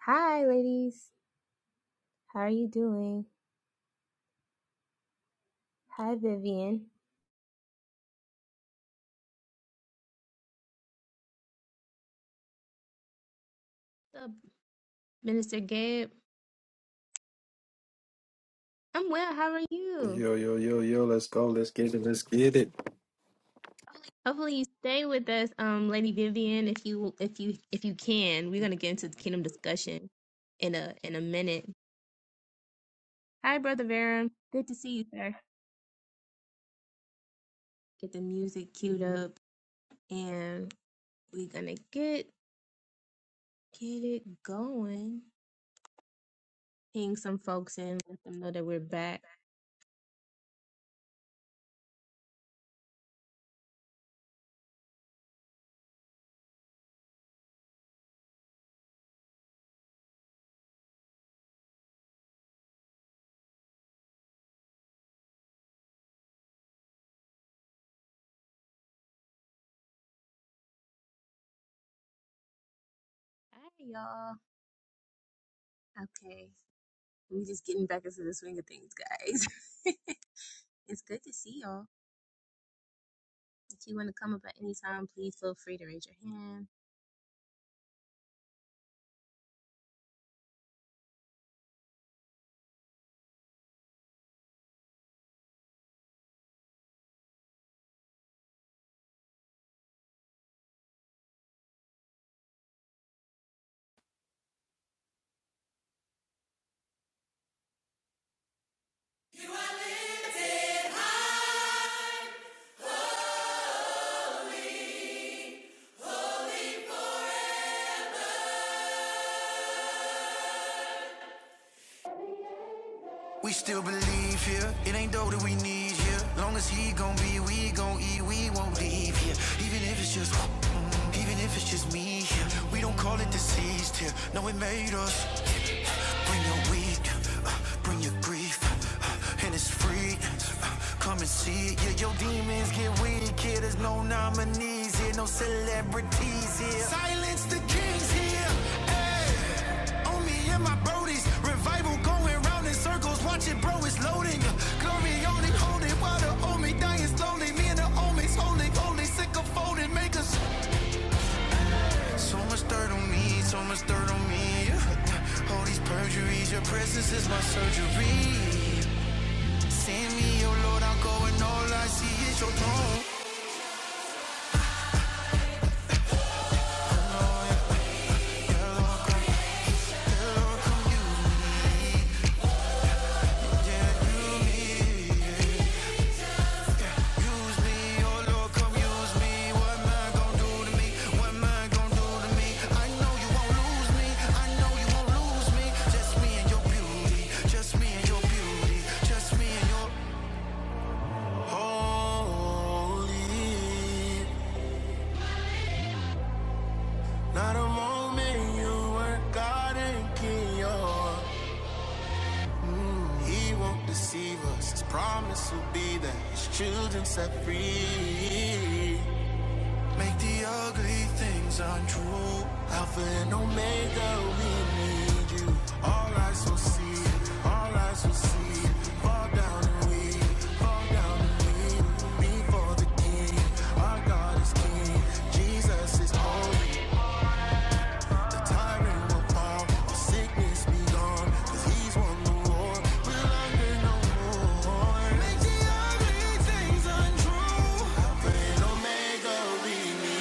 Hi, ladies. How are you doing? Hi, Vivian. What's up, Minister Gabe? I'm well. How are you? Yo, yo, yo, yo, let's go. Let's get it. Let's get it. Hopefully, you stay with us, um, Lady Vivian, if you if you if you can. We're gonna get into the kingdom discussion in a in a minute. Hi, Brother Varum. Good to see you, sir. Get the music queued up, and we're gonna get get it going. Ping some folks in, let them know that we're back. Hi, y'all. Okay. We just getting back into the swing of things, guys. it's good to see y'all. If you want to come up at any time, please feel free to raise your hand. We still believe here. It ain't dough that we need here. Long as he gon' be, we gon' eat. We won't leave here. Even if it's just, mm, even if it's just me here. We don't call it deceased here. No, it made us. Bring your weed, uh, bring your grief, uh, and it's free. uh, Come and see it. Yeah, your demons get weak here. There's no nominees here, no celebrities here. Silence the kings here. On me and my brodies, revival going round in circles. Watch it, bro, it's loading. Glory on it, hold it, while the homie dying slowly. Me and the homies holding, holy, sick of folding, make us. So much dirt on me, so much dirt on me. All these perjuries, your presence is my surgery. Send me, oh Lord, I'm going all I see is your throne. Oh Just me and your beauty. Just me and your beauty. Just me and your holy. Not a moment you weren't God and King. you he won't deceive us. His promise will be that his children set free. Make the ugly things untrue. Alpha and Omega, we need you. All eyes will see, all eyes will see. Fall down and we, fall down and we. Before the King, our God is King. Jesus is holy. Tyrant will fall, all sickness be gone. Cause he's won the war. And Omega, we need you.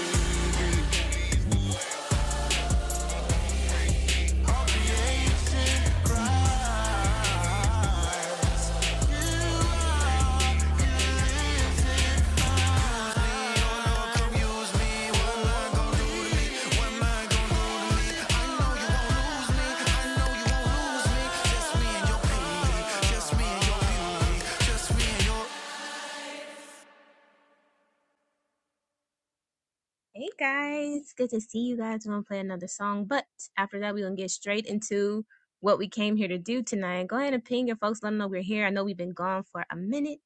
Hey guys, good to see you guys. We're gonna play another song, but after that, we're gonna get straight into what we came here to do tonight. Go ahead and ping your folks, let them know we're here. I know we've been gone for a minute,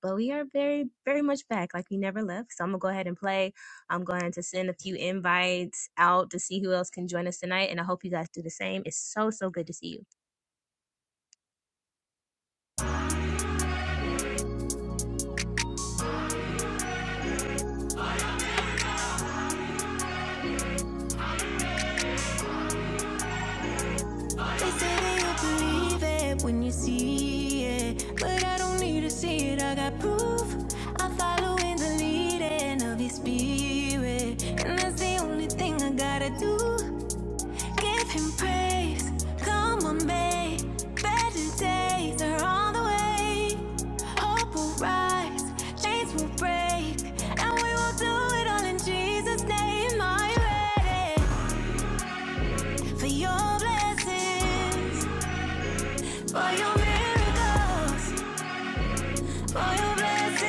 but we are very, very much back, like we never left. So I'm gonna go ahead and play. I'm going to send a few invites out to see who else can join us tonight, and I hope you guys do the same. It's so, so good to see you. They say that you'll believe it when you see it. But I don't need to see it, I got proof. I'm following the leading of your spirit. And that's the only thing I gotta do. Give him praise. Come on, babe. Better days are on the way. Hope will rise, chains will break. And we will do it all in Jesus' name. I'm ready for your blessings. For your miracles, for your blessings.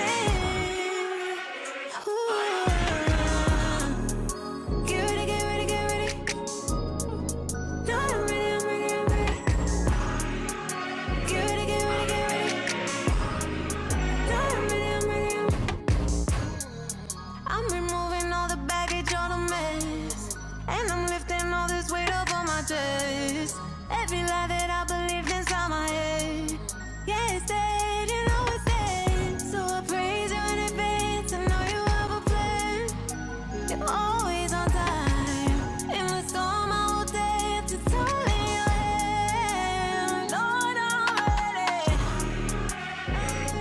Ooh. Get ready, get ready, get ready. No, I'm ready, I'm ready, I'm ready. Get ready, get ready, get ready. No, I'm ready, I'm ready, I'm ready. I'm removing all the baggage, all the mess. And I'm lifting all this weight up on my chest. Every lie that I believed inside my head. Yeah, it's dead, you know it's dead. So I praise you in advance. I know you have a plan. I'm always on time. In the storm, I will dance. It's all in your hand. Lord, I'm ready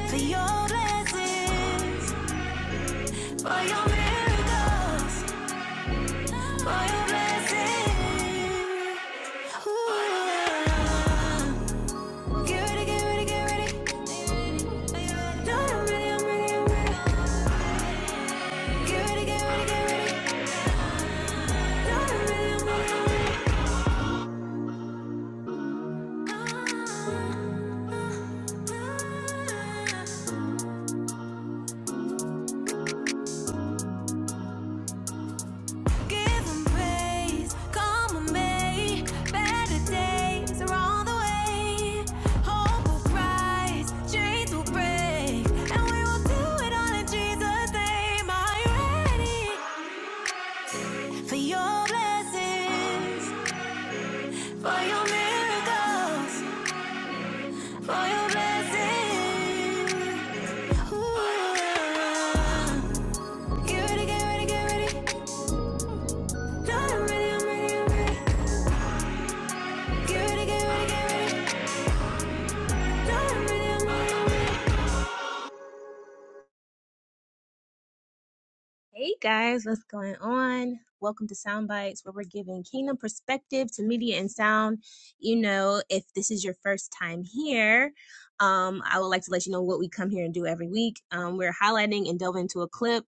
for your blessings, for your miracles, for your blessings. Ooh. Get ready, get ready, get ready. Lord, I'm ready, I'm ready, I'm ready. Get ready, get ready, get ready. Lord, I'm ready, I'm ready, I'm ready. Ah. Give 'em praise, come and may. Better days are on the way. Hope will rise, chains will break, and we will do it all in Jesus' name. Are you ready for your blessings, for your miracles, for your blessings? Ooh. yeah. Get ready, get ready, get ready. No, I'm ready, I'm ready, I'm ready. Get ready, get ready, get ready. No, I'm ready, I'm ready, I'm ready. Hey guys, what's going on? Welcome to Soundbites, where we're giving kingdom perspective to media and sound. You know, if this is your first time here, um, I would like to let you know what we come here and do every week. Um, we're highlighting and delving into a clip,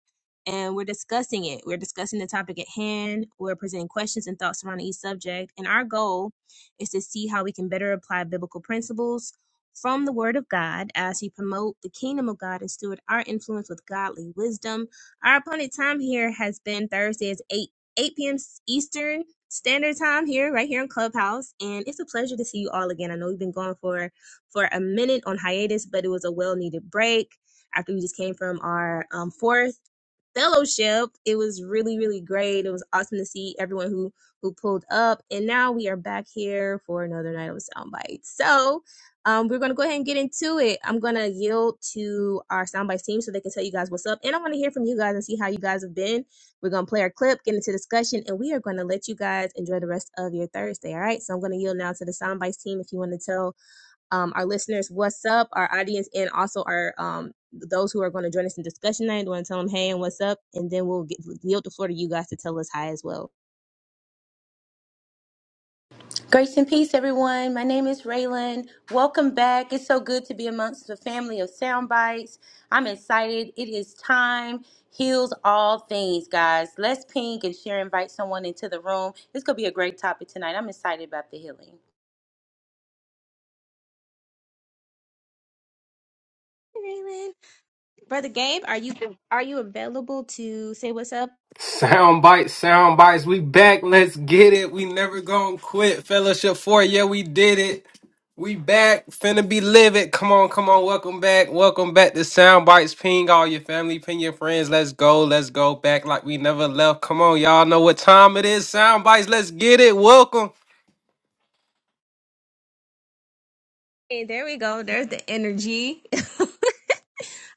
and we're discussing it. We're discussing the topic at hand. We're presenting questions and thoughts surrounding each subject, and our goal is to see how we can better apply biblical principles from the Word of God as we promote the kingdom of God and steward our influence with godly wisdom our appointed time here has been Thursdays 8 8 p.m. Eastern Standard Time here, right here in Clubhouse. And it's a pleasure to see you all again. I know we've been going for for a minute on hiatus, but it was a well needed break after we just came from our um, fourth fellowship. It was really, really great. It was awesome to see everyone who who pulled up. And now we are back here for another night of sound bites. So um, we're gonna go ahead and get into it. I'm gonna yield to our soundbite team so they can tell you guys what's up, and I want to hear from you guys and see how you guys have been. We're gonna play our clip, get into discussion, and we are gonna let you guys enjoy the rest of your Thursday. All right, so I'm gonna yield now to the soundbite team if you want to tell um, our listeners what's up, our audience, and also our um, those who are going to join us in discussion night. Want to tell them hey and what's up, and then we'll get, yield the floor to you guys to tell us hi as well. Grace and peace, everyone. My name is Raylan. Welcome back. It's so good to be amongst the family of sound bites. I'm excited. It is time heals all things, guys. Let's pink and share. Invite someone into the room. It's gonna be a great topic tonight. I'm excited about the healing. Raylan. Brother Gabe, are you are you available to say what's up? Sound bites, sound bites. We back. Let's get it. We never gonna quit. Fellowship four. Yeah, we did it. We back. Finna be livid. Come on, come on. Welcome back. Welcome back to Sound Bites. Ping all your family, ping your friends. Let's go. Let's go back like we never left. Come on, y'all know what time it is. Sound bites. Let's get it. Welcome. Hey, there we go. There's the energy.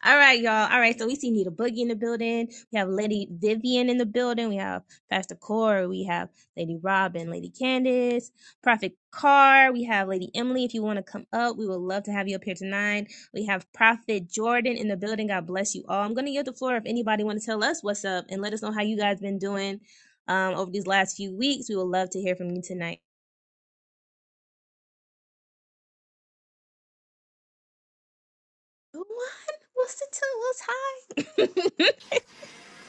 All right, y'all. All right, so we see Nita Boogie in the building. We have Lady Vivian in the building. We have Pastor Core. We have Lady Robin, Lady Candace, Prophet Carr. We have Lady Emily. If you want to come up, we would love to have you up here tonight. We have Prophet Jordan in the building. God bless you all. I'm gonna give the floor if anybody want to tell us what's up and let us know how you guys been doing um, over these last few weeks. We would love to hear from you tonight. What? What's the two? What's high?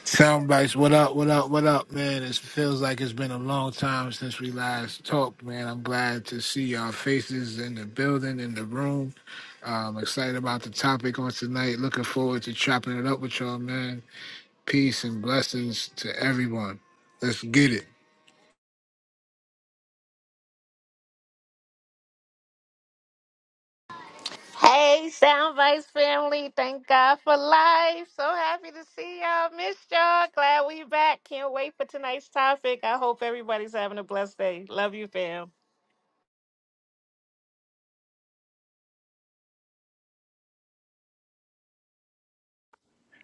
Soundbites. What up? What up? What up, man? It feels like it's been a long time since we last talked, man. I'm glad to see y'all faces in the building, in the room. Um, excited about the topic on tonight. Looking forward to chopping it up with y'all, man. Peace and blessings to everyone. Let's get it. Hey, Soundbites family. Thank God for life. So happy to see y'all. Missed y'all. Glad we back. Can't wait for tonight's topic. I hope everybody's having a blessed day. Love you, fam.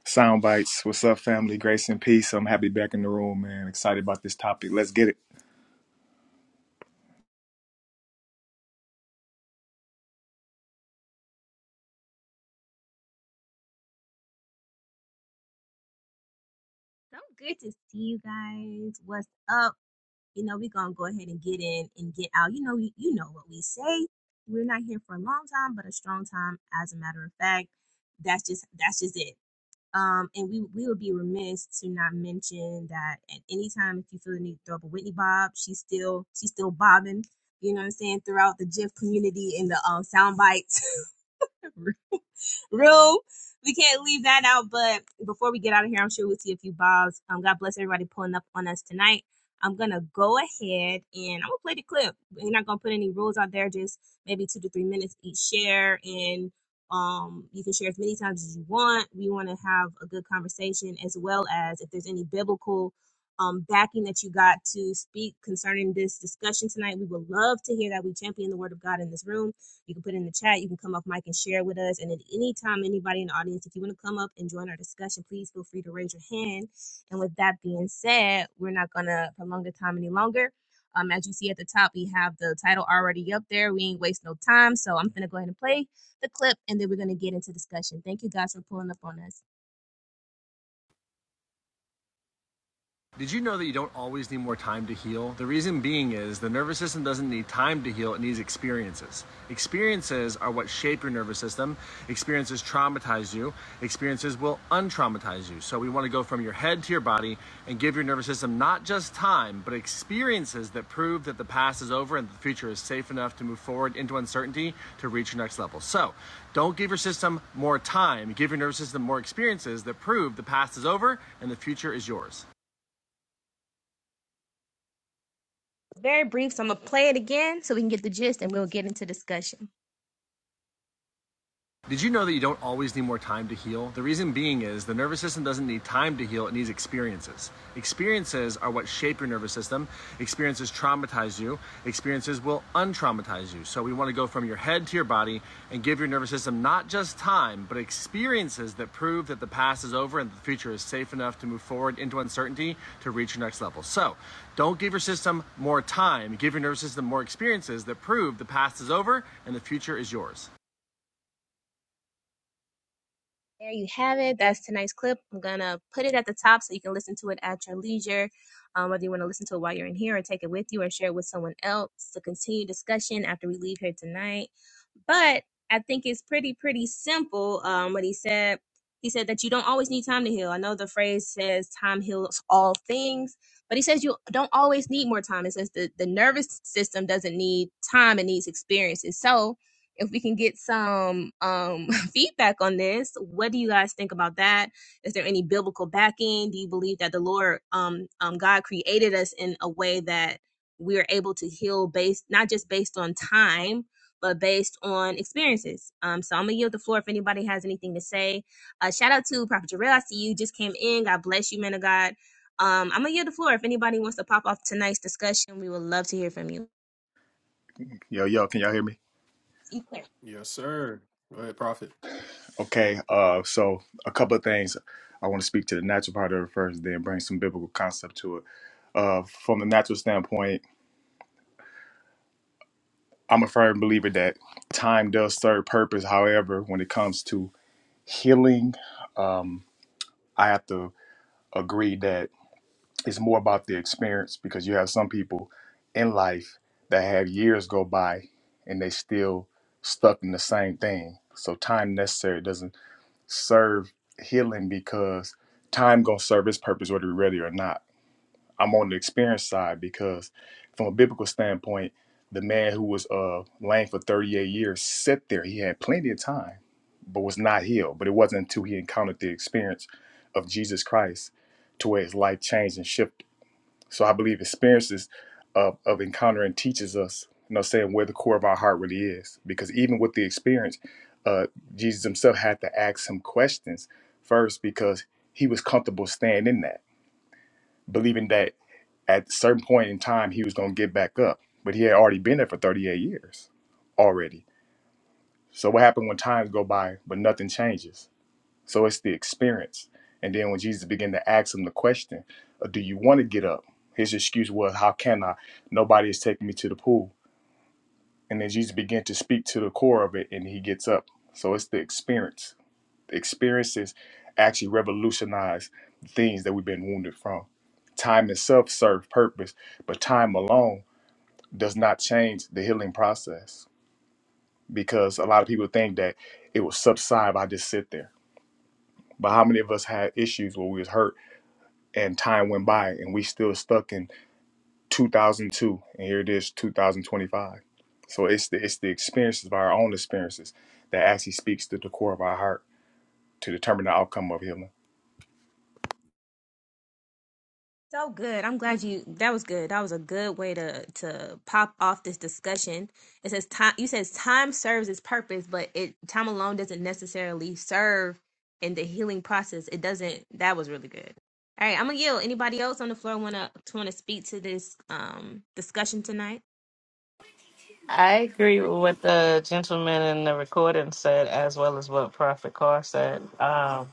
Sound bites. What's up, family? Grace and peace. I'm happy to be back in the room, man. Excited about this topic. Let's get it. So good to see you guys. What's up? You know, we're gonna go ahead and get in and get out. You know, you, you know what we say. We're not here for a long time, but a strong time, as a matter of fact. That's just that's just it. Um, and we we would be remiss to not mention that at any time if you feel the need to throw up a Whitney Bob, she's still she's still bobbing, you know what I'm saying, throughout the GIF community and the um sound bites. room. We can't leave that out. But before we get out of here, I'm sure we'll see a few balls. Um, God bless everybody pulling up on us tonight. I'm gonna go ahead and I'm gonna play the clip. We're not gonna put any rules out there, just maybe two to three minutes each share and um you can share as many times as you want. We wanna have a good conversation as well as if there's any biblical um, backing that you got to speak concerning this discussion tonight. We would love to hear that. We champion the word of God in this room you can put it in the chat. You can come up, mic, and share with us. And at any time, anybody in the audience, if you want to come up and join our discussion, please feel free to raise your hand. And with that being said, we're not going to prolong the time any longer. Um, as you see at the top, we have the title already up there. We ain't waste no time. So I'm going to go ahead and play the clip and then we're going to get into discussion. Thank you guys for pulling up on us. Did you know that you don't always need more time to heal? The reason being is the nervous system doesn't need time to heal, it needs experiences. Experiences are what shape your nervous system. Experiences traumatize you, experiences will untraumatize you. So we want to go from your head to your body and give your nervous system not just time, but experiences that prove that the past is over and the future is safe enough to move forward into uncertainty to reach your next level. So don't give your system more time, give your nervous system more experiences that prove the past is over and the future is yours. Very brief. So I'm going to play it again so we can get the gist and we'll get into discussion. Did you know that you don't always need more time to heal? The reason being is the nervous system doesn't need time to heal, it needs experiences. Experiences are what shape your nervous system. Experiences traumatize you, experiences will untraumatize you. So we want to go from your head to your body and give your nervous system not just time, but experiences that prove that the past is over and the future is safe enough to move forward into uncertainty to reach your next level. So don't give your system more time, give your nervous system more experiences that prove the past is over and the future is yours. There you have it. That's tonight's clip. I'm going to put it at the top so you can listen to it at your leisure, um, whether you want to listen to it while you're in here or take it with you or share it with someone else to continue discussion after we leave here tonight. But I think it's pretty, pretty simple um, what he said. He said that you don't always need time to heal. I know the phrase says time heals all things, but he says you don't always need more time. It says the, the nervous system doesn't need time, it needs experiences. So, if we can get some um, feedback on this, what do you guys think about that? Is there any biblical backing? Do you believe that the Lord, um, um, God created us in a way that we are able to heal based, not just based on time, but based on experiences? Um, so I'm going to yield the floor if anybody has anything to say. Uh, shout out to Prophet Jarrell. I see you just came in. God bless you, man of God. Um, I'm going to yield the floor. If anybody wants to pop off tonight's discussion, we would love to hear from you. Yo, yo, can y'all hear me? You clear. Yes, sir. Go ahead, Prophet. Okay. Uh, so a couple of things. I want to speak to the natural part of it first, then bring some biblical concept to it. Uh, from the natural standpoint, I'm a firm believer that time does serve purpose. However, when it comes to healing, um, I have to agree that. it's more about the experience because you have some people in life that have years go by and they still stuck in the same thing. So time necessary doesn't serve healing because time gonna serve its purpose whether we're ready or not. I'm on the experience side because from a biblical standpoint, the man who was uh lame for 38 years sat there. He had plenty of time, but was not healed. But it wasn't until he encountered the experience of Jesus Christ to where his life changed and shifted so I believe experiences of, of encountering teaches us, you know, saying where the core of our heart really is. Because even with the experience, uh, Jesus himself had to ask some questions first because he was comfortable staying in that, believing that at a certain point in time he was going to get back up. But he had already been there for 38 years already. So what happened when times go by but nothing changes? So it's the experience. And then when Jesus began to ask him the question, uh, "Do you want to get up?" His excuse was, "How can I? Nobody is taking me to the pool." And then Jesus began to speak to the core of it, and he gets up. So it's the experience. The experiences actually revolutionize the things that we've been wounded from. Time itself serves purpose, but time alone does not change the healing process because a lot of people think that it will subside if I just sit there. But how many of us had issues where we was hurt? and time went by and we still stuck in 2002 and here it is 2025 so it's the it's the experiences of our own experiences that actually speaks to the core of our heart to determine the outcome of healing So good. I'm glad you. That was good. That was a good way to to pop off this discussion. It says time. You says time serves its purpose, but it time alone doesn't necessarily serve in the healing process. It doesn't. That was really good. All right, I'm gonna yield. Anybody else on the floor wanna wanna speak to this um discussion tonight? I agree with what the gentleman in the recording said, as well as what Prophet Carr said. Um,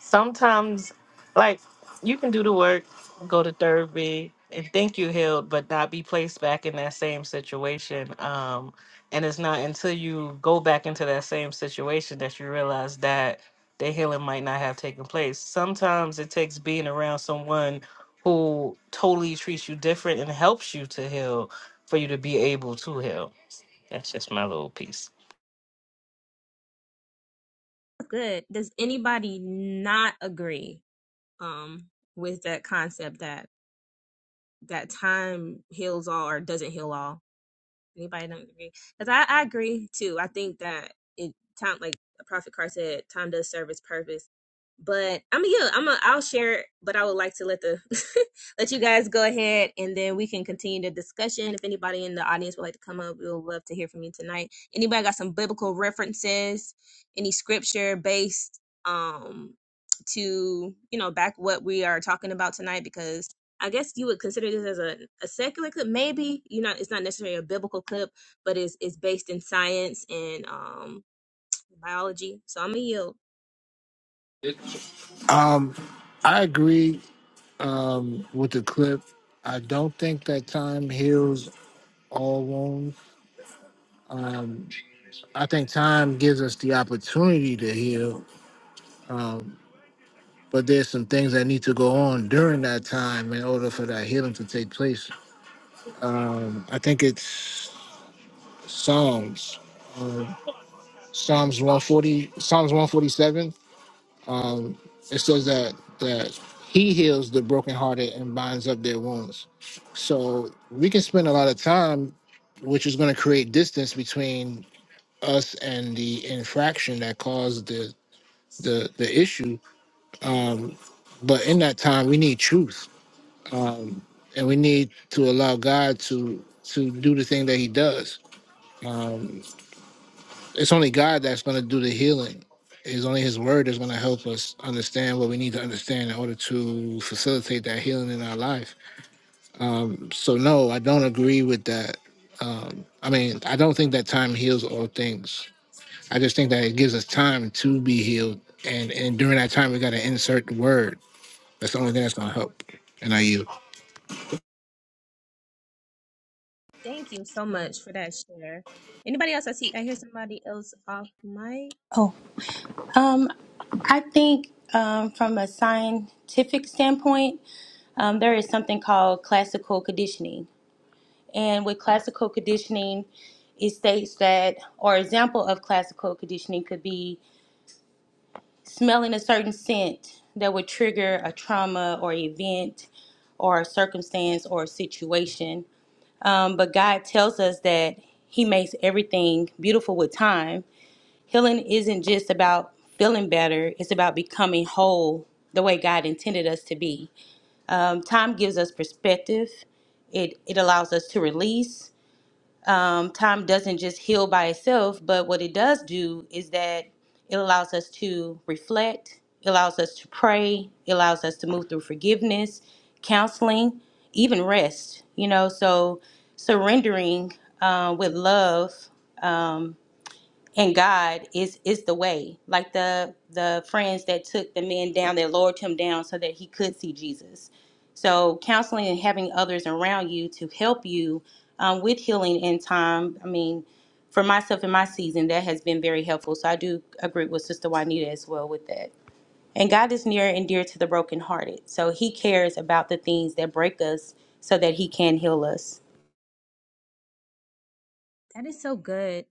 sometimes, like, you can do the work, go to therapy, and think you healed, but not be placed back in that same situation. Um, and it's not until you go back into that same situation that you realize that the healing might not have taken place. Sometimes it takes being around someone who totally treats you different and helps you to heal for you to be able to heal. That's just my little piece. Good. Does anybody not agree um with that concept that that time heals all or doesn't heal all? Anybody don't agree? Because I, I agree too. I think that it time like Prophet Carr said, time does serve its purpose. But I mean, yeah, I'm a, I'll share. it, But I would like to let the let you guys go ahead, and then we can continue the discussion. If anybody in the audience would like to come up, we would love to hear from you tonight. Anybody got some biblical references, any scripture based um to you know back what we are talking about tonight? Because I guess you would consider this as a, a secular clip. Maybe you know it's not necessarily a biblical clip, but it's it's based in science and um biology. So I'm gonna yield. Um, I agree um, with the clip. I don't think that time heals all wounds. I think time gives us the opportunity to heal, but there's some things that need to go on during that time in order for that healing to take place. I think it's Psalms, Psalms 140, Psalms 147. Um, it says that that He heals the brokenhearted and binds up their wounds. So we can spend a lot of time, which is going to create distance between us and the infraction that caused the the the issue. Um, but in that time, we need truth and we need to allow God to to do the thing that He does. It's only God that's going to do the healing. It's only His Word that's going to help us understand what we need to understand in order to facilitate that healing in our life. So no, I don't agree with that. Um, I mean, I don't think that time heals all things. I just think that it gives us time to be healed, and and during that time, we got to insert the Word. That's the only thing that's going to help. And I you. Thank you so much for that share. Anybody else? I see. I hear somebody else off mic. Oh, um, I think um, from a scientific standpoint, um, there is something called classical conditioning, and with classical conditioning, it states that, or example of classical conditioning could be smelling a certain scent that would trigger a trauma or event or a circumstance or a situation. Um, but God tells us that He makes everything beautiful with time. Healing isn't just about feeling better, it's about becoming whole the way God intended us to be. Um, time gives us perspective, it, it allows us to release um, time doesn't just heal by itself, but what it does do is that it allows us to reflect, it allows us to pray, it allows us to move through forgiveness, counseling, even rest, you know. So surrendering uh, with love and God is is the way. Like the the friends that took the man down, that lowered him down so that he could see Jesus. So counseling and having others around you to help you um, with healing in time. I mean, for myself in my season, that has been very helpful. So I do agree with Sister Juanita as well with that. And God is near and dear to the brokenhearted. So He cares about the things that break us, so that He can heal us. That is so good.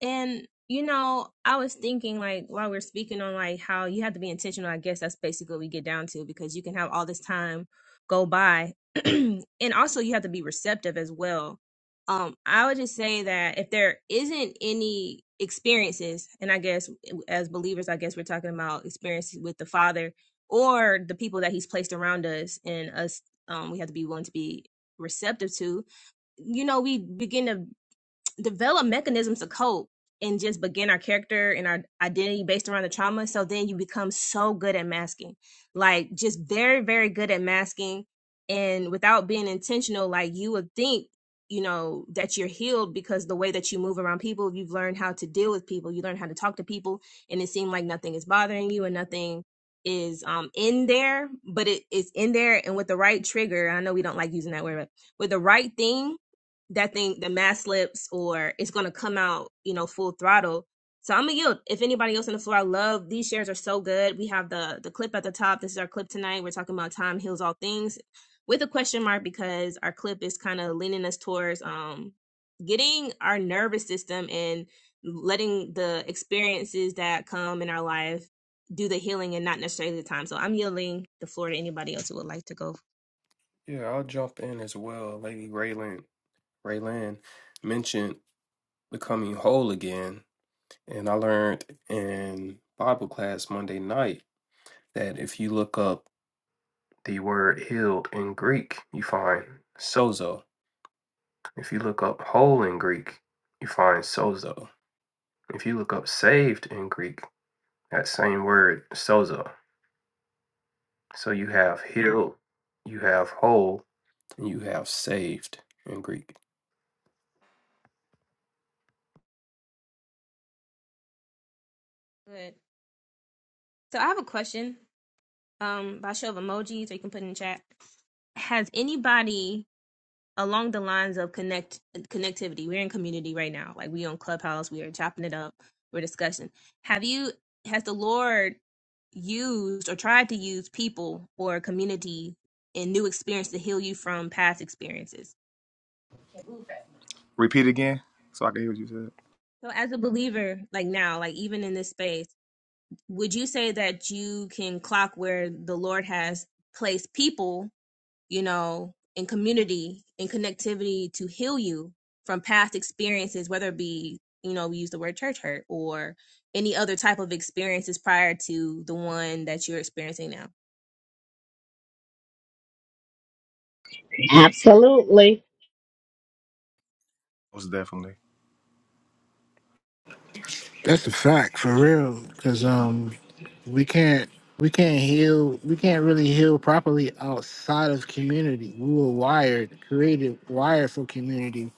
And you know, I was thinking like while we are speaking on like how you have to be intentional. I guess that's basically what we get down to because you can have all this time go by, and also you have to be receptive as well. Um, I would just say that if there isn't any experiences, and I guess as believers, I guess we're talking about experiences with the Father or the people that He's placed around us, and us, um, we have to be willing to be receptive to you know we begin to develop mechanisms to cope and just begin our character and our identity based around the trauma. So then you become so good at masking, like just very, very good at masking. And without being intentional, like you would think, you know, that you're healed because the way that you move around people, you've learned how to deal with people, you learn how to talk to people, and it seemed like nothing is bothering you and nothing is um in there but it is in there and with the right trigger i know we don't like using that word but with the right thing that thing the mask slips or it's gonna come out, you know, full throttle. So I'm gonna yield. If anybody else on the floor, I love these shares are so good. We have the the clip at the top. This is our clip tonight. We're talking about time heals all things with a question mark because our clip is kind of leaning us towards um getting our nervous system and letting the experiences that come in our life do the healing and not necessarily the time. So I'm yielding the floor to anybody else who would like to go. Yeah, I'll jump in as well. Lady Raylan, Raylan mentioned. becoming whole again. And I learned in Bible class Monday night that if you look up the word healed in Greek, you find sozo. If you look up whole in Greek, you find sozo. If you look up saved in Greek, that same word, sozo. So you have healed, you have whole, and you have saved in Greek. Good. So I have a question. um by show of emojis or you can put it in chat. Has anybody along the lines of connect connectivity? We're in community right now. Like we on Clubhouse, we are chopping it up, we're discussing. Have you has the Lord used or tried to use people or community and new experience to heal you from past experiences. repeat again so i can hear what you said So as a believer, like now, like even in this space, would you say that you can clock where the Lord has placed people you know, in community, in connectivity to heal you from past experiences, whether it be, you know, we use the word church hurt or any other type of experiences prior to the one that you're experiencing now. Absolutely. most definitely That's a fact for real, because um. we can't we can't heal we can't really heal properly outside of community we were wired created wired for community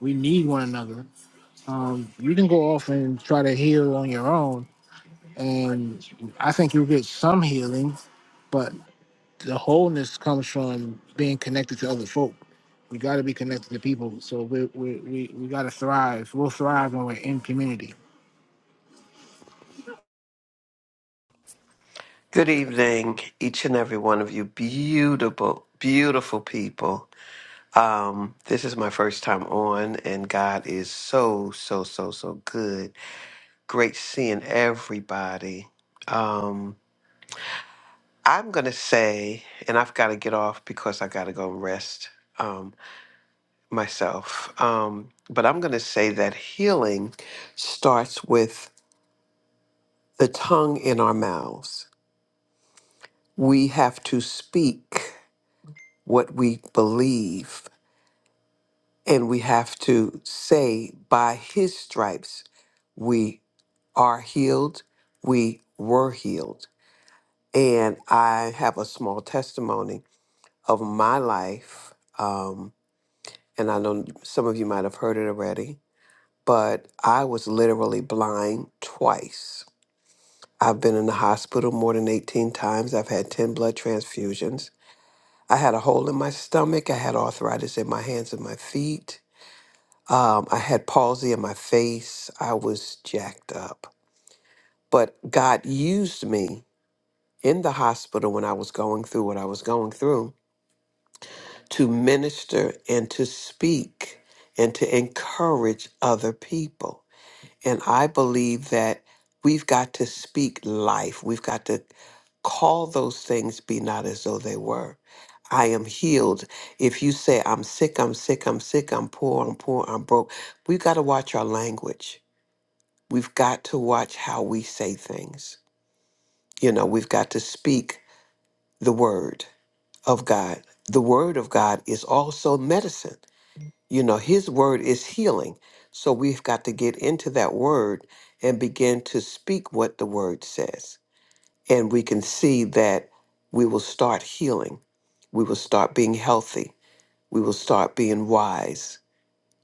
we need one another um you can go off and try to heal on your own and i think you'll get some healing but the wholeness comes from being connected to other folk we got to be connected to people so we we we, we got to thrive we'll thrive when we're in community Good evening, each and every one of you, beautiful, beautiful people. Um, this is my first time on, and God is so, so, so, so good. Great seeing everybody. Um, I'm gonna say, and I've got to get off because I got to go and rest um, myself. Um, but I'm gonna say that healing starts with the tongue in our mouths. We have to speak what we believe And we have to say, by his stripes, we are healed, we were healed. And I have a small testimony of my life. Um, and I know some of you might have heard it already, but I was literally blind twice. I've been in the hospital more than 18 times. I've had 10 blood transfusions. I had a hole in my stomach. I had arthritis in my hands and my feet. Um, I had palsy in my face. I was jacked up. But God used me in the hospital when I was going through what I was going through to minister and to speak and to encourage other people. And I believe that we've got to speak life. We've got to call those things be not as though they were. I am healed. If you say, I'm sick, I'm sick, I'm sick, I'm poor, I'm poor, I'm broke, we've got to watch our language We've got to watch how we say things. You know, we've got to speak the word of God. The word of God is also medicine. You know, his word is healing. So we've got to get into that word and begin to speak what the word says. And we can see that we will start healing. We will start being healthy. We will start being wise.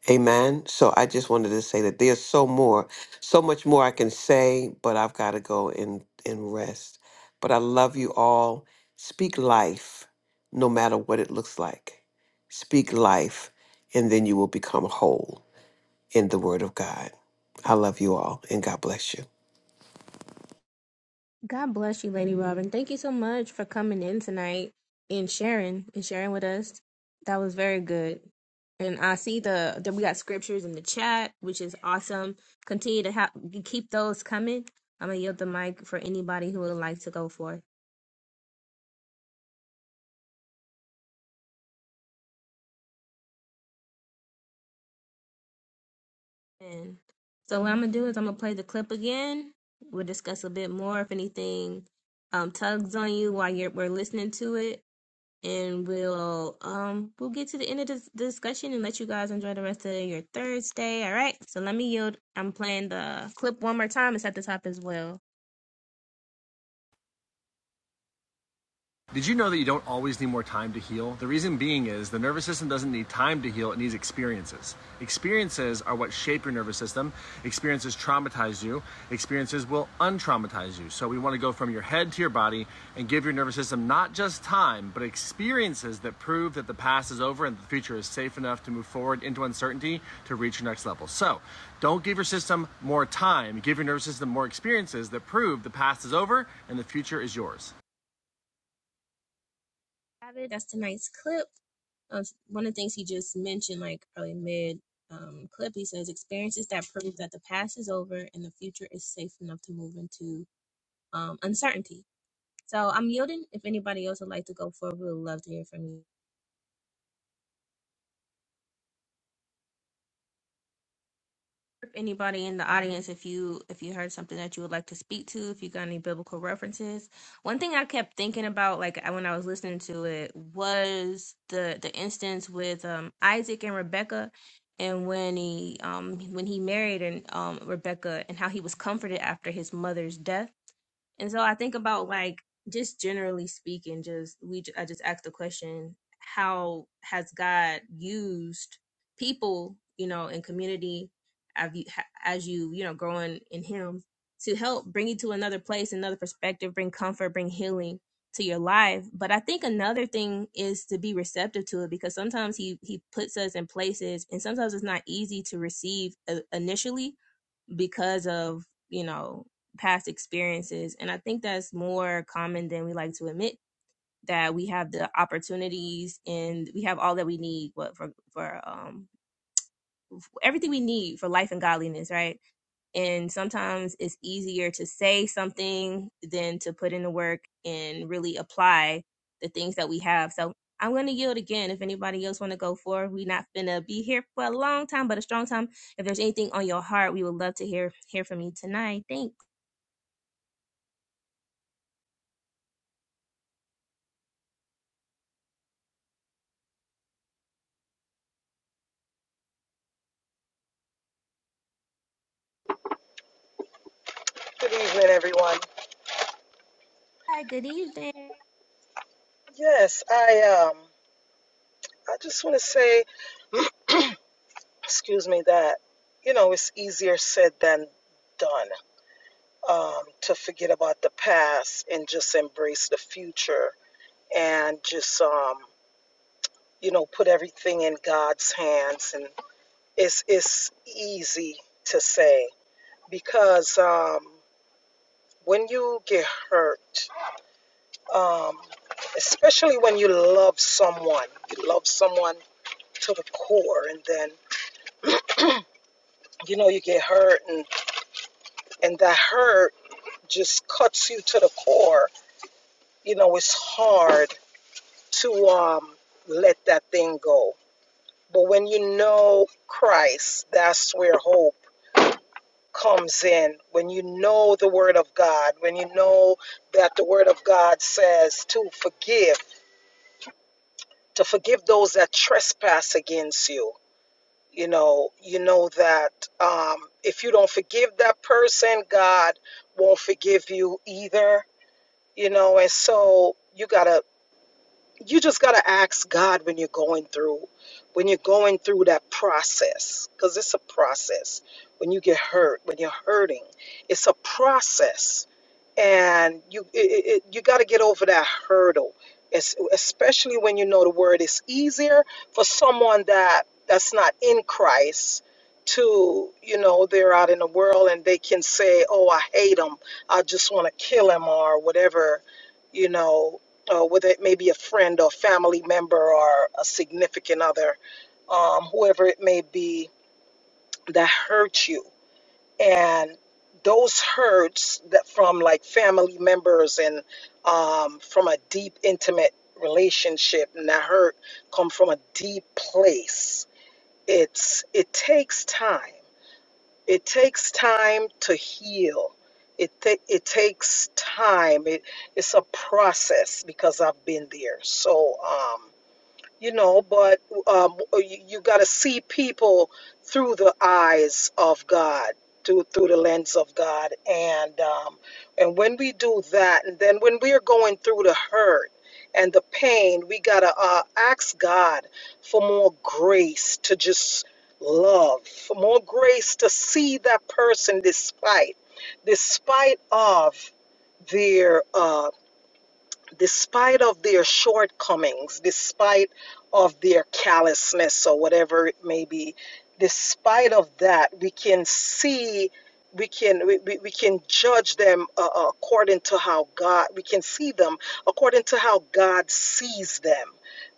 Amen. So I just wanted to say that there's so more, so much more I can say, but I've got to go and, and rest. But I love you all. Speak life, no matter what it looks like. Speak life, and then you will become whole in the Word of God. I love you all, and God bless you. God bless you, Lady Robin. Thank you so much for coming in tonight and sharing and sharing with us. That was very good. And I see the that we got scriptures in the chat, which is awesome. Continue to have keep those coming. I'm gonna yield the mic for anybody who would like to go for And so what I'm gonna do is I'm gonna play the clip again. We'll discuss a bit more if anything um, tugs on you while you're we're listening to it. and we'll um we'll get to the end of this discussion and let you guys enjoy the rest of your Thursday. All right. So let me yield. I'm playing the clip one more time. It's at the top as well. Did you know that you don't always need more time to heal? The reason being is the nervous system doesn't need time to heal, it needs experiences. Experiences are what shape your nervous system. Experiences traumatize you, experiences will untraumatize you. So we want to go from your head to your body and give your nervous system not just time, but experiences that prove that the past is over and the future is safe enough to move forward into uncertainty to reach your next level. So don't give your system more time, give your nervous system more experiences that prove the past is over and the future is yours. Have it. That's tonight's clip. Uh, one of the things he just mentioned, like probably mid um, clip, he says experiences that prove that the past is over and the future is safe enough to move into um, uncertainty. So I'm yielding. If anybody else would like to go forward, we would love to hear from you. if anybody in the audience if you if you heard something that you would like to speak to if you got any biblical references one thing i kept thinking about like I- when i was listening to it was the the instance with um isaac and rebecca and when he um when he married and um rebecca and how he was comforted after his mother's death and so I think about like just generally speaking, just we I just asked the question, how has God used people, you know, in community have you, ha- as you, you know, growing in him to help bring you to another place, another perspective, bring comfort, bring healing to your life. But I think another thing is to be receptive to it because sometimes he he puts us in places and sometimes it's not easy to receive uh, initially because of you know past experiences and i think that's more common than we like to admit that we have the opportunities and we have all that we need what for for um everything we need for life and godliness right and sometimes it's easier to say something than to put in the work and really apply the things that we have. So I'm going to yield again if anybody else want to go forward. We're not going to be here for a long time, but a strong time. If there's anything on your heart, we would love to hear hear from you tonight. Thanks. Good evening, everyone. Hi, good evening. Yes, I um, I just want to say, excuse me, that you know it's easier said than done um, to forget about the past and just embrace the future and just um, you know put everything in God's hands. And it's it's easy to say because um, when you get hurt, um, especially when you love someone, you love someone to the core and then you know you get hurt and and that hurt just cuts you to the core you know it's hard to um let that thing go but when you know christ that's where hope comes in when you know the word of god when you know that the word of god says to forgive to forgive those that trespass against you you know you know that um, if you don't forgive that person god won't forgive you either you know and so you gotta you just got to ask God when you're going through when you're going through that process cuz it's a process when you get hurt when you're hurting it's a process and you it, it, you got to get over that hurdle es- especially when you know the word is easier for someone that that's not in Christ to you know they're out in the world and they can say oh I hate him I just want to kill him or whatever you know uh, whether it may be a friend or family member or a significant other, um, whoever it may be that hurt you. And those hurts that from like family members and um, from a deep, intimate relationship, and that hurt come from a deep place. It's it takes time. It takes time to heal. It, ta- it takes time. It, it's a process because I've been there. So, um, you know but um, you, you got to see people through the eyes of god through, through the lens of god and um, and when we do that and then when we are going through the hurt and the pain we got to uh, ask god for more grace to just love for more grace to see that person despite despite of their uh, despite of their shortcomings despite of their callousness or whatever it may be despite of that we can see we can we, we can judge them uh, uh, according to how god we can see them according to how god sees them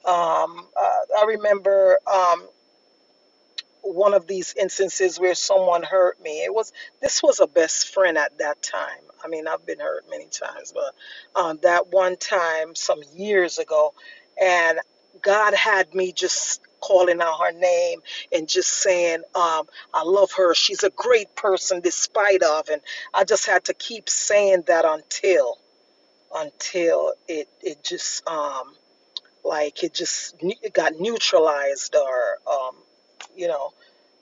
um, uh, i remember um, one of these instances where someone hurt me. It was this was a best friend at that time. I mean, I've been hurt many times, but um, that one time some years ago, and God had me just calling out her name and just saying, um, "I love her. She's a great person, despite of." And I just had to keep saying that until until it it just um, like it just it got neutralized or um, you know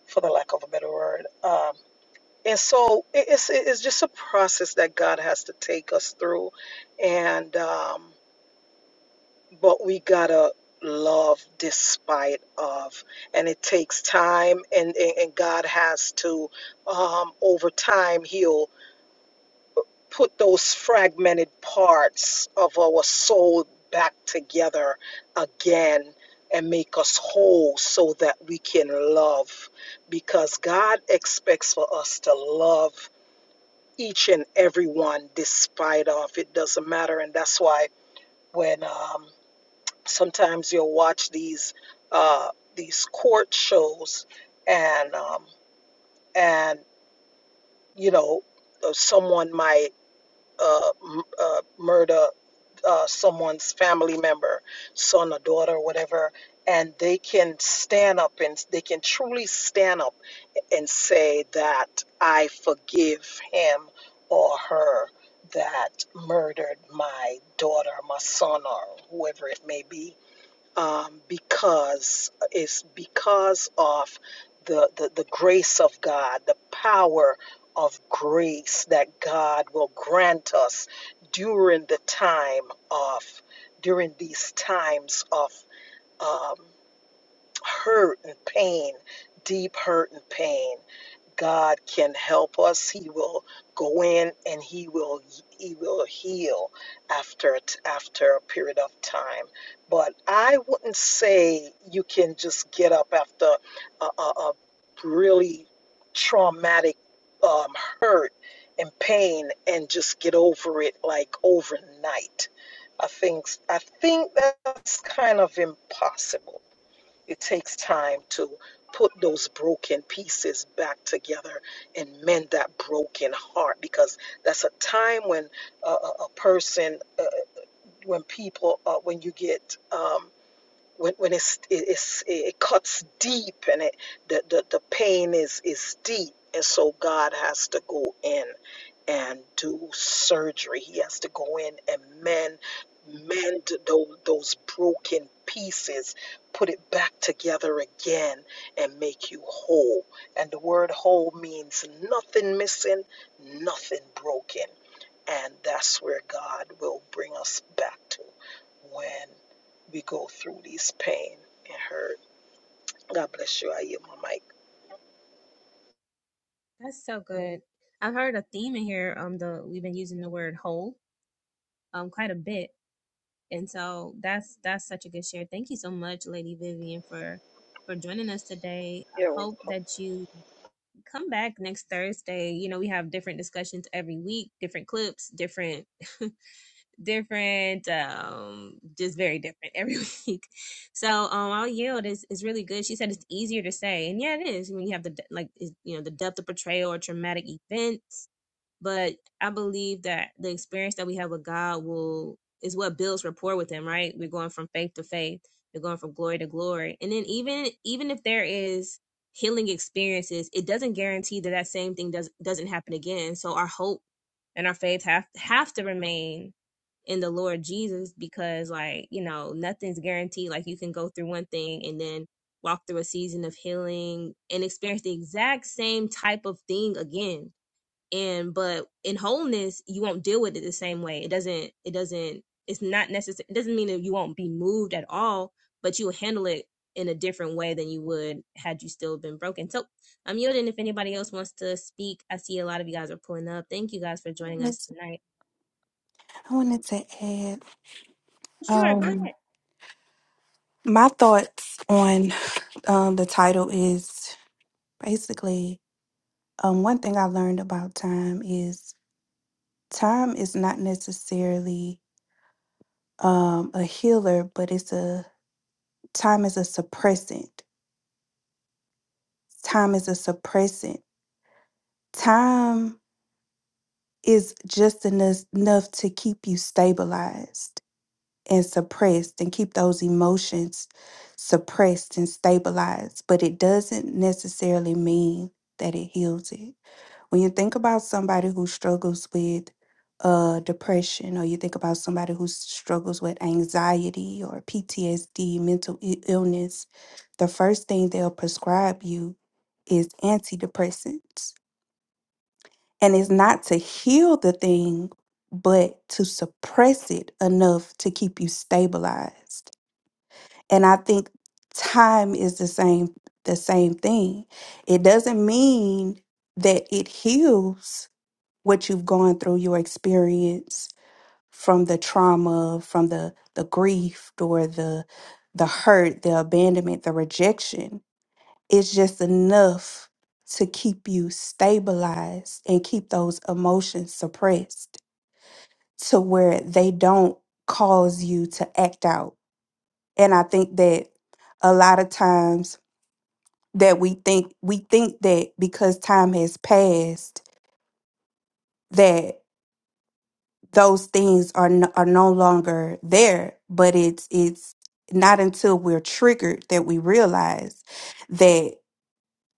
for the lack of a better word. Um, and so it- it's it's just a process that God has to take us through, and um, but we gotta love despite of, and it takes time, and and, and God has to um, over time heal put those fragmented parts of our soul back together again and make us whole so that we can love because God expects for us to love each and every one, despite of it doesn't matter and that's why when um, sometimes you'll watch these uh, these court shows and um, and you know uh, someone might uh, m- uh, murder uh, someone's family member, son or daughter, whatever, and they can stand up and they can truly stand up and say that I forgive him or her that murdered my daughter, my son, or whoever it may be um, because it's because of the, the the grace of God, the power of grace that God will grant us during the time of during these times of um, hurt and pain, deep hurt and pain. God can help us. He will go in and he will he will heal after t- after a period of time. But I wouldn't say you can just get up after a, a, a really traumatic um, hurt and pain and just get over it like overnight. I think I think that's kind of impossible it takes time to put those broken pieces back together and mend that broken heart because that's a time when uh, a a person, uh, when people, uh, when you get, um, when, when it's, it- it's, it cuts deep and it, the, the, the pain is, is deep. And so God has to go in and do surgery. He has to go in and mend, mend those, those broken pieces, put it back together again, and make you whole. And the word whole means nothing missing, nothing broken. And that's where God will bring us back to when we go through these pain and hurt. God bless you. I yield my mic. That's so good. I've heard a theme in here. Um, the we've been using the word whole um quite a bit And so that's that's such a good share. Thank you so much, Lady Vivian, for for joining us today. I You're hope welcome. that you come back next Thursday. You know, we have different discussions every week, different clips, different different um just very different every week. So um I'll yield is is really good. She said it's easier to say. And yeah, it is when you have the de- like is you know the depth of portrayal or traumatic events but I believe that the experience that we have with God will is what builds rapport with Him. Right? We're going from faith to faith. We're going from glory to glory. And then even even if there is healing experiences, it doesn't guarantee that that same thing does doesn't happen again. So our hope and our faith have have to remain in the Lord Jesus because like you know nothing's guaranteed. Like you can go through one thing and then walk through a season of healing and experience the exact same type of thing again and but in wholeness you won't deal with it the same way it doesn't it doesn't it's not necessary it doesn't mean that you won't be moved at all but you'll handle it in a different way than you would had you still been broken so i'm yielding if anybody else wants to speak i see a lot of you guys are pulling up thank you guys for joining wanted us to tonight I wanted to add sure go ahead um, my thoughts on um, the title is basically um, one thing I learned about time is time is not necessarily um, a healer, but it's a time is a suppressant. Time is a suppressant. Time is just enough enough to keep you stabilized. and suppressed and keep those emotions suppressed and stabilized, but it doesn't necessarily mean that it heals it. When you think about somebody who struggles with uh, depression, or you think about somebody who struggles with anxiety or PTSD, mental i- illness, the first thing they'll prescribe you is antidepressants. And it's not to heal the thing, but to suppress it enough to keep you stabilized. And I think time is the same the same thing. It doesn't mean that it heals what you've gone through, your experience from the trauma, from the the grief or the the hurt, the abandonment, the rejection. It's just enough to keep you stabilized and keep those emotions suppressed to where they don't cause you to act out. And I think that a lot of times that we think we think that because time has passed that those things are no, are no longer there but it's it's not until we're triggered that we realize that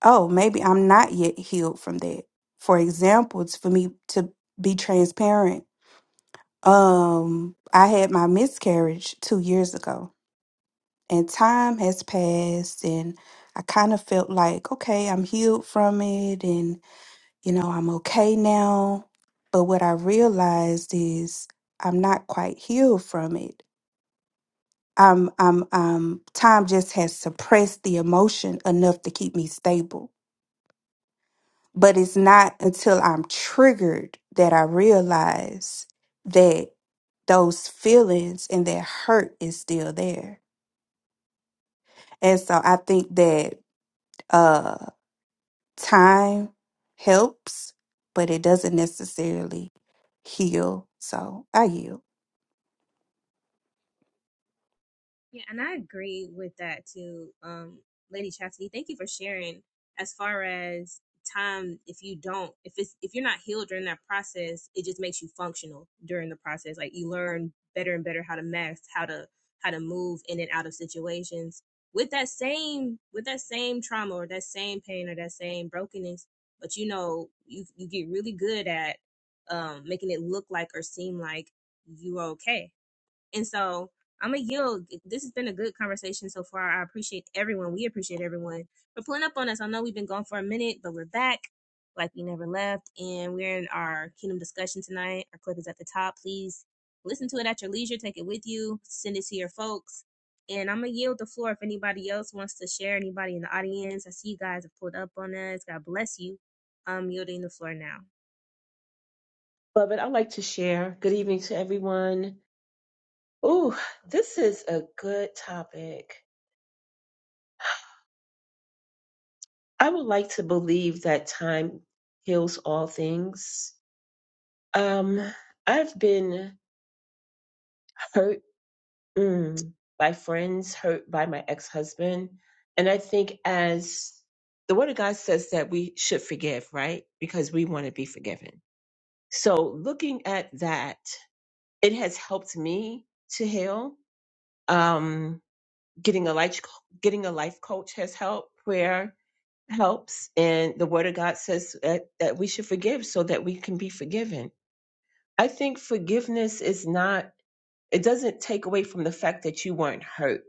oh maybe I'm not yet healed from that for example it's for me to be transparent um I had my miscarriage 2 years ago and time has passed and I kind of felt like okay I'm healed from it and you know, I'm okay now. But what I realized is I'm not quite healed from it. I'm, I'm, um, time just has suppressed the emotion enough to keep me stable. But it's not until I'm triggered that I realize that those feelings and that hurt is still there. And so I think that uh, time helps, but it doesn't necessarily heal. So I yield. Yeah, and I agree with that too, um, Lady Chastity. Thank you for sharing. As far as time, if you don't, if it's if you're not healed during that process, it just makes you functional during the process. Like you learn better and better how to mask, how to how to move in and out of situations with that same with that same trauma or that same pain or that same brokenness. But you know, you you get really good at um, making it look like or seem like you're okay and so I'm going to yield. This has been a good conversation so far. I appreciate everyone. We appreciate everyone for pulling up on us. I know we've been gone for a minute, but we're back like we never left. And we're in our kingdom discussion tonight. Our clip is at the top. Please listen to it at your leisure. Take it with you. Send it to your folks. And I'm going to yield the floor if anybody else wants to share, anybody in the audience. I see you guys have pulled up on us. God bless you. I'm yielding the floor now. Love it. I'd like to share. Good evening to everyone. Ooh, this is a good topic. I would like to believe that time heals all things. Um, I've been hurt mm, by friends, hurt by my ex-husband, and I think as the Word of God says that we should forgive, right? Because we want to be forgiven. So looking at that, it has helped me to heal. Um, getting a life getting a life coach has helped. Prayer helps, and the Word of God says that, that we should forgive so that we can be forgiven. I think forgiveness is not. It doesn't take away from the fact that you weren't hurt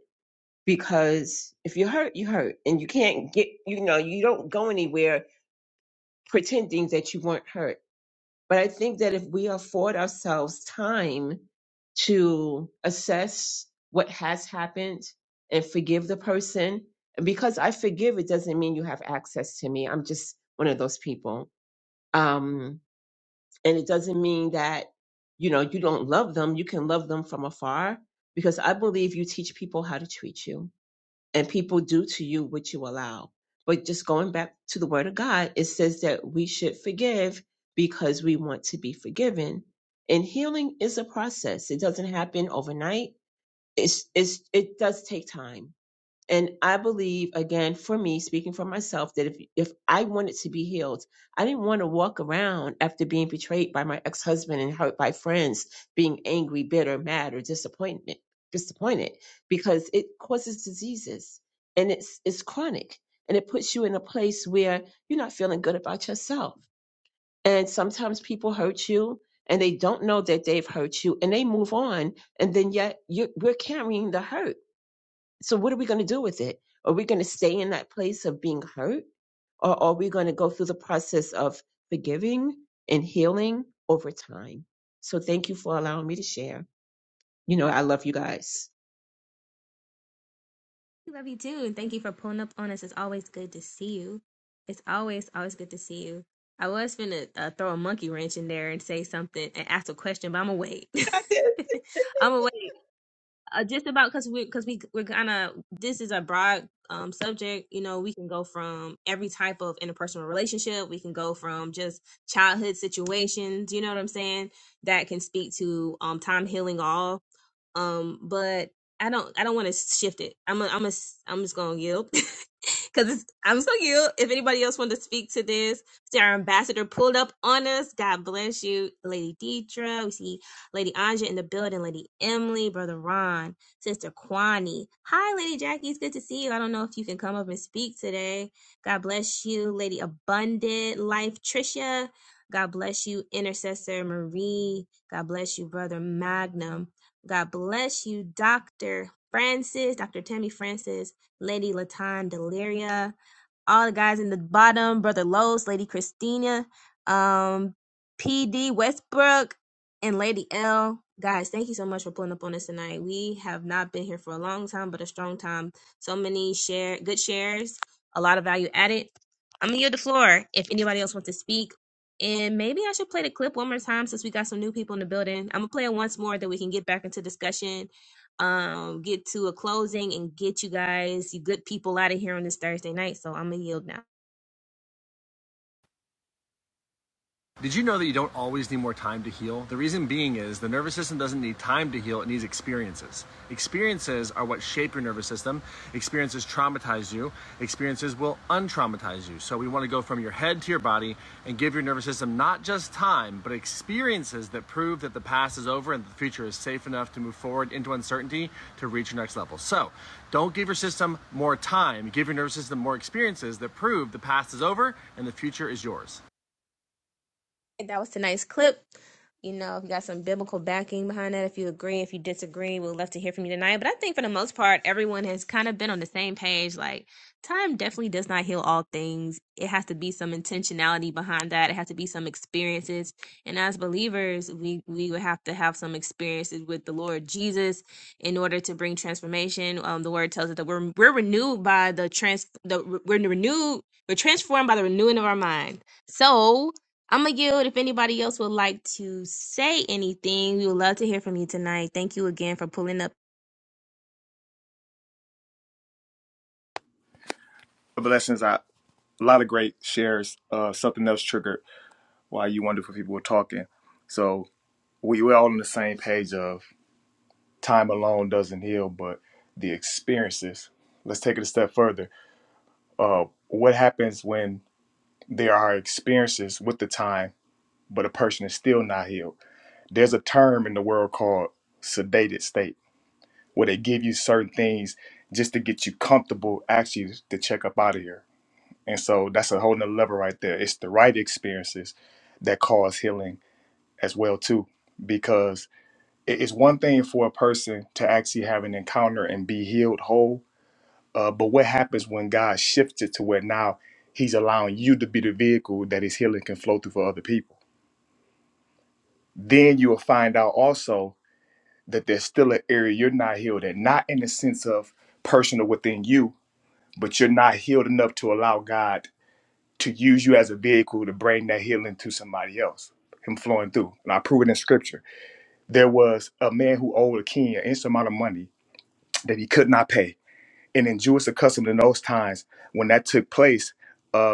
because if you're hurt, you hurt, and you can't get. You know, you don't go anywhere pretending that you weren't hurt but I think that if we afford ourselves time to assess what has happened and forgive the person, and because I forgive, it doesn't mean you have access to me. I'm just one of those people. Um, and it doesn't mean that, you know, you don't love them. You can love them from afar because I believe you teach people how to treat you and people do to you what you allow. But just going back to the word of God, it says that we should forgive because we want to be forgiven. And healing is a process. It doesn't happen overnight. It's, it's, it does take time and I believe, again, for me, speaking for myself, that if if I wanted to be healed, I didn't want to walk around after being betrayed by my ex husband and hurt by friends, being angry, bitter, mad, or disappointment disappointed, because it causes diseases and it's it's chronic and it puts you in a place where you're not feeling good about yourself. And sometimes people hurt you and they don't know that they've hurt you and they move on and then yet you we're carrying the hurt so what are we going to do with it? Are we going to stay in that place of being hurt? Or are we going to go through the process of forgiving and healing over time? So thank you for allowing me to share. You know, I love you guys. Love you too. And thank you for pulling up on us. It's always good to see you. It's always, always good to see you. I was finna uh, throw a monkey wrench in there and say something and ask a question, but I'm gonna wait. I'm gonna wait uh, just about because we because we we're gonna this is a broad um subject you know we can go from every type of interpersonal relationship we can go from just childhood situations you know what i'm saying that can speak to um time healing all um but i don't i don't want to shift it i'm a, i'm a, ai i'm just gonna yield because I'm so cute. If anybody else wanted to speak to this, Sarah Ambassador pulled up on us. God bless you, Lady Deidre. We see Lady Anja in the building, Lady Emily, Brother Ron, Sister Kwani. Hi, Lady Jackie. It's good to see you. I don't know if you can come up and speak today. God bless you, Lady Abundant Life, Tricia. God bless you, Intercessor Marie. God bless you, Brother Magnum. God bless you, Dr. Francis, Dr. Tammy Francis. Lady Latan Deliria, all the guys in the bottom, Brother Los, Lady Christina, um, PD Westbrook, and Lady L. Guys, thank you so much for pulling up on us tonight. We have not been here for a long time, but a strong time. So many share good shares, a lot of value added. I'm gonna yield the floor if anybody else wants to speak. And maybe I should play the clip one more time since we got some new people in the building. I'm gonna play it once more that we can get back into discussion um, get to a closing and get you guys, you good people out of here on this Thursday night. So I'm going to yield now. Did you know that you don't always need more time to heal? The reason being is the nervous system doesn't need time to heal, it needs experiences. Experiences are what shape your nervous system. Experiences traumatize you, experiences will untraumatize you. So we want to go from your head to your body and give your nervous system not just time, but experiences that prove that the past is over and the future is safe enough to move forward into uncertainty to reach your next level. So don't give your system more time, give your nervous system more experiences that prove the past is over and the future is yours. That was tonight's clip. You know, if you got some biblical backing behind that, if you agree, if you disagree, we'd love to hear from you tonight. But I think for the most part, everyone has kind of been on the same page. Like, time definitely does not heal all things. It has to be some intentionality behind that. It has to be some experiences. And as believers, we we would have to have some experiences with the Lord Jesus in order to bring transformation. Um, the word tells us that we're we're renewed by the trans the we're renewed we're transformed by the renewing of our mind. So I'm gonna yield if anybody else would like to say anything. We would love to hear from you tonight. Thank you again for pulling up. the blessings i a lot of great shares uh something else triggered while you wonderful people were talking so we we're all on the same page of time alone doesn't heal but the experiences let's take it a step further uh what happens when There are experiences with the time, but a person is still not healed. There's a term in the world called sedated state, where they give you certain things just to get you comfortable, actually to check up out of here. And so that's a whole nother level right there. It's the right experiences that cause healing as well too, because it- it's one thing for a person to actually have an encounter and be healed whole, uh, but what happens when God shifts it to where now He's allowing you to be the vehicle that His healing can flow through for other people? then you will find out also that there's still an area you're not healed in, not in the sense of personal within you, but you're not healed enough to allow God to use you as a vehicle to bring that healing to somebody else, Him flowing through. And I prove it in scripture. There was a man who owed a king an instant amount of money that he could not pay. And in Jewish custom in those times, when that took place, uh,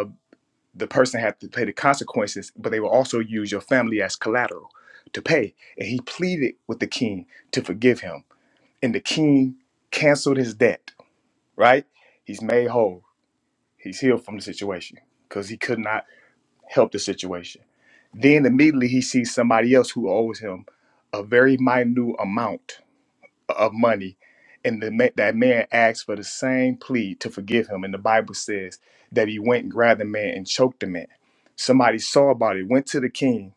the person had to pay the consequences, but they will also use your family as collateral to pay. And he pleaded with the king to forgive him. And the king canceled his debt, right? He's made whole. He's healed from the situation because he could not help the situation. Then immediately he sees somebody else who owes him a very minute amount of money. And the, ma- that man asked for the same plea to forgive him. And the Bible says that he went and grabbed the man and choked the man. Somebody saw about it, went to the king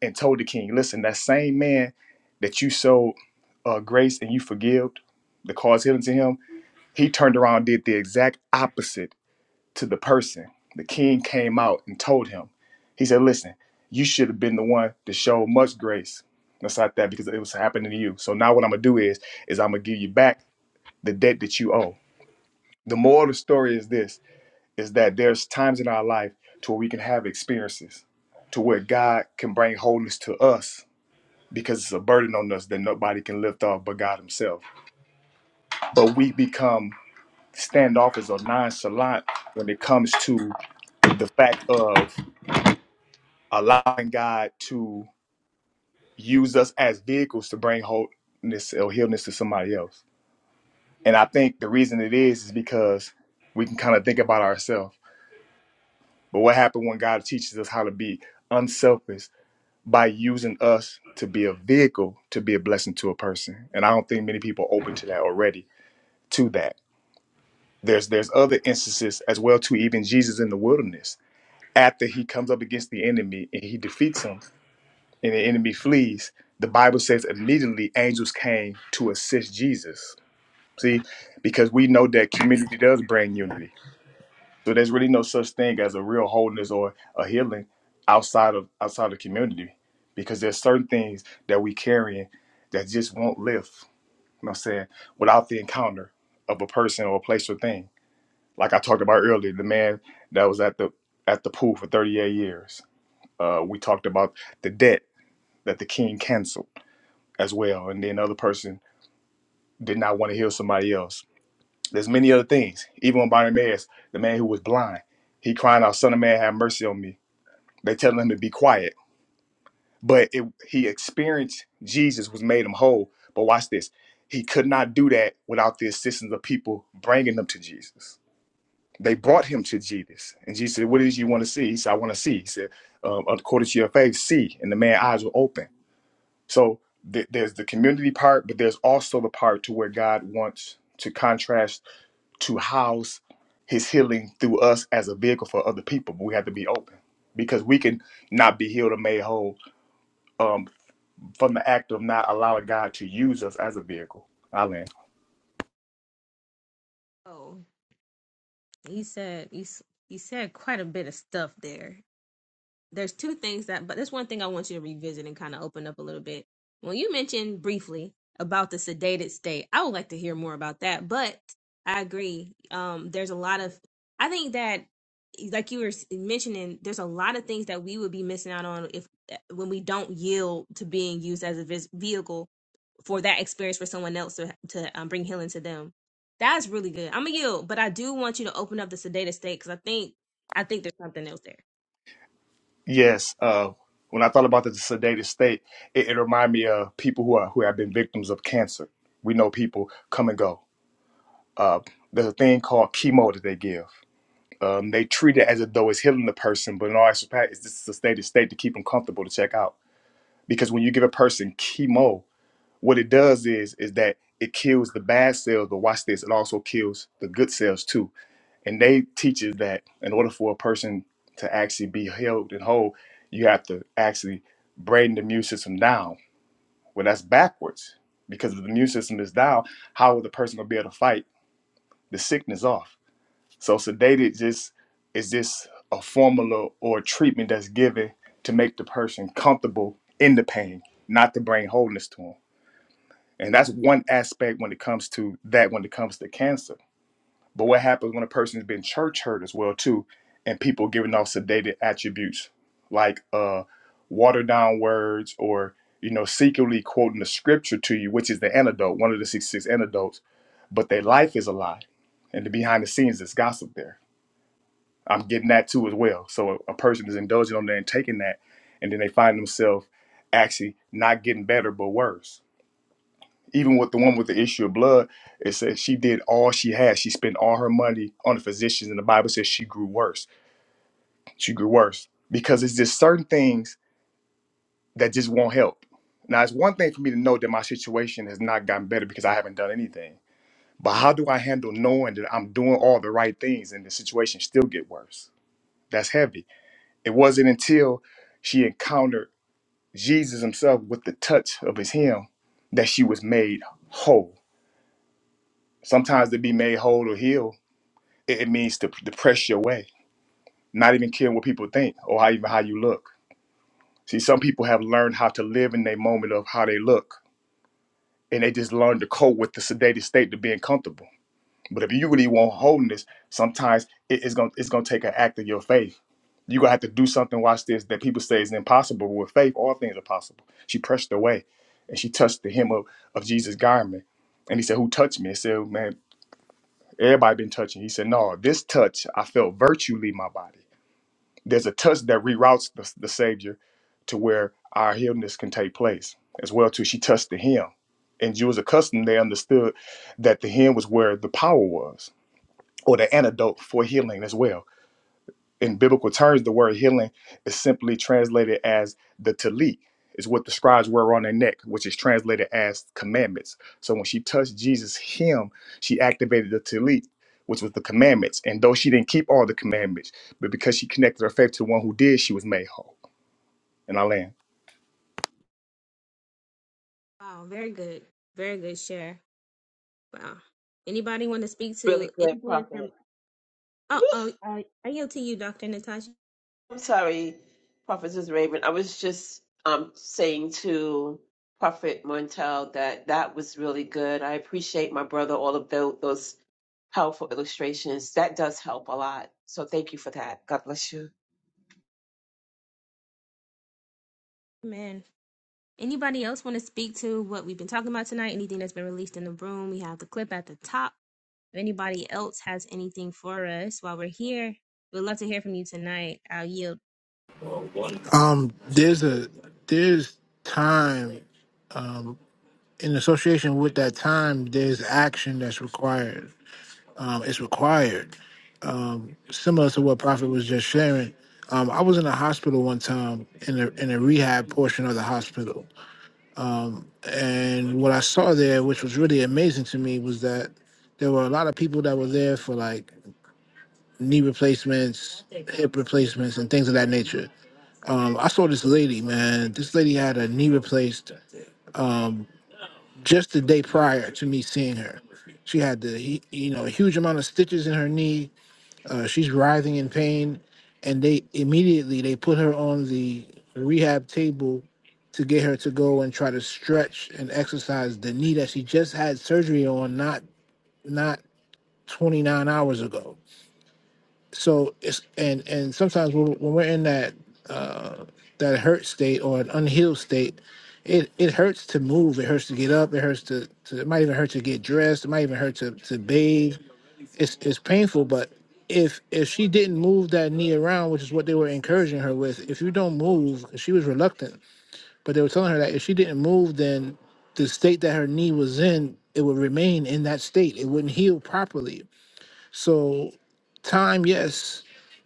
and told the king, listen, that same man that you showed uh, grace and you forgave the cause healing to him, he turned around and did the exact opposite to the person. The king came out and told him, he said, listen, you should have been the one to show much grace. That's not that because it was happening to you. So now what I'm going to do is, is I'm going to give you back the debt that you owe. The moral of the story is this is that there's times in our life to where we can have experiences to where God can bring wholeness to us because it's a burden on us that nobody can lift off but God Himself. But we become standoffish or nonchalant when it comes to the fact of allowing God to use us as vehicles to bring wholeness or healness to somebody else. And I think the reason it is is because we can kind of think about ourselves But what happened when God teaches us how to be unselfish by using us to be a vehicle to be a blessing to a person? And I don't think many people are open to that already. To that, there's there's other instances as well too. Even Jesus in the wilderness, after he comes up against the enemy and he defeats him, and the enemy flees. The Bible says immediately angels came to assist Jesus. See, because we know that community does bring unity So there's really no such thing as a real wholeness or a healing outside of outside the community, because there's certain things that we carry that just won't lift. You know what I'm saying without the encounter of a person or a place or thing. Like I talked about earlier, the man that was at the at the pool for 38 years. Uh, we talked about the debt that the king canceled as well, and then the other person did not want to heal somebody else. There's many other things. Even when Bartimaeus, the man who was blind, he crying out, "Son of man, have mercy on me." They tell him to be quiet. But it, he experienced Jesus was made him whole. But watch this. He could not do that without the assistance of people bringing them to Jesus. They brought him to Jesus. And Jesus said, What is you want to see? He said, I want to see. He said, um, According to your faith, see. And the man's eyes were open. So th- there's the community part, but there's also the part to where God wants to contrast to house his healing through us as a vehicle for other people. But we have to be open because we can not be healed or made whole um, from the act of not allowing God to use us as a vehicle. Alan. Oh, you said you s- you said quite a bit of stuff there. there's two things that but there's one thing I want you to revisit and kind of open up a little bit. Well, you mentioned briefly about the sedated state, I would like to hear more about that. But I agree. Um there's a lot of I think that like you were s- mentioning, there's a lot of things that we would be missing out on if eh, when we don't yield to being used as a vis- vehicle for that experience for someone else to to um, bring healing to them. That's really good. I'm a yield, but I do want you to open up the sedated state because I think I think there's something else there. Yes. Uh, when I thought about the sedated state, it, it reminded me of people who are who have been victims of cancer. We know people come and go. Uh, there's a thing called chemo that they give. Um, they treat it as if though it's healing the person, but in all actual fact, it's just a sedated state to keep them comfortable to check out. Because when you give a person chemo, what it does is is that it kills the bad cells, but watch this, it also kills the good cells too and they teaches that in order for a person to actually be healed and whole, you have to actually brain the immune system down. Well, that's backwards because if the immune system is down, how will the person gonna be able to fight the sickness off? So sedated just is just a formula or a treatment that's given to make the person comfortable in the pain, not to bring wholeness to them. And that's one aspect when it comes to that. When it comes to cancer but what happens when a person has been church hurt as well too, and people giving off sedated attributes like uh, watered down words or you know secretly quoting the scripture to you, which is the antidote, one of the six six antidotes, but their life is a lie, and the behind the scenes there's gossip there. I'm getting that too as well. So a person is indulging on that and taking that, and then they find themselves actually not getting better but worse even with the one with the issue of blood, it says she did all she had. She spent all her money on the physicians, and the Bible says she grew worse. She grew worse because it's just certain things that just won't help. Now, it's one thing for me to know that my situation has not gotten better because I haven't done anything. But how do I handle knowing that I'm doing all the right things and the situation still get worse? That's heavy. It wasn't until she encountered Jesus himself with the touch of his hem that she was made whole. Sometimes to be made whole or healed It, it means to, to press your way, not even caring what people think or how even how you look. See, some people have learned how to live in their moment of how they look, and they just learn to cope with the sedated state to being comfortable. But if you really want wholeness, sometimes it- it's gonna it's gonna take an act of your faith. You're gonna have to do something, watch this, that people say is impossible. but With faith, all things are possible. She pressed away and she touched the hem of, of Jesus' garment. And he said, Who touched me? I said, Man, everybody been touching. He said, No, this touch, I felt virtue leave my body. There's a touch that reroutes the, the Savior to where our healedness can take place as well. Too, she touched the hem, and Jews accustomed they understood that the hem was where the power was or the antidote for healing as well in biblical terms, the word healing is simply translated as the talit. It's what the scribes wear on their neck, which is translated as commandments. So when she touched Jesus' hem, she activated the talit, which was the commandments. And though she didn't keep all the commandments, but because she connected her faith to the one who did, she was made whole. And I land. Wow, very good. Very good share. Wow. Anybody want to speak to Really good, anything that's in Prophet. Oh, Woo. oh, uh, I yield to you, Dr. Natasha. I'm sorry, Prophetess Raven. I was just um saying to Prophet Montel that that was really good. I appreciate my brother all of those, those powerful illustrations. That does help a lot. So thank you for that. God bless you. Man, anybody else want to speak to what we've been talking about tonight? Anything that's been released in the room? We have the clip at the top. If anybody else has anything for us while we're here, we'd love to hear from you tonight. I'll yield. um there's a there's time in association with that time, there's action that's required. Um, it's required. Um, similar to what Prophet was just sharing. Um, I was in a hospital one time in a in a rehab portion of the hospital, and what I saw there, which was really amazing to me, was that there were a lot of people that were there for like knee replacements, hip replacements, and things of that nature. Um, I saw this lady, man. This lady had a knee replaced. Um, just the day prior to me seeing her. She had the he- you know a huge amount of stitches in her knee. Uh, she's writhing in pain, and they immediately they put her on the rehab table to get her to go and try to stretch and exercise the knee that she just had surgery on not not 29 hours ago so it's and and sometimes when, when we're in that uh that hurt state or an unhealed state it it hurts to move it hurts to get up it hurts to, to it might even hurt to get dressed it might even hurt to to bathe it's it's painful but if if she didn't move that knee around which is what they were encouraging her with if you don't move she was reluctant but they were telling her that if she didn't move then the state that her knee was in it would remain in that state it wouldn't heal properly so time, yes,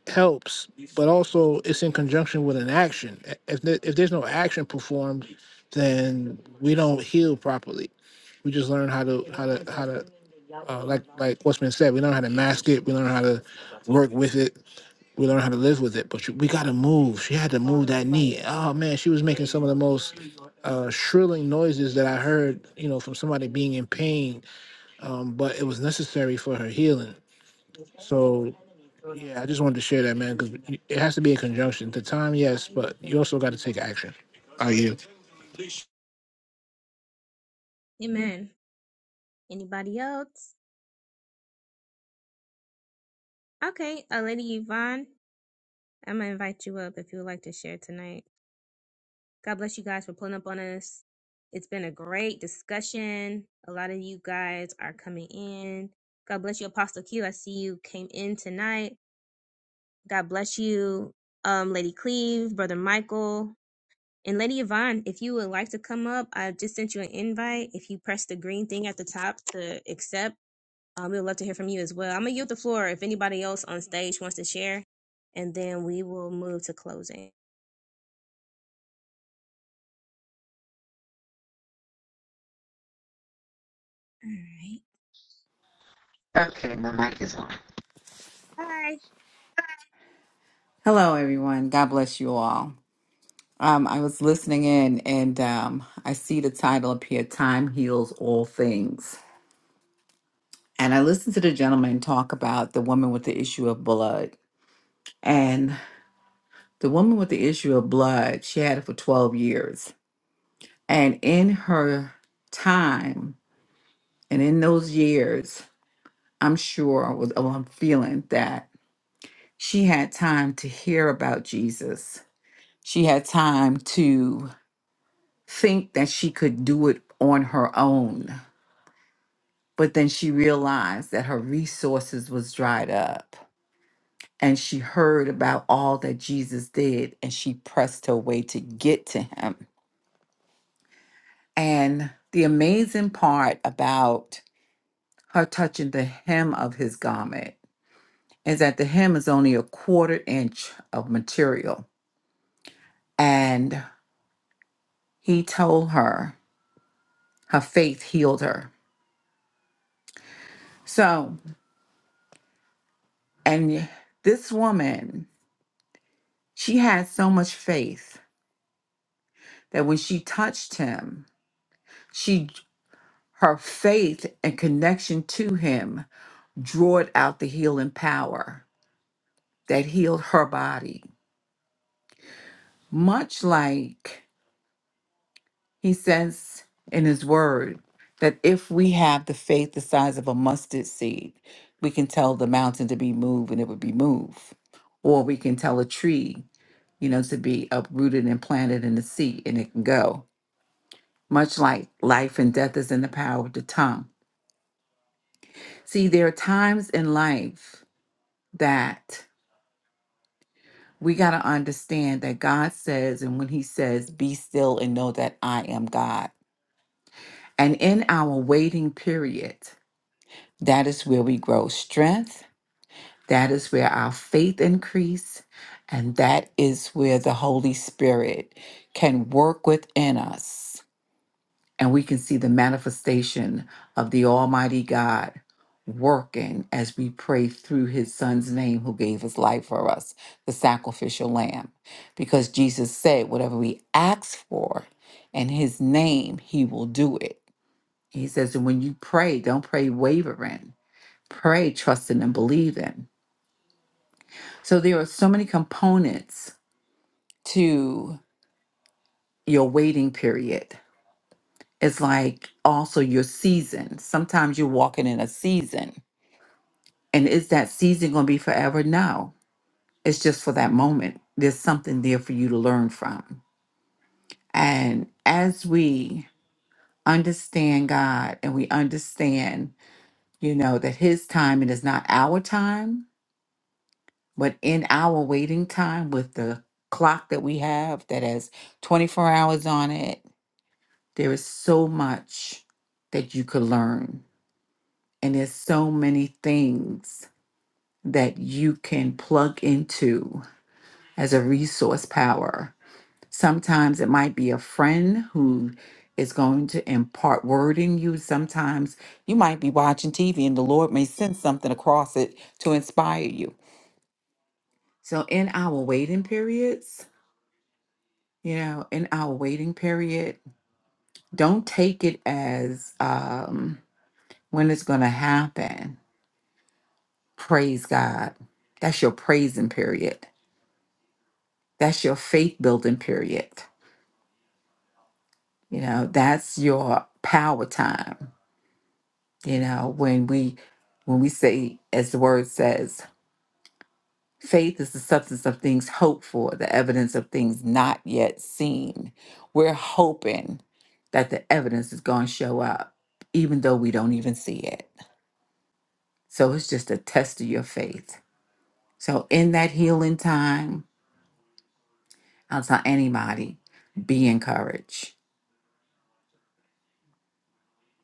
helps, but also it's in conjunction with an action. If there, if there's no action performed, then we don't heal properly. We just learn how to how to how to uh, like like what's been said. We learn how to mask it. We learn how to work with it. We learn how to live with it. But you- we got to move. She had to move that knee. Oh man, she was making some of the most uh, shrilling noises that I heard. You know, from somebody being in pain. Um, but it was necessary for her healing. So. Yeah, I just wanted to share that, man, because it has to be in conjunction. The time, yes, but you also got to take action. Are you? Amen. Anybody else? Okay, uh, Lady Yvonne, I'm going to invite you up if you would like to share tonight. God bless you guys for pulling up on us. It's been a great discussion. A lot of you guys are coming in. God bless you, Apostle Q. I see you came in tonight. God bless you, um, Lady Cleve, Brother Michael, and Lady Yvonne. If you would like to come up, I just sent you an invite. If you press the green thing at the top to accept, um, we would love to hear from you as well. I'm gonna yield the floor if anybody else on stage wants to share, and then we will move to closing. All right. Okay, my mic is on. Bye. Hello, everyone. God bless you all. Um, I was listening in and um, I see the title up here Time Heals All Things. And I listened to the gentleman talk about the woman with the issue of blood. And the woman with the issue of blood, she had it for 12 years. And in her time and in those years, I'm sure, was, oh, I'm feeling that she had time to hear about Jesus. She had time to think that she could do it on her own. But then she realized that her resources was dried up. And she heard about all that Jesus did and she pressed her way to get to him. And the amazing part about her touching the hem of his garment is that the hem is only a quarter inch of material. And he told her her faith healed her. So, and this woman She had so much faith that when she touched him, she her faith and connection to him drawed out the healing power that healed her body. Much like he says in his word that if we have the faith the size of a mustard seed, we can tell the mountain to be moved and it would be moved. Or we can tell a tree, you know, to be uprooted and planted in the sea and it can go much like life and death is in the power of the tongue. See, there are times in life that we got to understand that God says, and when He says, be still and know that I am God. And in our waiting period, that is where we grow strength, that is where our faith increase, and that is where the Holy Spirit can work within us and we can see the manifestation of the Almighty God working as we pray through his son's name who gave his life for us, the sacrificial lamb. Because Jesus said, whatever we ask for in his name, he will do it. He says, and when you pray, don't pray wavering, pray trusting and believing. So there are so many components to your waiting period. It's like also your season. Sometimes you're walking in a season And is that season going to be forever? No, it's just for that moment. There's something there for you to learn from. And as we understand God and we understand, you know, that His timing is not our time, but in our waiting time with the clock that we have that has 24 hours on it, there is so much that you could learn. And there's so many things that you can plug into as a resource power. Sometimes it might be a friend who is going to impart word in you. Sometimes you might be watching TV and the Lord may send something across it to inspire you. So, in our waiting periods, you know, in our waiting period, don't take it as um, when it's going to happen. Praise God. That's your praising period. That's your faith building period. You know, that's your power time You know, when we when we say, as the word says, faith is the substance of things hoped for, the evidence of things not yet seen. We're hoping that the evidence is going to show up, even though we don't even see it. So it's just a test of your faith. So in that healing time, I'll tell anybody, be encouraged.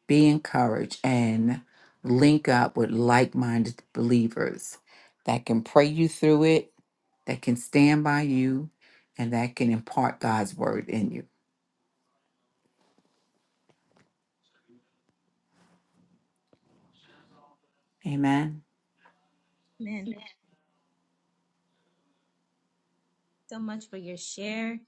Be encouraged and link up with like minded believers that can pray you through it that can stand by you and that can impart God's word in you. Amen. Amen. so much for your share.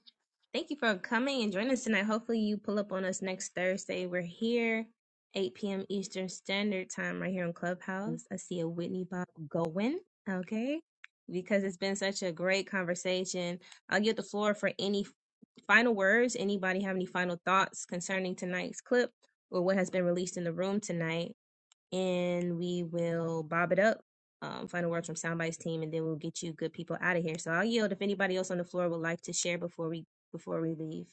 Thank you for coming and joining us tonight. Hopefully, you pull up on us next Thursday. We're here, 8 p.m. Eastern Standard Time, right here on Clubhouse. I see a Whitney Bob going. Okay. Because it's been such a great conversation. I'll give the floor for any final words. Anybody have any final thoughts concerning tonight's clip or what has been released in the room tonight? and we will bob it up. Um, final words from Soundbites team, and then we'll get you good people out of here. So I'll yield if anybody else on the floor would like to share before we before we leave.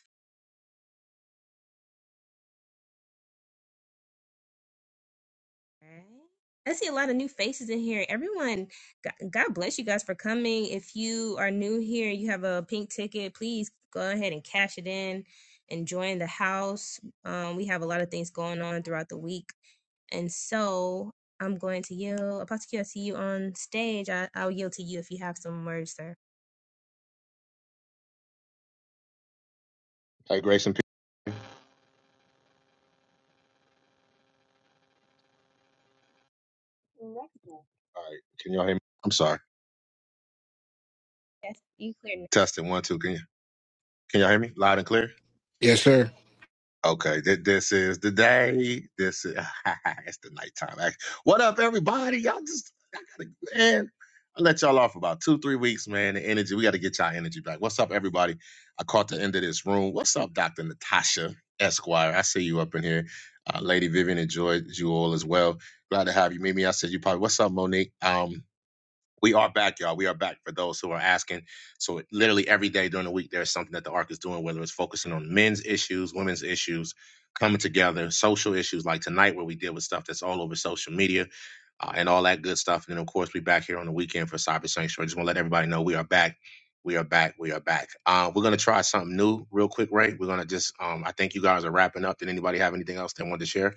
All right. I see a lot of new faces in here. Everyone, God God bless you guys for coming. If you are new here, you have a pink ticket, please go ahead and cash it in and join the house. Um, we have a lot of things going on throughout the week. And so I'm going to yield. Apostle Q, I see you on stage. I, I'll yield to you if you have some words, sir. Hey, Grace and Pete. All right, can y'all hear me? I'm sorry. Yes, you clear now. Testing one, two. Can you can y'all hear me? Loud and clear. Yes, sir. Okay, th- this is the day. This is it's the nighttime. Like, What up, everybody? Y'all just I gotta, man. I let y'all off about two, three weeks, man. The energy. We got to get y'all energy back. What's up, everybody? I caught the end of this room. What's up, Doctor Natasha Esquire? I see you up in here. Uh, Lady Vivian enjoyed you all as well. Glad to have you, Mimi. I said you probably. What's up, Monique? Um. We are back, y'all. We are back for those who are asking. So literally every day during the week, there's something that the ARC is doing, whether it's focusing on men's issues, women's issues, coming together, social issues like tonight where we deal with stuff that's all over social media uh, and all that good stuff. And then of course we back here on the weekend for Cyber Sanctuary. I Just want to let everybody know we are back. We are back. We are back. Uh, we're gonna try something new real quick, right? We're gonna just um, I think you guys are wrapping up. Did anybody have anything else they wanted to share?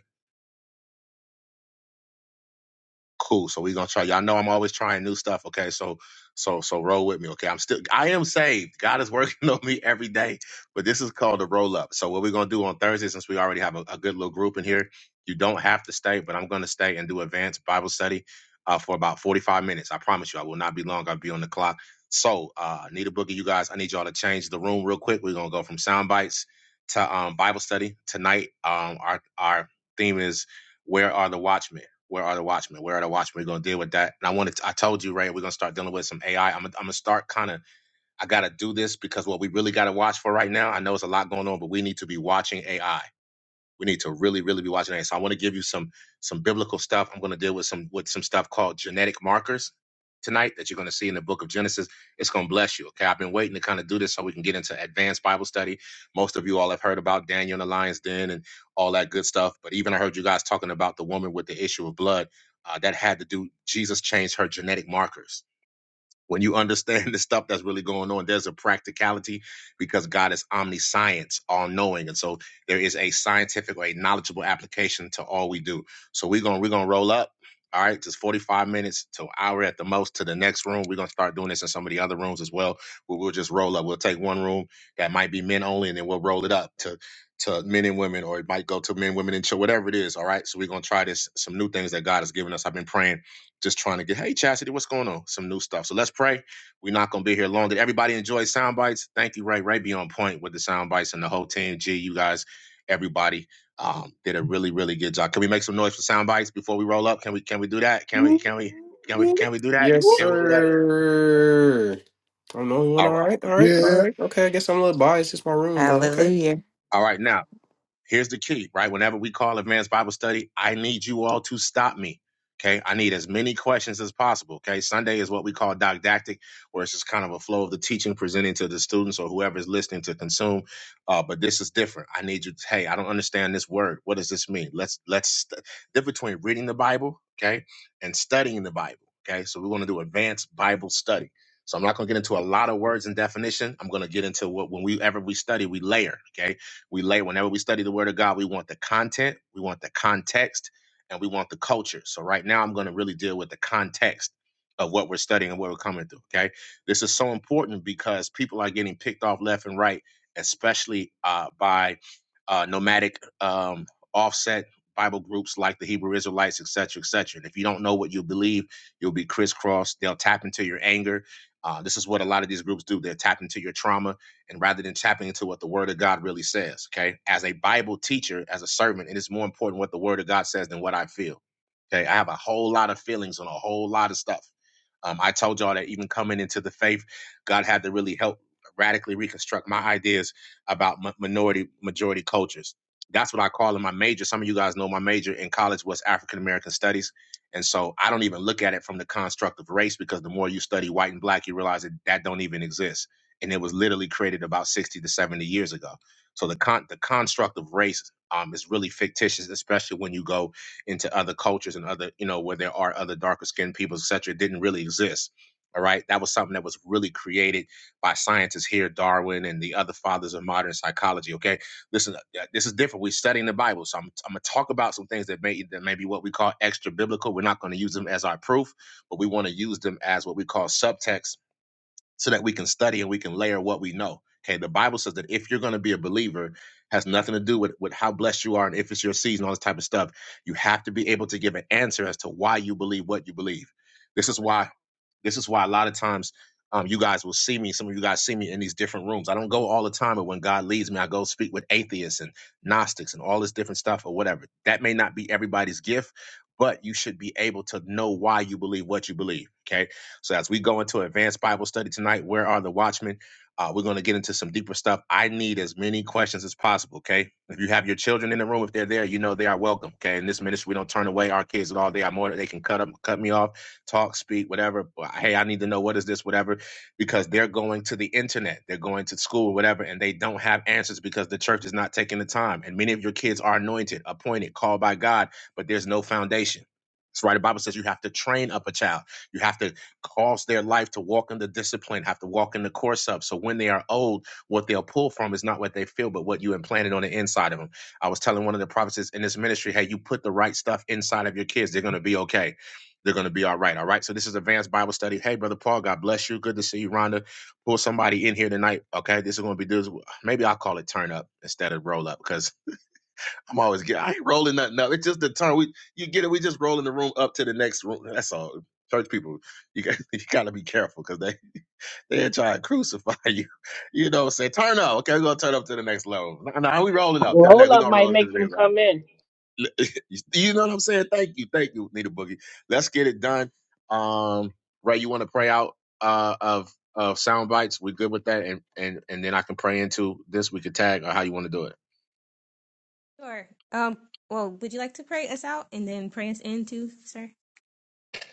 Cool. So we're gonna try. Y'all know I'm always trying new stuff. Okay. So so so roll with me. Okay. I'm still I am saved. God is working on me every day. But this is called a roll up. So what we're gonna do on Thursday, since we already have a, a good little group in here, you don't have to stay, but I'm gonna stay and do advanced Bible study uh, for about 45 minutes. I promise you, I will not be long. I'll be on the clock. So uh need a boogie, you guys. I need y'all to change the room real quick. We're gonna go from sound bites to um Bible study tonight. Um our our theme is where are the watchmen? Where are the watchmen? Where are the watchmen? We're gonna deal with that. And I wanted, to, I told you, right, we're gonna start dealing with some AI. I'm, gonna- I'm gonna start kind of. I gotta do this because what we really gotta watch for right now. I know it's a lot going on, but we need to be watching AI. We need to really, really be watching that. So I want to give you some some biblical stuff. I'm going to deal with some with some stuff called genetic markers tonight that you're going to see in the book of Genesis. It's going to bless you. Okay, I've been waiting to kind of do this so we can get into advanced Bible study. Most of you all have heard about Daniel and the lion's den and all that good stuff. But even I heard you guys talking about the woman with the issue of blood uh, that had to do. Jesus changed her genetic markers when you understand the stuff that's really going on there's a practicality because god is omniscience all-knowing and so there is a scientific or a knowledgeable application to all we do so we're gonna we're gonna roll up all right just 45 minutes to an hour at the most to the next room we're gonna start doing this in some of the other rooms as well where we'll just roll up we'll take one room that might be men only and then we'll roll it up to to men and women or it might go to men women and children whatever it is all right so we're gonna try this some new things that god has given us i've been praying just trying to get, hey, Chastity, what's going on? Some new stuff. So let's pray. We're not going to be here long. Did everybody enjoy sound bites? Thank you, Ray. Ray be on point with the sound bites and the whole team. G, you guys, everybody um, did a really, really good job. Can we make some noise for sound bites before we roll up? Can we, can we do that? Can we, can we, can we, can we do that? Yes, who Can we do that? sir. I'm the only one. All All right. right, all right, all Yeah, right. Okay, I guess I'm a little biased. It's my room, but okay. Hallelujah. All right. Now, here's the key, right? Whenever we call advanced Bible study, I need you all to stop me. Okay. I need as many questions as possible. Okay. Sunday is what we call didactic, where it's just kind of a flow of the teaching presenting to the students or whoever is listening to consume. Uh, but this is different. I need you. To, hey, I don't understand this word. What does this mean? Let's let's st- difference between reading the Bible, okay, and studying the Bible. Okay. So we're going to do advanced Bible study. So I'm not going to get into a lot of words and definition. I'm going to get into what when we ever we study, we layer. Okay we lay whenever we study the Word of God, we want the content, we want the context, and we want the culture. So right now, I'm going to really deal with the context of what we're studying and what we're coming through. Okay, this is so important because people are getting picked off left and right, especially uh, by uh, nomadic um, offset Bible groups like the Hebrew Israelites, et cetera, etc. And if you don't know what you believe, you'll be crisscrossed. They'll tap into your anger. Uh, this is what a lot of these groups do. They'll tap into your trauma and rather than tapping into what the word of God really says, okay? As a Bible teacher, as a servant, it is more important what the word of God says than what I feel. Okay. I have a whole lot of feelings on a whole lot of stuff. Um, I told y'all that even coming into the faith, God had to really help radically reconstruct my ideas about mi- minority majority cultures. That's what I call in my major. Some of you guys know my major in college was African American Studies. And so I don't even look at it from the construct of race because the more you study white and black, you realize that that don't even exist and it was literally created about 60 to 70 years ago. So the con- the construct of race um, is really fictitious, especially when you go into other cultures and other, you know, where there are other darker skinned people, et cetera. It didn't really exist. All right. That was something that was really created by scientists here, Darwin and the other fathers of modern psychology. Okay. Listen, uh, this is different. We're studying the Bible. So I'm, I'm going to talk about some things that may, that may be what we call extra biblical. We're not going to use them as our proof, but we want to use them as what we call subtext so that we can study and we can layer what we know. Okay, the Bible says that if you're going to be a believer, has nothing to do with, with how blessed you are and if it's your season, all this type of stuff. You have to be able to give an answer as to why you believe what you believe. This is why this is why a lot of times um, you guys will see me. Some of you guys see me in these different rooms. I don't go all the time, but when God leads me, I go speak with atheists and Gnostics and all this different stuff or whatever. That may not be everybody's gift, but you should be able to know why you believe what you believe. Okay. So as we go into advanced Bible study tonight, where are the watchmen? Uh, we're going to get into some deeper stuff. I need as many questions as possible. Okay. If you have your children in the room, if they're there, you know they are welcome. Okay. In this ministry, we don't turn away our kids at all. They are more. They can cut up, cut me off talk, speak, whatever. But, Hey, I need to know what is this, whatever, because they're going to the internet, they're going to school, whatever, and they don't have answers because the church is not taking the time. And many of your kids are anointed, appointed, called by God, but there's no foundation. That's why the Bible says you have to train up a child. You have to cause their life to walk in the discipline, have to walk in the course up. So when they are old, what they'll pull from is not what they feel, but what you implanted on the inside of them. I was telling one of the prophets in this ministry, hey, you put the right stuff inside of your kids, they're going to be okay they're going to be all right. All right. So this is advanced Bible study. Hey, brother Paul, God bless you. Good to see you, Rhonda. Pull somebody in here tonight. Okay. This is going to be this. Maybe I'll call it turn up instead of roll up because I'm always get. I ain't rolling nothing up. It's just the turn. We you get it. We just rolling the room up to the next room. That's all. Church people, you got you got to be careful because they they try to crucify you. You know, say turn up. Okay, we're gonna turn up to the next level. No, no, we rolling up to the next. Roll We're up gonna might roll up to make the them next. come in. you know what I'm saying? Thank you, thank you, Nita Boogie. Let's get it done. Um, Ray, you want to pray out uh, of of sound bites? We're good with that, and and and then I can pray into this. We could tag or how you want to do it. Sure. Um, well, would you like to pray us out and then pray us in too, sir?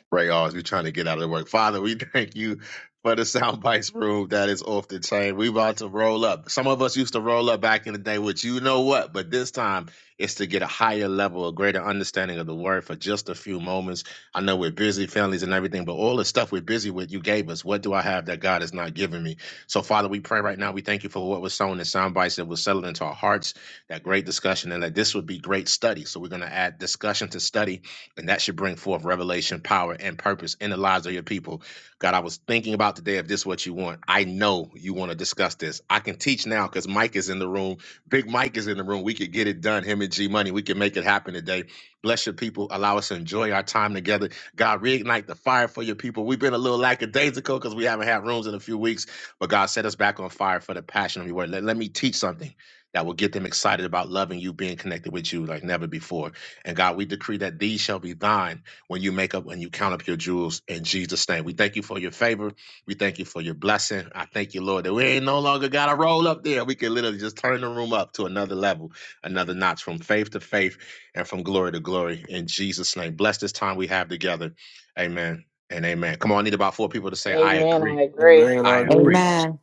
Pray all as we're trying to get out of the work. Father, we thank you for the sound bites room that is off the chain. We about to roll up. Some of us used to roll up back in the day, which you know what, but this time it's to get a higher level, a greater understanding of the word for just a few moments. I know we're busy, families and everything, but all the stuff we're busy with, you gave us. What do I have that God has not given me? So, Father, we pray right now. We thank you for what was sown in sound bites that was settled into our hearts, that great discussion, and that this would be great study. So we're going to add discussion to study and that should bring forth revelation, power, and purpose in the lives of your people. God, I was thinking about today if this is what you want. I know you want to discuss this. I can teach now because Mike is in the room. Big Mike is in the room. We could get it done. Him and G Money, we can make it happen today. Bless your people. Allow us to enjoy our time together. God, reignite the fire for your people. We've been a little lackadaisical because we haven't had rooms in a few weeks, but God set us back on fire for the passion of your word. Let, let me teach something that will get them excited about loving you, being connected with you like never before. And God, we decree that these shall be thine when you make up, when you count up your jewels in Jesus' name. We thank you for your favor. We thank you for your blessing. I thank you, Lord, that we ain't no longer got to roll up there. We can literally just turn the room up to another level, another notch from faith to faith and from glory to glory in Jesus' name. Bless this time we have together. Amen and amen. Come on, I need about four people to say, I Amen. agree. I agree. Amen. I I agree. agree. Amen.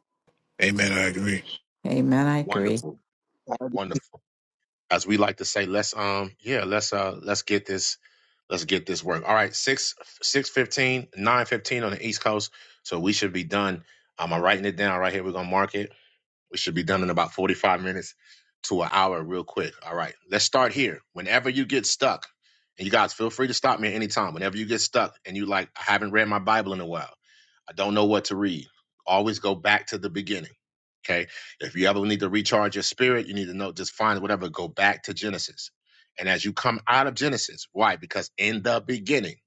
Amen. I agree. Amen. I agree. Wonderful. Gotta be Wonderful. As we like to say, let's um, yeah, let's uh let's get this Let's get this work. All right, six six fifteen, nine fifteen on the East Coast. So we should be done. Um, I'm writing it down right here. We're gonna mark it. We should be done in about 45 minutes to an hour, real quick. All right, let's start here. Whenever you get stuck, and you guys feel free to stop me at any time. Whenever you get stuck and you like, I haven't read my Bible in a while, I don't know what to read, always go back to the beginning. Okay. If you ever need to recharge your spirit, you need to know, just find whatever, go back to Genesis. And as you come out of Genesis, why? Because in the beginning,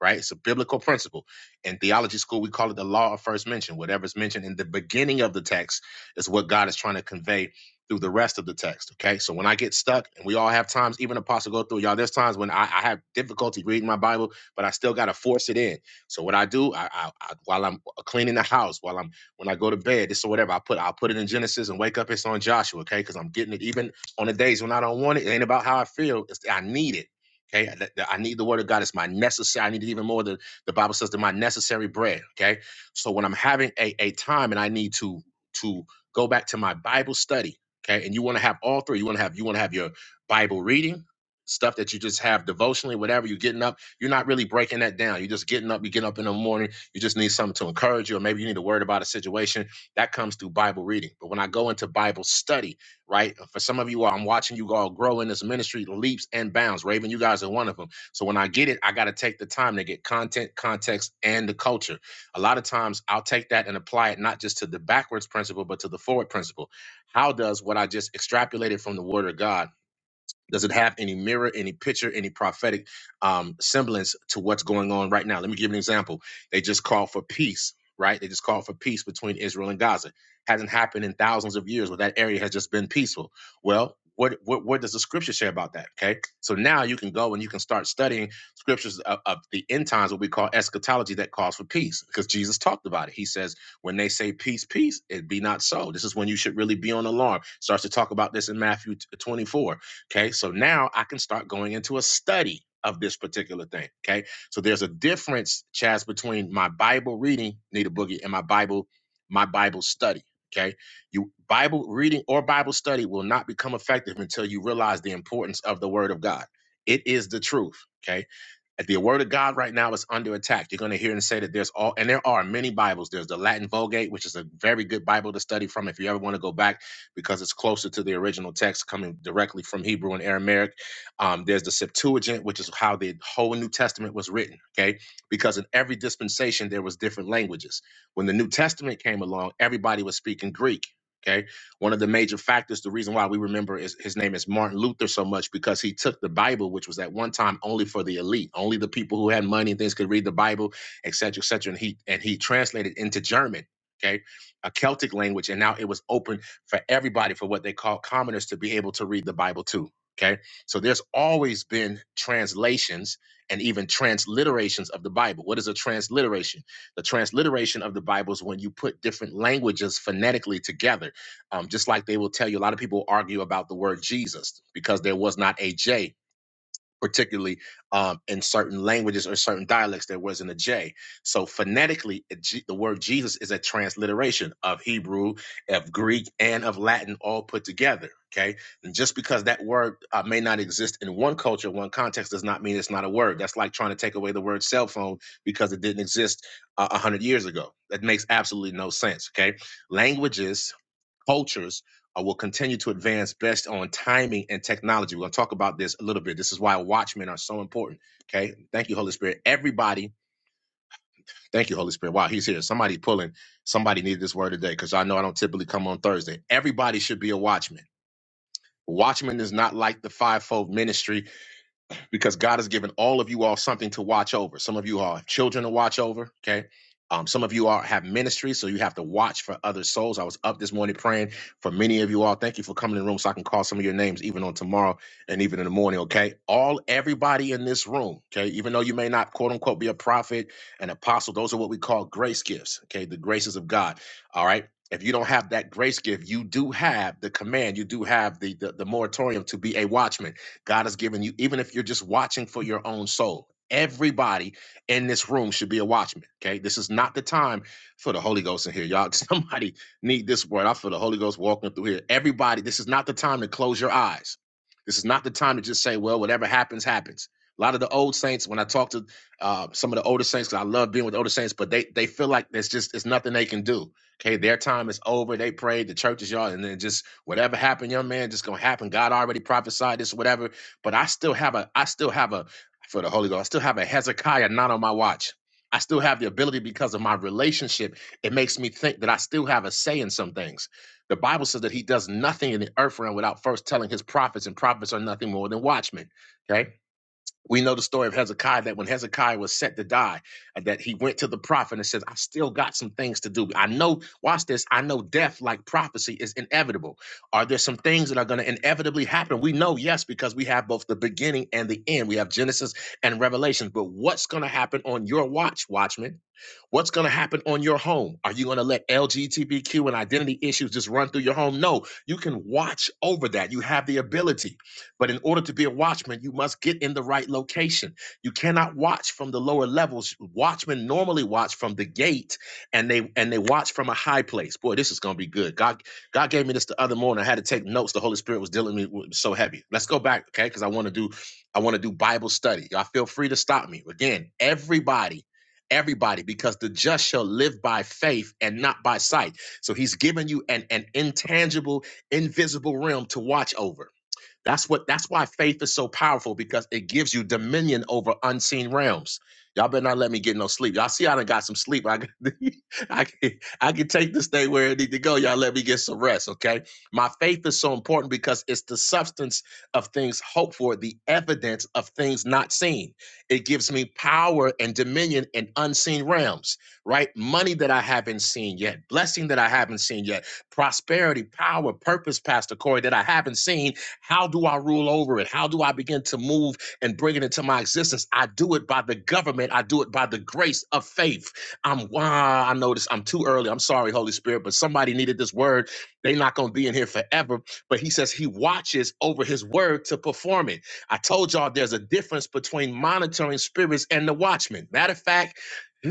right? It's a biblical principle. In theology school, we call it the law of first mention. Whatever's mentioned in the beginning of the text is what God is trying to convey through the rest of the text. Okay. So when I get stuck, and we all have times, even apostle go through, y'all, there's times when I, I have difficulty reading my Bible, but I still gotta force it in. So what I do, I, I, I while I'm cleaning the house, while I'm when I go to bed, this or whatever, I put I'll put it in Genesis and wake up, it's on Joshua, okay? Because I'm getting it even on the days when I don't want it. It ain't about how I feel. It's I need it. Okay. I, that- I need the word of God. It's my necessary. I need it even more than the Bible says that my necessary bread. Okay. So when I'm having a, a time and I need to to go back to my Bible study. Okay. And you want to have all three. You want to have you want to have your Bible reading, stuff that you just have devotionally, whatever you're getting up. You're not really breaking that down. You're just getting up, you get up in the morning, you just need something to encourage you, or maybe you need a word about a situation. That comes through Bible reading. But when I go into Bible study, right? For some of you all, I'm watching you all grow in this ministry, leaps and bounds. Raven, you guys are one of them. So when I get it, I gotta take the time to get content, context, and the culture a lot of times I'll take that and apply it not just to the backwards principle, but to the forward principle. How does what I just extrapolated from the word of God? Does it have any mirror, any picture, any prophetic um, semblance to what's going on right now? Let me give you an example. They just called for peace, right? They just called for peace between Israel and Gaza. Hasn't happened in thousands of years where that area has just been peaceful. Well, what, what, what does the scripture say about that? Okay. So now you can go and you can start studying scriptures of, of the end times, what we call eschatology that calls for peace, because Jesus talked about it. He says, when they say peace, peace, it be not so. This is when you should really be on alarm. Starts to talk about this in Matthew 24 Okay, so now I can start going into a study of this particular thing. Okay, so there's a difference, Chaz, between my Bible reading, Need a Boogie, and my Bible, my Bible study. Okay, you Bible reading or Bible study will not become effective until you realize the importance of the Word of God. It is the truth. Okay, the word of God right now is under attack. You're going to hear and say that there's all, and there are many Bibles. There's the Latin Vulgate, which is a very good Bible to study from if you ever want to go back because it's closer to the original text coming directly from Hebrew and Aramaic. Um, there's the Septuagint, which is how the whole New Testament was written, okay? Because in every dispensation, there was different languages. When the New Testament came along, everybody was speaking Greek. Okay. One of the major factors, the reason why we remember is, his name is Martin Luther so much because he took the Bible, which was at one time only for the elite, only the people who had money and things could read the Bible, et cetera, et cetera. And he and he translated into German, okay, a Celtic language, and now it was open for everybody for what they call commoners to be able to read the Bible too. Okay, so there's always been translations and even transliterations of the Bible. What is a transliteration? The transliteration of the Bible is when you put different languages phonetically together. Um, just like they will tell you, a lot of people argue about the word Jesus because there was not a J, particularly um, in certain languages or certain dialects, there wasn't a J. So phonetically, it- G- the word Jesus is a transliteration of Hebrew, of Greek, and of Latin all put together. Okay. And just because that word uh, may not exist in one culture, one context, does not mean it's not a word. That's like trying to take away the word cell phone because it didn't exist uh, 100 years ago. That makes absolutely no sense. Okay. Languages cultures uh, will continue to advance based on timing and technology. We're going to talk about this a little bit. This is why watchmen are so important. Okay. Thank you, Holy Spirit. Everybody, thank you, Holy Spirit. Wow, he's here. Somebody pulling. Somebody needed this word today because I know I don't typically come on Thursday. Everybody should be a watchman. Watchman is not like the fivefold ministry because God has given all of you all something to watch over. Some of you all have children to watch over. Okay. Um, some of you all have ministry, so you have to watch for other souls. I was up this morning praying for many of you all. Thank you for coming in the room so I can call some of your names even on tomorrow and even in the morning. Okay. All everybody in this room, okay, even though you may not quote unquote be a prophet, an apostle, those are what we call grace gifts. Okay, the graces of God. All right. If you don't have that grace gift, you do have the command, you do have the the, the moratorium to be a watchman God has given you, even if you're just watching for your own soul. Everybody in this room should be a watchman. Okay. This is not the time for the Holy Ghost in here. Y'all, somebody need this word. I feel the Holy Ghost walking through here. Everybody, this is not the time to close your eyes. This is not the time to just say, well, whatever happens, happens. A lot of the old saints, when I talk to uh, some of the older saints, 'cause I love being with older saints, but they they feel like there's just it's nothing they can do. Okay, their time is over. They prayed, the church is y'all, and then just whatever happened, young man, just gonna happen. God already prophesied this, whatever. But I still have a, I still have a, for the Holy Ghost, I still have a Hezekiah not on my watch. I still have the ability because of my relationship. It makes me think that I still have a say in some things. The Bible says that he does nothing in the earth realm without first telling his prophets, and prophets are nothing more than watchmen. Okay. We know the story of Hezekiah that when Hezekiah was set to die, uh, that he went to the prophet and says, I still got some things to do. I know, watch this, I know death, like prophecy, is inevitable. Are there some things that are going to inevitably happen? We know, yes, because we have both the beginning and the end. We have Genesis and Revelation. But what's going to happen on your watch, watchman? What's going to happen on your home? Are you going to let LGBTQ and identity issues just run through your home? No, you can watch over that. You have the ability. But in order to be a watchman, you must get in the right location. You cannot watch from the lower levels. Watchmen normally watch from the gate and they and they watch from a high place. Boy, this is going to be good. God God gave me this the other morning. I had to take notes. The Holy Spirit was dealing with me it was so heavy. Let's go back, okay? Cuz I want to do I want to do Bible study. Y'all feel free to stop me. Again, everybody everybody because the just shall live by faith and not by sight. So he's given you an, an intangible, invisible realm to watch over. That's what that's why faith is so powerful because it gives you dominion over unseen realms. Y'all better not let me get no sleep. Y'all see I done got some sleep. I can, I can I can take this thing where it need to go. Y'all let me get some rest, okay? My faith is so important because it's the substance of things hoped for, the evidence of things not seen. It gives me power and dominion in unseen realms, right? Money that I haven't seen yet, blessing that I haven't seen yet, prosperity, power, purpose, Pastor Corey, that I haven't seen how do I rule over it? How do I begin to move and bring it into my existence? I do it by the government. I do it by the grace of faith. I'm wow, I know this. I'm too early. I'm sorry, Holy Spirit, but somebody needed this word. They're not gonna be in here forever. But he says he watches over his word to perform it. I told y'all there's a difference between monitoring spirits and the watchman. Matter of fact, ugh,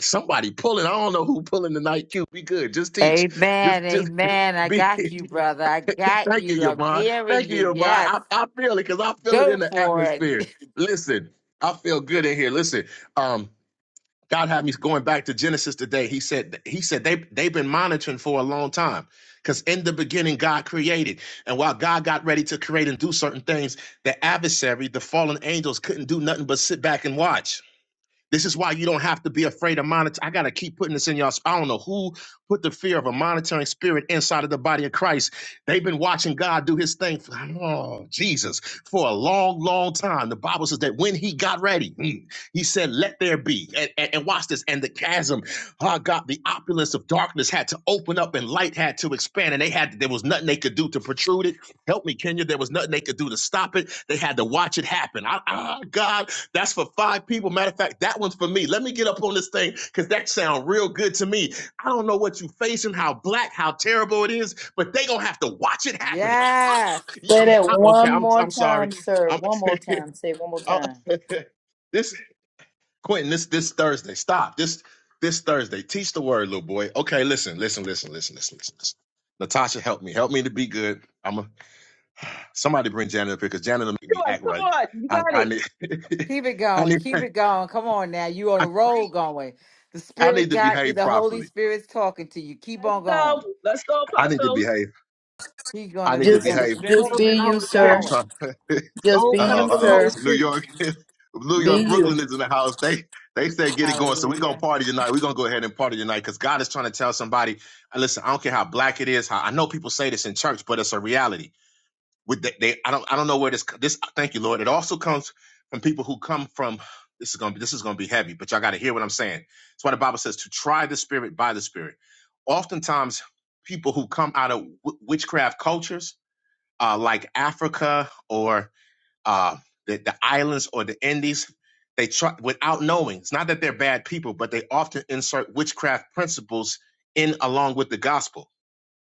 somebody pulling. I don't know who pulling tonight. Q, be good. Just teach. Just Amen. just Amen. I be. got you, brother. I got Thank you. you, I'm Yvonne. hearing Thank you. you, Yvonne. Yes. I, I feel it because I feel it Go in the for it. atmosphere. Listen, I feel good in here. Listen, um, God had me going back to Genesis today. He said he said they they've been monitoring for a long time. Because in the beginning, God created. And while God got ready to create and do certain things, the adversary, the fallen angels, couldn't do nothing but sit back and watch. This is why you don't have to be afraid of monitor. I gotta keep putting this in y'all. I don't know who put the fear of a monitoring spirit inside of the body of Christ. They've been watching God do His thing. For, oh Jesus, for a long, long time. The Bible says that when He got ready, mm, He said, "Let there be." And, and, and watch this. And the chasm, oh God, the opulence of darkness had to open up, and light had to expand, and they had there was nothing they could do to protrude it Help me, Kenya. There was nothing they could do to stop it. They had to watch it happen. I, ah, God, that's for five people. Matter of fact, that one's for me. Let me get up on this thing because that sounds real good to me. I don't know what you are facing, how black, how terrible it is, but they gonna have to watch it happen. yes. yeah. Say that I- okay, one I'm more I'm time, sorry. sir. I'm One more time. Say it one more I- time. this Quentin. This this Thursday. Stop this this Thursday. Teach the word, little boy. Okay, listen, listen, listen, listen, listen, listen. listen. Natasha, help me. Help me to be good. I'm a Somebody bring Janet up here because Janet will make me Come on, act come right. on. you I, got I it. need, Keep it I going. need, Keep it going. Come on now. You on the I, road free. going. The I spirit need to got you. behave The Holy properly. Spirit's talking to you. Keep Let's on go. going. Let's go, I need to Apostle. behave. He's I gonna need to he's Hey, Just, be- gonna behave. cut just up strengthen be in you. the you, Holy Keep I'm sir. Spirit. going. trying. uh Just Don't be cut up oh, you, in uh the oh. Holy sir. New Spirit. York, New Be York, you. Brooklyn is in the house. They they said get it going. So we gonna Hallelujah. party tonight. We gonna go ahead and party tonight because God is trying to tell somebody. uh, Listen, I don't care how black it is. How I know people say this in church, but it's a reality with they, they I don't I don't know where this this thank you Lord it also comes from people who come from this is going to be this is going to be heavy but y'all got to hear what I'm saying that's why the Bible says to try the spirit by the spirit oftentimes people who come out of w- witchcraft cultures uh, like Africa or uh, the, the islands or the Indies they try without knowing it's not that they're bad people but they often insert witchcraft principles in along with the gospel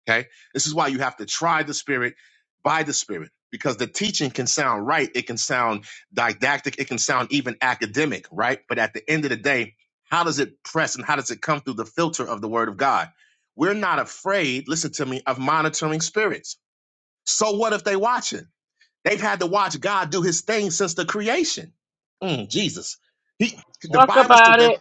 Okay. This is why you have to try the spirit by the spirit because the teaching can sound right. It can sound didactic. It can sound even academic, right? But at the end of the day, how does it press and how does it come through the filter of the word of God? We're not afraid, listen to me, of monitoring spirits. So what if they watching? They've had to watch God do his thing since the creation. Mm, Jesus. He, the Talk Bible says about that it.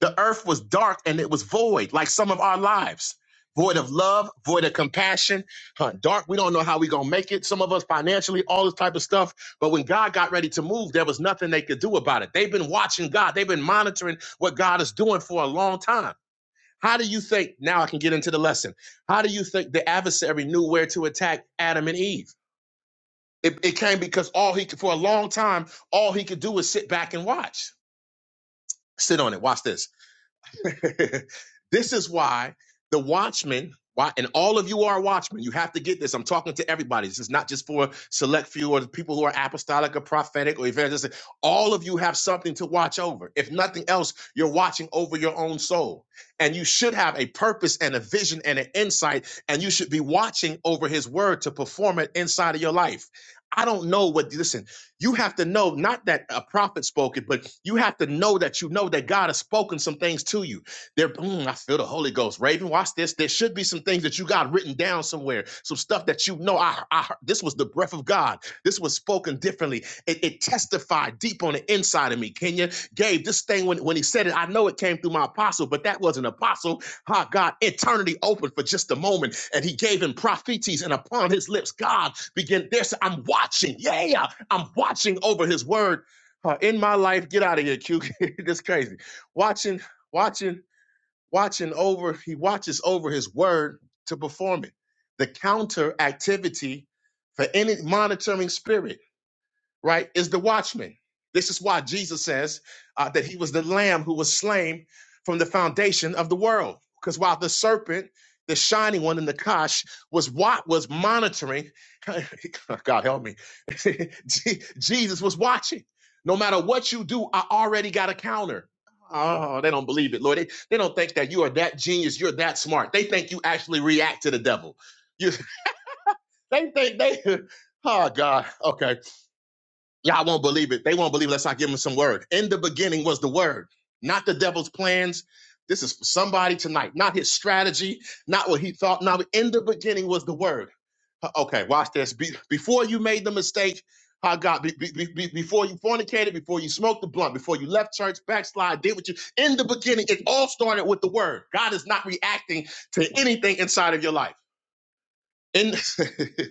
the earth was dark and it was void, like some of our lives. Void of love, void of compassion, huh, dark. We don't know how we gonna make it. Some of us financially, all this type of stuff. But when God got ready to move, there was nothing they could do about it. They've been watching God. They've been monitoring what God is doing for a long time. How do you think? Now I can get into the lesson. How do you think the adversary knew where to attack Adam and Eve? It, it came because all he could, for a long time, all he could do was sit back and watch. Sit on it. Watch this. this is why the watchmen, why, and all of you are watchmen. You have to get this. I'm talking to everybody. This is not just for select few or the people who are apostolic or prophetic or evangelistic. All of you have something to watch over. If nothing else, you're watching over your own soul. And you should have a purpose and a vision and an insight, and you should be watching over his word to perform it inside of your life. I don't know what, listen, you have to know not that a prophet spoke it, but you have to know that you know that God has spoken some things to you. There, mm, I feel the Holy Ghost. Raven, watch this. There should be some things that you got written down somewhere. Some stuff that you know. I, I this was the breath of God. This was spoken differently. It, it testified deep on the inside of me. Kenya, Gabe, this thing when, when he said it, I know it came through my apostle, but that wasn't apostle. Ah, God, eternity opened for just a moment, and he gave him prophecies and upon his lips, God began. There's I'm watching. Yeah, I'm watching over his word. Uh, in my life, get out of here, Q. this crazy. Watching, watching watching over, he watches over his word to perform it. The counter activity for any monitoring spirit right, is the watchman. This is why Jesus says uh, that he was the lamb who was slain from the foundation of the world. Because while the serpent, the shining one in the kosh, was what was monitoring, God help me, Je- Jesus was watching. No matter what you do, I already got a counter. Oh, they don't believe it, Lord. They, they don't think that you are that genius, you're that smart. They think you actually react to the devil. You, they think they, oh God, okay Y'all won't believe it. They won't believe it unless I give them some word. In the beginning was the word, not the devil's plans. This is for somebody tonight, not his strategy, not what he thought. Now, in the beginning was the word. Uh, Okay, watch this. Be- before you made the mistake, how God, be- be- be- before you fornicated, before you smoked the blunt, before you left church, backslide, did what you, in the beginning, it all started with the word. God is not reacting to anything inside of your life. And see,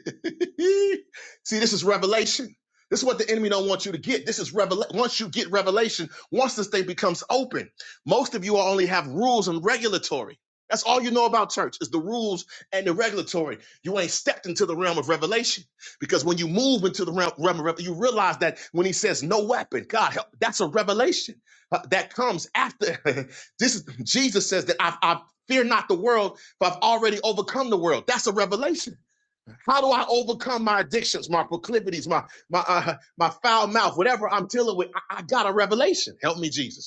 this is revelation. This is what the enemy don't want you to get. This is revelation. Once you get revelation, once this thing becomes open, most of you all only have rules and regulatory. That's all you know about church is the rules and the regulatory. You ain't stepped into the realm of revelation because when you move into the realm, realm of revelation, you realize that when he says no weapon, God help, that's a revelation uh, that comes after. this is Jesus says that I, I fear not the world but I've already overcome the world. That's a revelation. How do I overcome my addictions, my proclivities, my my uh, my foul mouth, whatever I'm dealing with? I, I got a revelation. Help me, Jesus.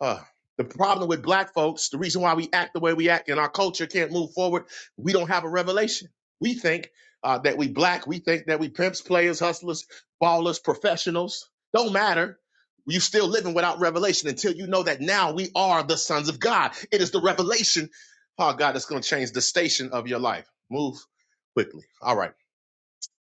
Uh, the problem with black folks, the reason why we act the way we act and our culture can't move forward, we don't have a revelation. We think uh, that we black, we think that we pimps, players, hustlers, ballers, professionals. Don't matter. You still living without revelation until you know that now we are the sons of God. It is the revelation, oh God, that's going to change the station of your life. Move quickly. All right.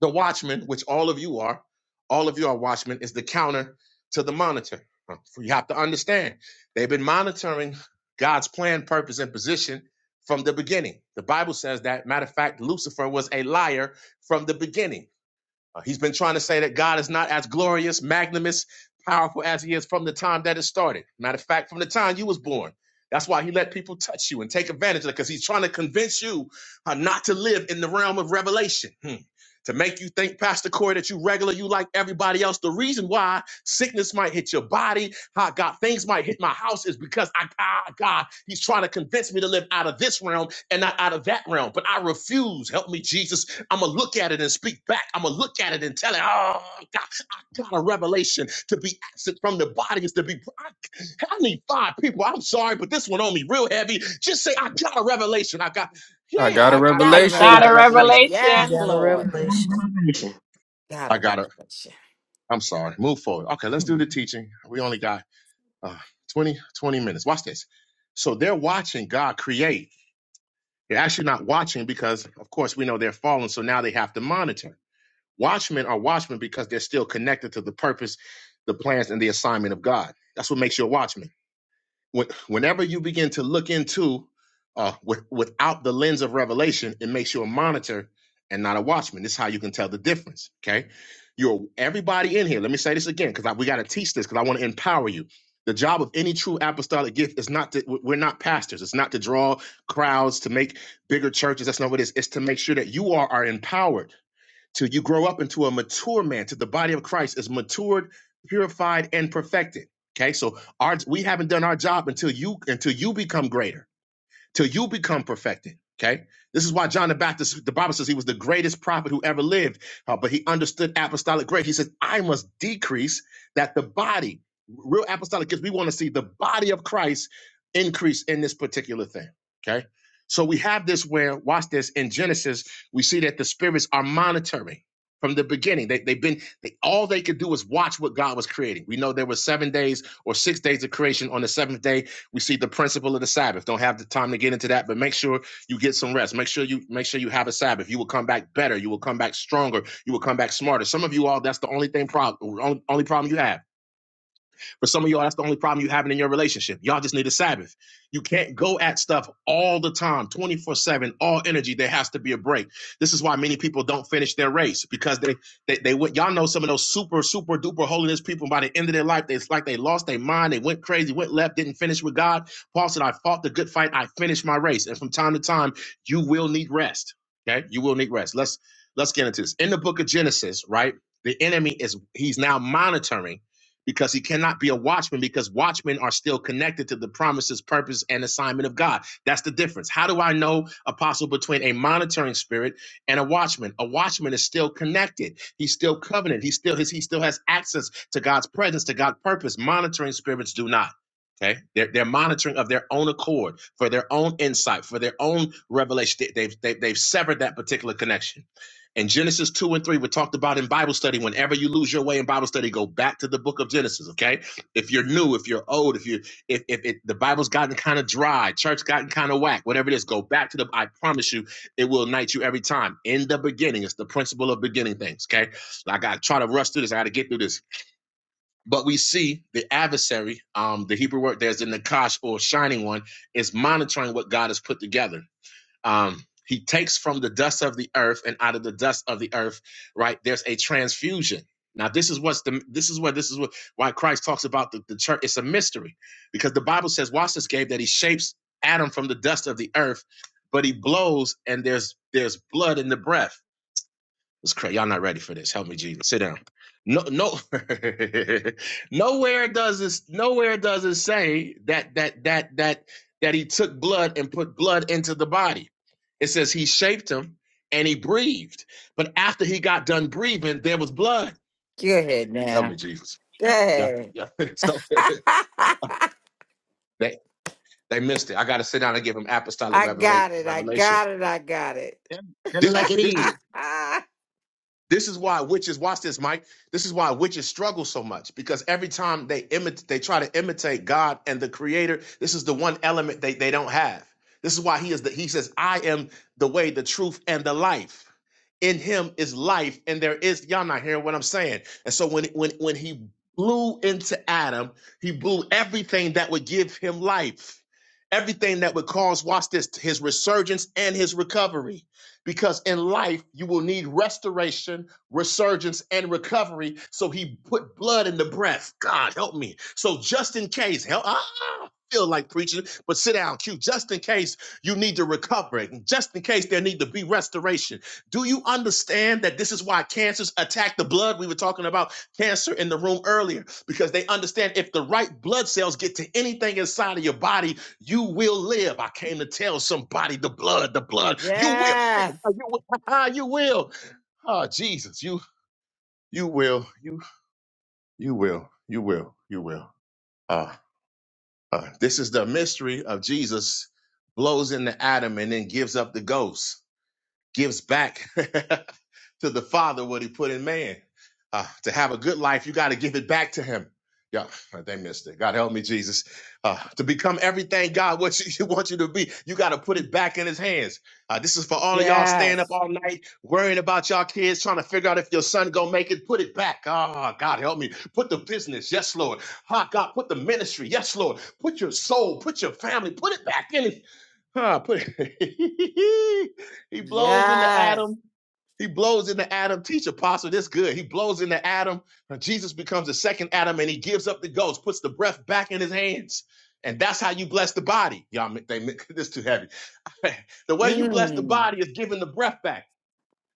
The watchman, which all of you are, all of you are watchmen, is the counter to the monitor. Um, so You have to understand, they've been monitoring God's plan, purpose, and position from the beginning. The Bible says that. Matter of fact, Lucifer was a liar from the beginning. Uh, he's been trying to say that God is not as glorious, magnanimous, powerful as he is from the time that it started. Matter of fact, from the time you was born. That's why he let people touch you and take advantage of it because he's trying to convince you uh, not to live in the realm of revelation. Hmm. To make you think, Pastor Corey, that you regular, you like everybody else. The reason why Sickness might hit your body. How God, things might hit my house is because I, ah, God, He's trying to convince me to live out of this realm and not out of that realm. But I refuse. Help me, Jesus. I'm going to look at it and speak back. I'm going to look at it and tell it, oh, God, I got a revelation. To be absent from the body is to be. I, I need five people. I'm sorry, but this one on me real heavy. Just say, I got a revelation. I got, yeah, I I got a I, I, I got I a I revelation. got got a a revelation. revelation. We Yes, revelation. got a Lord. You got a revelation. revelation. Got I a got a, revelation. I'm sorry. Move forward. Okay, let's do the Mhm. teaching. We only got uh, 20, 20 minutes. Watch this. So they're watching God create. They're actually not watching because, of course, we know they're fallen. So now they have to monitor. Watchmen are watchmen because they're still connected to the purpose, the plans, and the assignment of God. That's what makes you a watchman when, whenever you begin to look into uh, with, without the lens of revelation, it makes you a monitor and not a watchman. This is how you can tell the difference. Okay, you're everybody in here. Let me say this again because we got to teach this because I want to empower you. The job of any true apostolic gift is not to, we're not pastors. It's not to draw crowds to make bigger churches. That's not what it is. It's to make sure that you are, are empowered till you grow up into a mature man, till the body of Christ is matured, purified, and perfected. Okay, so our we haven't done our job until you until you become greater till you become perfected. Okay. This is why John the Baptist, the Bible says he was the greatest prophet who ever lived, uh, but he understood apostolic grace. He said, I must decrease that the body, real apostolic gifts, we want to see the body of Christ increase in this particular thing. Okay. So we have this where, watch this, in Genesis, we see that the spirits are monitoring from the beginning. They, they've been, they, all they could do was watch what God was creating. We know there were seven days or six days of creation. On the seventh day, we see the principle of the Sabbath. Don't have the time to get into that, but make sure you get some rest. Make sure you make sure you have a Sabbath. You will come back better. You will come back stronger. You will come back smarter. Some of you all, that's the only thing problem, only problem you have for some of y'all, that's the only problem you're having in your relationship. Y'all just need a Sabbath. You can't go at stuff all the time, 24 7, all energy. There has to be a break. This is why many people don't finish their race because they, they, they went, y'all know some of those super, super duper holiness people by the end of their life, they, it's like they lost their mind. They went crazy, went left, didn't finish with God. Paul said, I fought the good fight. I finished my race. And from time to time, you will need rest. Okay. You will need rest. Let's, let's get into this. In the book of Genesis, right? The enemy is, he's now monitoring because he cannot be a watchman because watchmen are still connected to the promises, purpose, and assignment of God. That's the difference. How do I know, Apostle, between a monitoring spirit and a watchman? A watchman is still connected. He's still covenant. He still his, he still has access to God's presence, to God's purpose. Monitoring spirits do not. Okay, they're, they're monitoring of their own accord, for their own insight, for their own revelation. They, they've, they've they've severed that particular connection. And Genesis 2 and 3 were talked about in Bible study. Whenever you lose your way in Bible study, go back to the book of Genesis, okay? If you're new, if you're old, if you if if it, the Bible's gotten kind of dry, church gotten kind of whack, whatever it is, go back to the I promise you, it will ignite you every time. In the beginning, it's the principle of beginning things, okay? Like, I got to try to rush through this. I got to get through this. But we see the adversary, um, the Hebrew word there's the nakash or shining one, is monitoring what God has put together. Um, he takes from the dust of the earth, and out of the dust of the earth, right? There's a transfusion. Now, this is what's the this is where this is what why Christ talks about the, the church. It's a mystery because the Bible says, watch this Gabe, that he shapes Adam from the dust of the earth, but he blows and there's there's blood in the breath was crazy. Y'all not ready for this. Help me, Jesus. Sit down. No, no, nowhere does it. Nowhere does it say that that that that that he took blood and put blood into the body. It says he shaped him and he breathed. But after he got done breathing, there was blood. Go ahead Help me, now. Jesus. Go Yeah, ahead. yeah. so I they they missed it. I got to sit down and give him apostolic revela- got it. I revelation. got it. I got it. Tell tell it This like is it this is is. This is why witches, watch this, Mike. This is why witches struggle so much because every time they imitate, they try to imitate God and the creator. This is the one element they, they don't have. This is why he is the, he says, I am the way, the truth, and the life. In him is life, and there is, y'all not hearing what I'm saying. And so when, when, when he blew into Adam, he blew everything that would give him life, everything that would cause, watch this, his resurgence and his recovery because in life you will need restoration, resurgence, and recovery. So he put blood in the breath. God help me. So just in case, help. Ah, I feel like preaching, but sit down, Q. Just in case you need to recover, just in case there need to be restoration. Do you understand that this is why cancers attack the blood? We were talking about cancer in the room earlier because they understand if the right blood cells get to anything inside of your body, you will live. I came to tell somebody the blood, the blood, you will. yes. Oh, You will. You will. Ah, Jesus, you you will. You you will. You will. You will. Ah, ah. This is the mystery of Jesus blows into Adam and then gives up the ghost. gives back to the Father what He put in man. Uh, to have a good life, you got to give it back to Him. Yeah, they missed it. God help me, Jesus. Uh, to become everything God wants you, wants you to be, you got to put it back in His hands. Uh, this is for all of y'all staying Yes. up all night, worrying about y'all kids, trying to figure out if your son gonna make it. Put it back. Ah, God help me. Put the business, yes, Lord. Ah, God, put the ministry, yes, Lord. Put your soul, put your family, put it back in. His. Huh, put he blows into Adam. Yes. He blows into Adam. Teach apostle, this good. He blows into Adam. and Jesus becomes the second Adam and he gives up the ghost, puts the breath back in his hands. And that's how you bless the body. Y'all, ma- they make this too heavy. the way you bless the Mm. body is giving the breath back.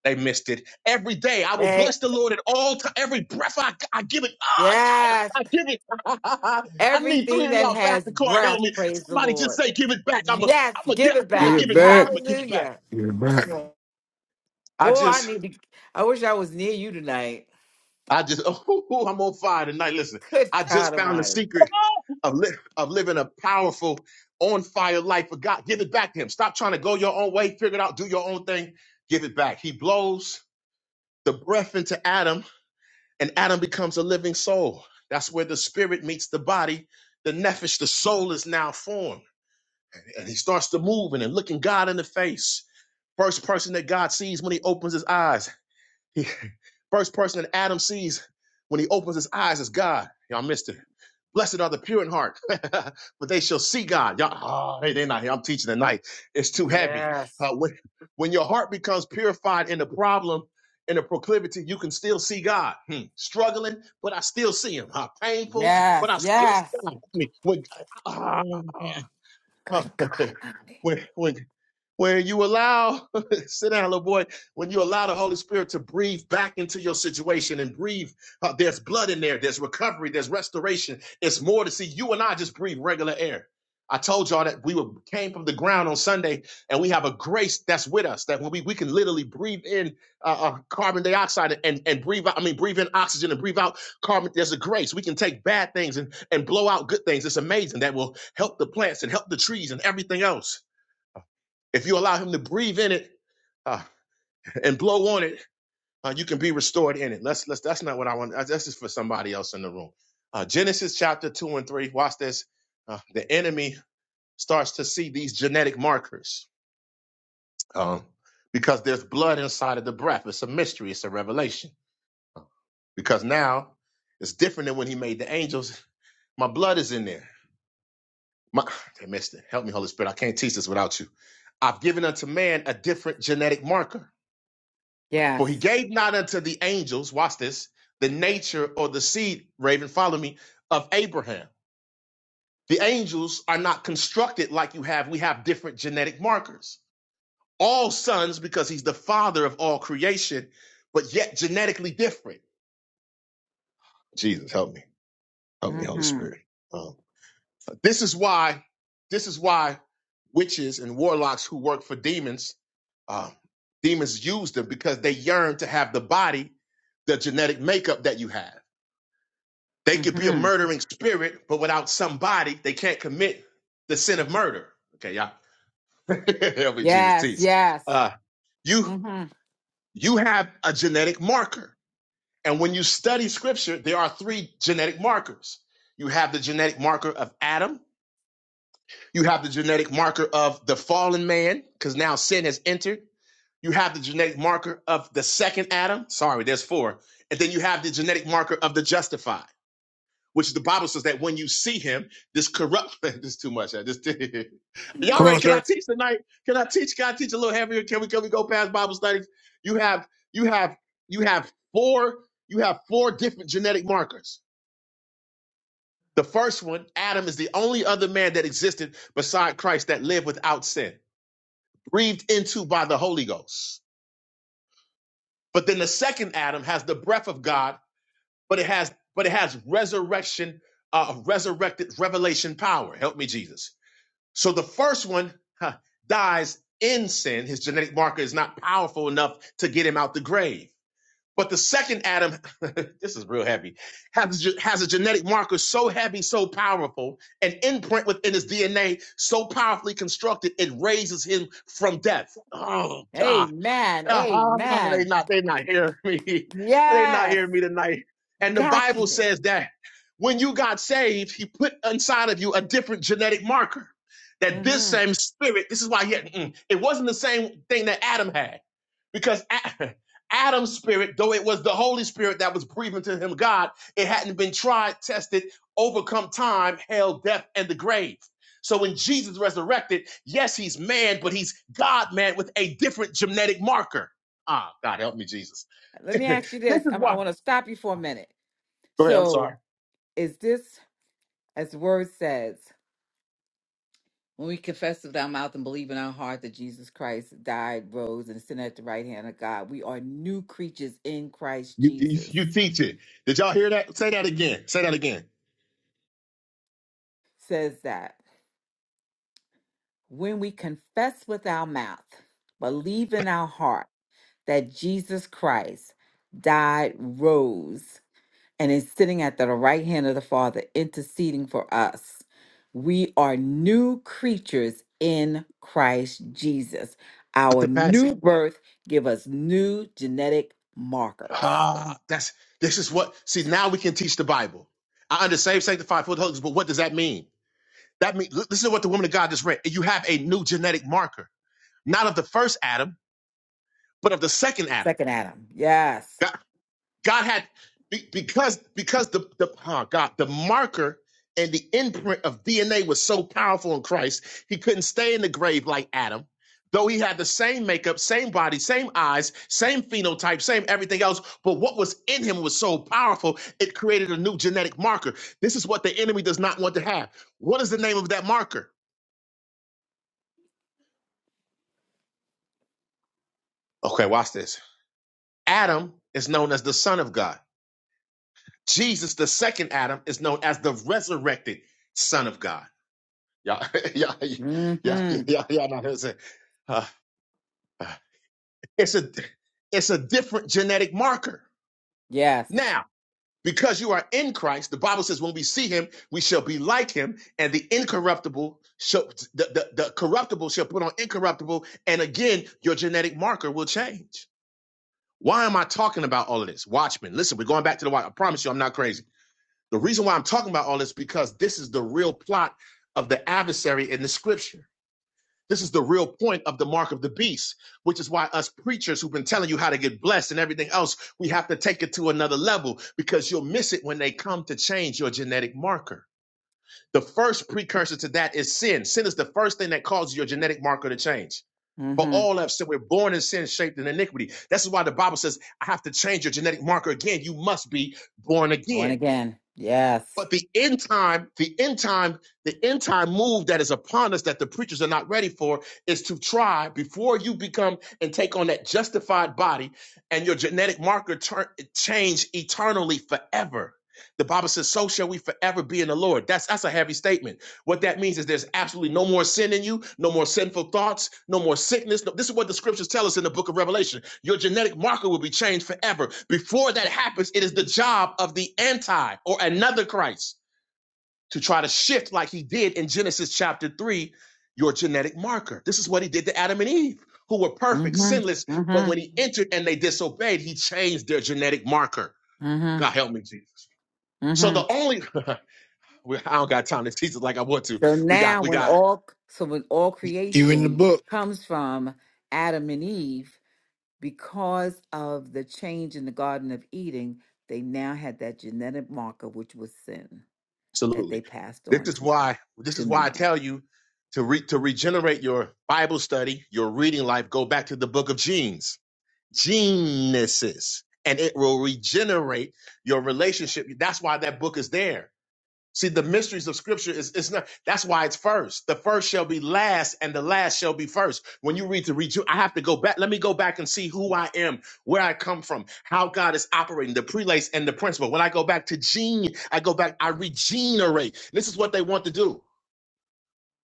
They missed it every day. I will Hey, bless the Lord at all times. Every breath I, I give it. Oh, Yes. yeah, I give it. I need three Everything of that y'all back has to court. Help breath, me. praise the Somebody just Lord. say, give it back. I'm a, Yes, I'm a, give I it gotta Give back. give it it back. back. I'm gonna give it back. Hallelujah. you're back. I Boy, I just, need to. I wish I was near you tonight. I just, oh, I'm on fire tonight. Listen, Good I God just found the Almighty. secret of, li- of living a powerful, on fire life for God. Give it back to Him. Stop trying to go your own way, figure it out, do your own thing. Give it back. He blows the breath into Adam and Adam becomes a living soul. That's where the spirit meets the body, the nephesh, the soul is now formed, and he starts to move and then looking God in the face. First person that God sees when he opens his eyes. He, first person that Adam sees when he opens his eyes is God. Y'all missed it. Blessed are the pure in heart, but they shall see God. Y'all, oh, hey, they're not here. I'm teaching tonight. It's too heavy. Yes. Uh, when, when your heart becomes purified in the problem, in the proclivity, you can still see God. Hmm. Struggling, but I still see Him. Uh, painful, but Yes. I still Yes. see God. I mean, when, ah, ah, Good God Almighty. when, when, when you allow, sit down, little boy, when you allow the Holy Spirit to breathe back into your situation and breathe, uh, there's blood in there, there's recovery, there's restoration. It's more to see. You and I just breathe regular air. I told y'all that we were, came from the ground on Sunday, and we have a grace that's with us that when we, we can literally breathe in uh, uh, carbon dioxide and, and breathe out. I mean, breathe in oxygen and breathe out carbon. There's a grace. We can take bad things and, and blow out good things. It's amazing that will help the plants and help the trees and everything else. If you allow him to breathe in it uh, and blow on it, uh, you can be restored in it. Let's let's. That's not what I want. That's that's just for somebody else in the room. Uh, Genesis chapter two and three. Watch this. Uh, the enemy starts to see these genetic markers um, because there's blood inside of the breath. It's a mystery. It's a revelation because now it's different than when he made the angels. My blood is in there. My, they missed it. Help me, Holy Spirit. I can't teach this without you. I've given unto man a different genetic marker For Yes. he gave not unto the angels, watch this, the nature or the seed, Raven, follow me, of Abraham. The angels are not constructed like you have. We have different genetic markers. All sons, because he's the father of all creation, but yet genetically different. Jesus, help me. Help me, Holy Mm-hmm. Spirit. Um, this is why, this is why witches and warlocks who work for demons, um, demons use them because they yearn to have the body, the genetic makeup that you have. They could be a Mm-hmm. murdering spirit, but without somebody, they can't commit the sin of murder. Okay, y'all. Help me, Jesus, Yes. teach. Yes. Uh, you Mm-hmm. you have a genetic marker, and when you study Scripture, there are three genetic markers. You have the genetic marker of Adam. You have the genetic marker of the fallen man, because now sin has entered. You have the genetic marker of the second Adam. Sorry, there's four. And then you have the genetic marker of the justified. which the Bible says that when you see him, this corrupt this is too much. I just y'all Come ready? on, Can I sir. teach tonight? Can I teach? Can I teach a little heavier? Can we can we go past Bible studies? You have you have you have four you have four different genetic markers. The first one, Adam, is the only other man that existed beside Christ that lived without sin, breathed into by the Holy Ghost. But then the second Adam has the breath of God, but it has but it has resurrection, uh, resurrected revelation power. Help me, Jesus So the first one huh, dies in sin. His genetic marker is not powerful enough to get him out the grave. But the second Adam, this is real heavy, has, has a genetic marker so heavy, so powerful, an imprint within his DNA so powerfully constructed, it raises him from death. Oh, God. Amen. Uh-huh. They Amen. not they not hearing me. They not Yes. hearing me tonight. And the Got Bible you. says that when you got saved, he put inside of you a different genetic marker. That this Mm-hmm. same spirit, this is why he had, mm, it wasn't the same thing that Adam had. Because A- Adam's spirit, though it was the Holy Spirit that was breathing to him God, it hadn't been tried, tested, overcome time, hell, death, and the grave. So when Jesus resurrected, yes, he's man, but he's God man with a different genetic marker. Ah, God help me, Jesus. Let me this ask you this. is I, I why. want to stop you for a minute. Go ahead. I'm sorry. So, is this? As the word says, when we confess with our mouth and believe in our heart that Jesus Christ died, rose, and is sitting at the right hand of God, we are new creatures in Christ You, you, Jesus. you teach it. Did y'all hear that? Say that again. Say that again. Says that when we confess with our mouth, believe in our heart that Jesus Christ died, rose, and is sitting at the right hand of the Father, interceding for us. We are new creatures in Christ Jesus. Our Dr. Patsy. new birth give us new genetic markers. Ah, that's this is what. See, now we can teach the Bible. I understand sanctified for the Holy Ghost, but what does that mean? That means this is what the woman of God just read. You have a new genetic marker, not of the first Adam, but of the second Adam. Second Adam, yes. God, God had be- because because the the oh God the marker and the imprint of DNA was so powerful in Christ, he couldn't stay in the grave like Adam. Though he had the same makeup, same body, same eyes, same phenotype, same everything else, but what was in him was so powerful, it created a new genetic marker. This is what the enemy does not want to have. What is the name of that marker? Okay, watch this. Adam is known as the Son of God. Jesus, the second Adam, is known as the resurrected Son of God. Ja, yeah, yeah, yeah, hmm yeah, yeah. No, it's a, uh, uh, it's a, it's a different genetic marker. Yes. Now, because you are in Christ, the Bible says, when we see Him, we shall be like Him, and the incorruptible shall, the, the, the corruptible shall put on incorruptible, and again, your genetic marker will change. Why am I talking about all of this, Watchmen? Listen, we're going back to the Watch. I promise you, I'm not crazy. The reason why I'm talking about all this because this is the real plot of the adversary in the Scripture This is the real point of the mark of the beast, which is why us preachers who've been telling you how to get blessed and everything else, we have to take it to another level because you'll miss it when they come to change your genetic marker. The first precursor to that is sin. Sin is the first thing that causes your genetic marker to change. For hmm all of us, so we're born in sin, shaped in iniquity. That's why the Bible says, I have to change your genetic marker again. You must be born Born again. again, yes. But the end time, the end time, the end time move that is upon us that the preachers are not ready for is to try before you become and take on that justified body and your genetic marker turn, change eternally forever. The Bible says, "So shall we forever be in the Lord." That's that's a heavy statement what that means is there's absolutely no more sin in you, no more sinful thoughts, no more sickness. No- this is what the scriptures tell us in the book of Revelation. Your genetic marker will be changed forever. Before that happens, it is the job of the anti or another Christ to try to shift, like he did in Genesis chapter 3, your genetic marker. This is what he did to Adam and Eve, who were perfect, hmm sinless, but hmm when he entered and they disobeyed, he changed their genetic marker. hmm God help me, Jesus. So hmm the only, I don't got time to teach it like I want to. So We got, now, we when got all so when all You in the creation book? comes from Adam and Eve, because of the change in the Garden of Eden, they now had that genetic marker, which was sin, that Absolutely. they passed This on is to why this to is why I man. tell you to re, to regenerate your Bible study, your reading life, go back to the book of genes. Genesis. And it will regenerate your relationship. That's why that book is there. See, the mysteries of scripture is it's not that's why it's first. The first shall be last, and the last shall be first. When you read the read, I have to go back. Let me go back and see who I am, where I come from, how God is operating, the prelates and the principle. When I go back to gene, I go back, I regenerate. This is what they want to do.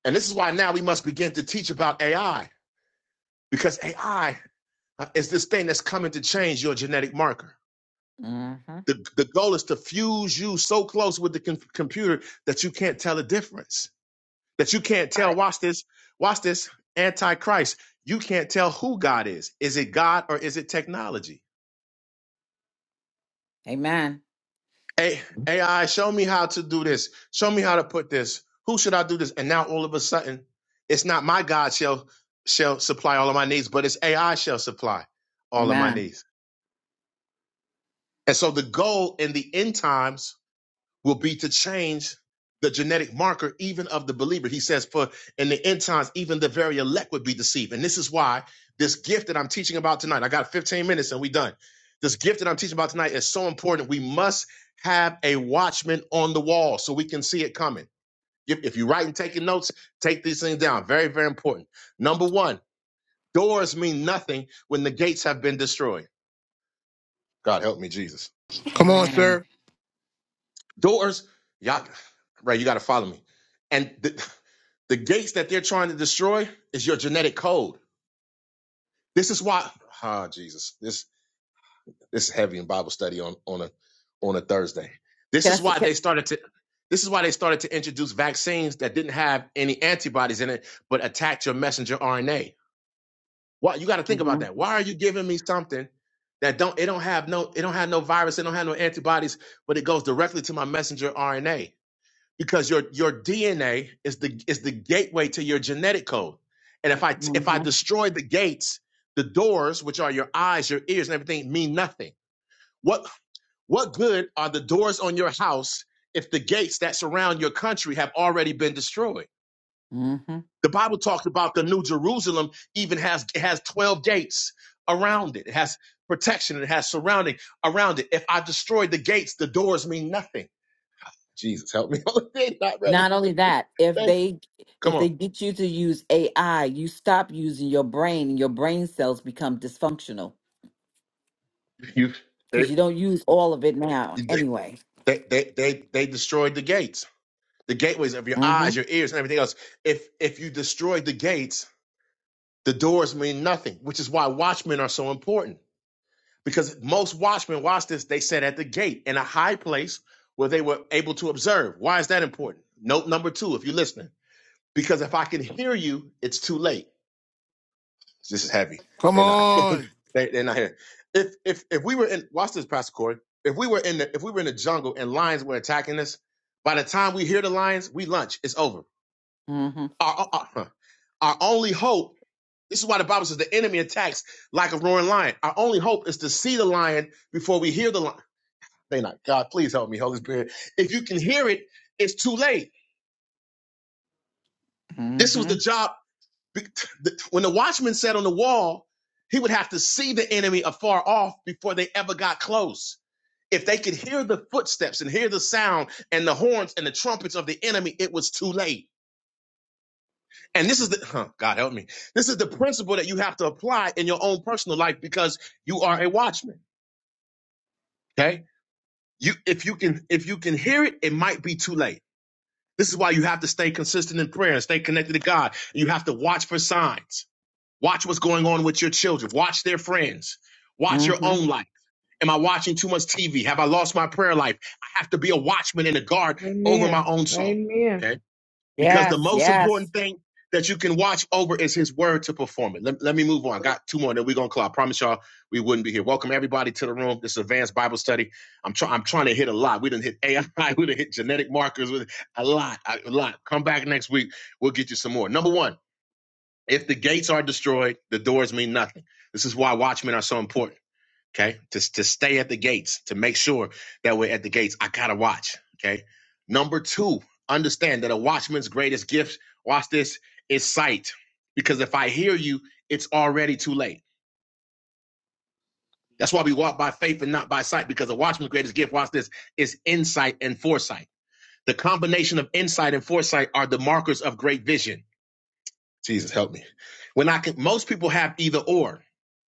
And this is why now we must begin to teach about AI, because AI is this thing that's coming to change your genetic marker. hmm The, the goal is to fuse you so close with the com- computer that you can't tell a difference that you can't My tell. Watch this. Watch this. Antichrist. You can't tell who God is. Is it God or is it technology? Amen. A- AI, show me how to do this. Show me how to put this. Who should I do this? And now all of a sudden, it's not my God shall shall supply all of my needs, but it's AI shall supply all of my Amen. needs. And so the goal in the end times will be to change the genetic marker even of the believer. He says, for in the end times, even the very elect would be deceived. And this is why this gift that I'm teaching about tonight, I got 15 minutes and we done. This gift that I'm teaching about tonight is so important. We must have a watchman on the wall so we can see it coming. If, if you're writing, taking notes, take these things down. Very, very important. Number one, doors mean nothing when the gates have been destroyed. God help me, Jesus. Come on, Amen. sir. Doors, y'all, right? You got to follow me. And the, the gates that they're trying to destroy is your genetic code. This is why, ah, Jesus, this this is heavy in Bible study on on a on a Thursday. This Can I? is say? why they started to. This is why they started to introduce vaccines that didn't have any antibodies in it, but attacked your messenger RNA. Why you got to think about mm-hmm. that? Why are you giving me something that don't it don't have no it don't have no virus, it don't have no antibodies, but it goes directly to my messenger RNA? because your your DNA is the is the gateway to your genetic code. And if I if I Mm-hmm. destroy the gates, the doors, which are your eyes, your ears, and everything, mean nothing. What what good are the doors on your house if the gates that surround your country have already been destroyed? hmm The Bible talks about the New Jerusalem even has it has twelve gates around it. It has protection. It has surrounding around it. If I destroy the gates, the doors mean nothing. Jesus, help me. They're not ready Not for me. only that, if They, they Come if they on. get you to use AI, you stop using your brain, and your brain cells become dysfunctional You they because you don't use all of it now they anyway. they they, they destroyed the gates. The gateways of your Mm-hmm. eyes, your ears, and everything else. If if you destroy the gates, the doors mean nothing, which is why watchmen are so important. Because most watchmen, watch this, they sat at the gate in a high place where they were able to observe. Why is that important? Note number two, if you're listening. Because if I can hear you, it's too late. This is heavy. Come They're not. on. They, they're not here. If if if we were in watch this, Pastor Corey. If we were in the if we were in the jungle and lions were attacking us, by the time we hear the lions, we lunch. It's over. Mm-hmm. Our our, our huh. our only hope. This is why the Bible says the enemy attacks like a roaring lion. Our only hope is to see the lion before we hear the lion. They not God. Please help me, Holy Spirit. If you can hear it, it's too late. This was Mm-hmm. the job. Be- the- When the watchman sat on the wall, he would have to see the enemy afar off before they ever got close. If they could hear the footsteps and hear the sound and the horns and the trumpets of the enemy, it was too late. And this is the, huh, God help me. This is the principle that you have to apply in your own personal life because you are a watchman. Okay. You, if you can, if you can hear it, it might be too late. This is why you have to stay consistent in prayer and stay connected to God. You have to watch for signs. Watch what's going on with your children. Watch their friends. Watch your Mm-hmm. own life. Am I watching too much TV? Have I lost my prayer life? I have to be a watchman and a guard over Amen. my own soul. Amen. Okay. Because the Yes. most Yes. important thing that you can watch over is his word to perform it. Let, let me move on. I got two more, then we're gonna call. I promise y'all we wouldn't be here. Welcome everybody to the room. This is advanced Bible study. I'm try I'm trying to hit a lot. We didn't hit AI, we didn't hit genetic markers with a lot. a lot. Come back next week. We'll get you some more. Number one. If the gates are destroyed, the doors mean nothing. This is why watchmen are so important. Okay. To, to stay at the gates, to make sure that we're at the gates. I gotta watch. Okay. Number two, understand that a watchman's greatest gift, watch this, is sight. Because if I hear you, it's already too late. That's why we walk by faith and not by sight, because a watchman's greatest gift, watch this, is insight and foresight. The combination of insight and foresight are the markers of great vision. Jesus help me. When I can, most people have either or,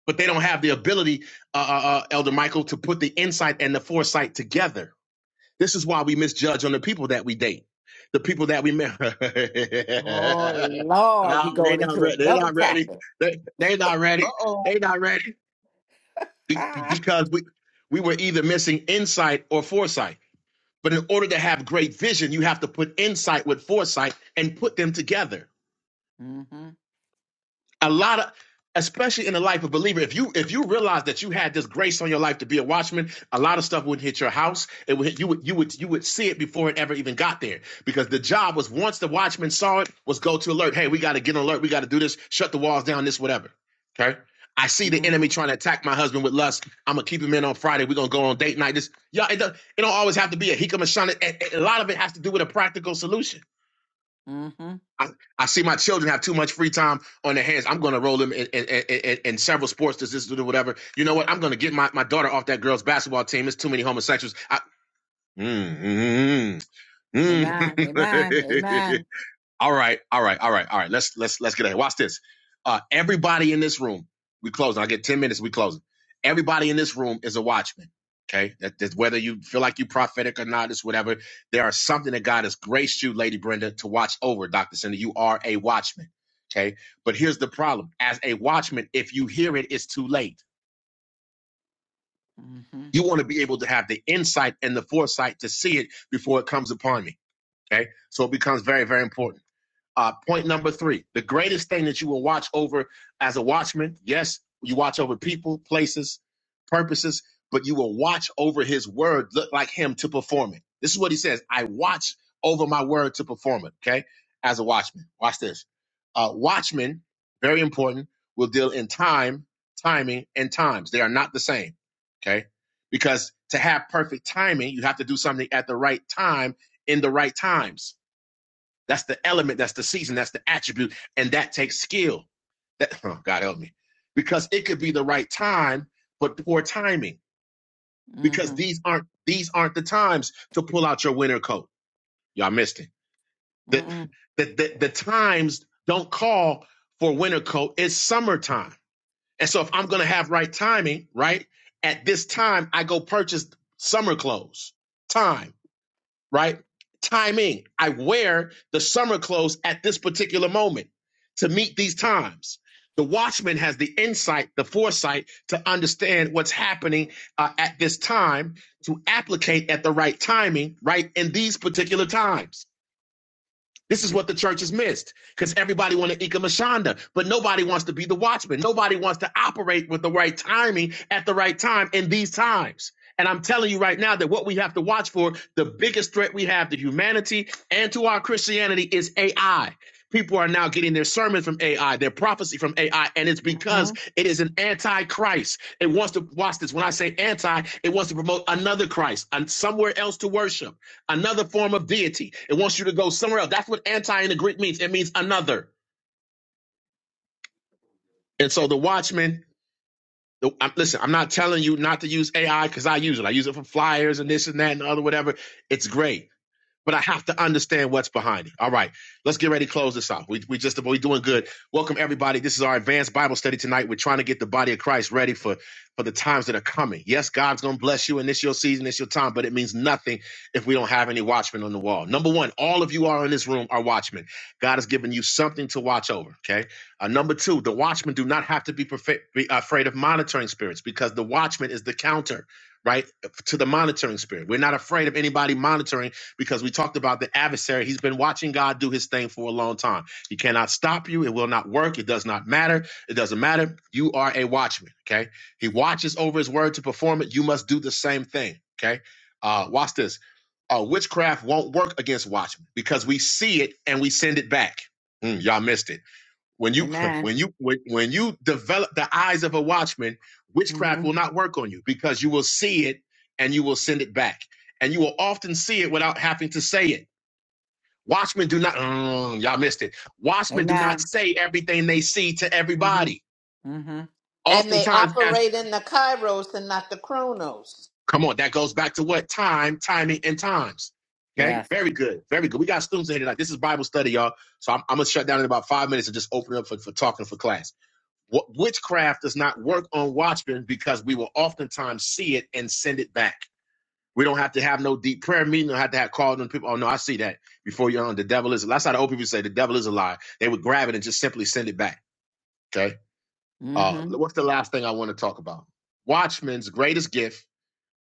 but they don't have the ability, uh, uh, uh, Elder Michael, to put the insight and the foresight together. This is why we misjudge on the people that we date, the people that we marry. Oh Lord, you Ah, they going not into ready. They another not ready. topic. They they not Uh ready. oh. They not ready Be- Ah. because we we were either missing insight or foresight. But in order to have great vision, you have to put insight with foresight and put them together. Mm-hmm. a lot of especially in the life of a believer if you if you realize that you had this grace on your life to be a watchman a lot of stuff wouldn't hit your house it would hit- you would you would you would see it before it ever even got there because the job was once the watchman saw it was go to alert hey we got to get on alert we got to do this shut the walls down this whatever okay i see the enemy Mm-hmm. trying to attack my husband with lust i'm gonna keep him in on friday we're gonna go on date night this y'all it don't, it don't always have to be a hikam and shana a- a lot of it has to do with a practical solution Mm-hmm. I, I see my children have too much free time on their hands. I'm going to roll them in, in, in, in several sports, this, this, do whatever. You know what? I'm going to get my, my daughter off that girl's basketball team. It's too many homosexuals. I, mm, mm, Amen. Amen. mm. Amen. All right, all right, all right, all right. Let's let's let's get ahead. Watch this. Uh, everybody in this room, we closing. I get ten minutes. We closing. Everybody in this room is a watchman. Okay, that, that's whether you feel like you prophetic or not, it's whatever. There are something that God has graced you, Lady Brenda, to watch over, Doctor Cindy. You are a watchman. Okay, but here's the problem: as a watchman, if you hear it, it's too late. Mm-hmm. You want to be able to have the insight and the foresight to see it before it comes upon me. Okay, so it becomes very, very important. Uh, point number three the greatest thing that you will watch over as a watchman, yes, you watch over people, places, purposes, but you will watch over his word, look like him to perform it. This is what he says I watch over my word to perform it, okay? As a watchman. Watch this. Uh, watchmen, very important, will deal in time, timing, and times. They are not the same, okay? Because to have perfect timing, you have to do something at the right time in the right times that's the element, that's the season, that's the attribute, and that takes skill. That oh, God help me. Because it could be the right time, but poor timing. Because Mm-hmm. these aren't these aren't the times to pull out your winter coat. Y'all missed it. The Mm-hmm. the the, the times don't call for winter coat. It's summertime. And so if I'm gonna have right timing, right? At this time, I go purchase summer clothes. Time right? Timing. I wear the summer clothes at this particular moment to meet these times. The watchman has the insight, the foresight to understand what's happening uh, at this time to applicate at the right timing, right in these particular times this is what the church has missed because everybody wants to Ikamashanda, but nobody wants to be the watchman. Nobody wants to operate with the right timing at the right time in these times. And I'm telling you right now that what we have to watch for, the biggest threat we have to humanity and to our Christianity is AI. People are now getting their sermon from AI, their prophecy from AI, and it's because Mm-hmm. it is an antichrist. It wants to watch this. When I say anti, it wants to promote another Christ and somewhere else to worship another form of deity. It wants you to go somewhere else. That's what anti in the Greek means. It means another. And so the watchman, the, I'm, listen, I'm not telling you not to use AI because I use it. I use it for flyers and this and that and the other whatever. It's great but I have to understand what's behind it. All right, let's get ready to close this off. We we just we doing good. Welcome everybody. This is our advanced Bible study tonight. We're trying to get the body of Christ ready for for the times that are coming. Yes, God's gonna bless you, and this your season, it's your time. But it means nothing if we don't have any watchmen on the wall. Number one, all of you are in this room are watchmen. God has given you something to watch over. Okay. Uh, number two, the watchmen do not have to be, perfe- be afraid of monitoring spirits because the watchman is the counter. Right to the monitoring spirit. We're not afraid of anybody monitoring because we talked about the adversary. He's been watching God do his thing for a long time. He cannot stop you. It will not work. It does not matter. It doesn't matter. You are a watchman. Okay. He watches over his word to perform it. You must do the same thing. Okay. Uh, watch this. Uh, witchcraft won't work against watchmen because we see it and we send it back. Mm, y'all missed it when you Amen. when you when, when you develop the eyes of a watchman witchcraft will Mm-hmm. not work on you because you will see it and you will send it back and you will often see it without having to say it watchmen do not mm, y'all missed it watchmen do not Amen. say everything they see to Mm-hmm. everybody Mm-hmm. And they oftentimes as operate in the kairos and not the chronos. come on that goes back to what time timing and times okay Yes. very good very good we got students in here tonight this is bible study y'all so i'm, I'm gonna shut down in about five minutes and just open it up for, for talking for class Witchcraft does not work on Watchmen because we will oftentimes see it and send it back. We don't have to have no deep prayer meeting. Don't have to have called on people. Oh no, I see that before you're on. The devil is. That's how the old people say the devil is a lie. They would grab it and just simply send it back. Okay. Uh, Mm-hmm. what's the last thing I want to talk about? Watchmen's greatest gift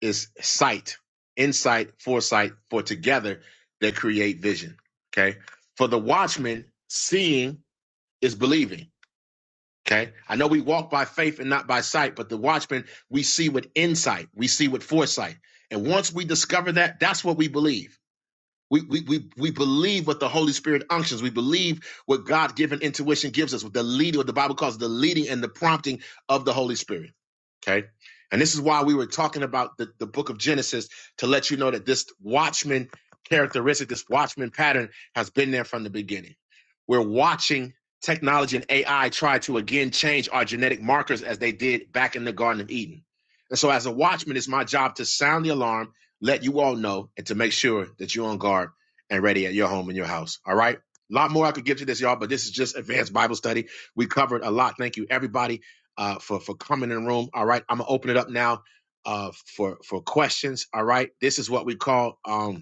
is sight, insight, foresight. For together they create vision. Okay. For the watchman, seeing is believing. Okay. I know we walk by faith and not by sight, but the watchman, we see with insight, we see with foresight. And once we discover that, that's what we believe. We, we, we, we believe what the Holy Spirit unctions. We believe what God given intuition gives us, what the leading, what the Bible calls the leading and the prompting of the Holy Spirit. Okay. And this is why we were talking about the, the book of Genesis to let you know that this watchman characteristic, this watchman pattern has been there from the beginning. We're watching technology and AI try to again change our genetic markers as they did back in the Garden of Eden. And so, as a watchman, it's my job to sound the alarm let you all know and to make sure that you're on guard and ready at your home and your house. All right. A lot more I could give to this, y'all, but this is just advanced Bible study. We covered a lot. Thank you, everybody, uh, for for coming in the room. All right, I'm gonna open it up now uh, for for questions. All right, this is what we call um,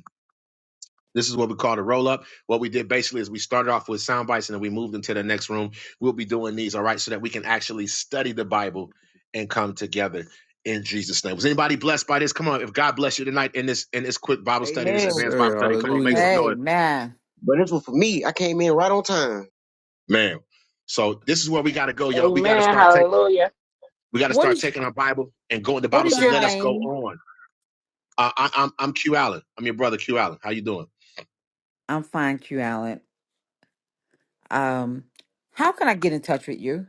this is what we call the roll up. What we did basically is we started off with sound bites and then we moved into the next room. We'll be doing these, all right, so that we can actually study the Bible and come together in Jesus' name. Was anybody blessed by this? Come on, if God bless you tonight in this in this quick Bible study, this Yes, Amen. advanced sir. Bible study, come on, make Hallelujah. some noise, Amen. But this was for me. I came in right on time. man. So this is where we got to go, y'all. We got to Amen. start taking Hallelujah. we got to What start is taking our Bible and going. The what Bible is says, your "Let God, us go name? on." Uh, I, I'm I'm Q Allen. I'm your brother, Q Allen. How you doing? I'm fine, Q Allen. Um, how can I touch with you?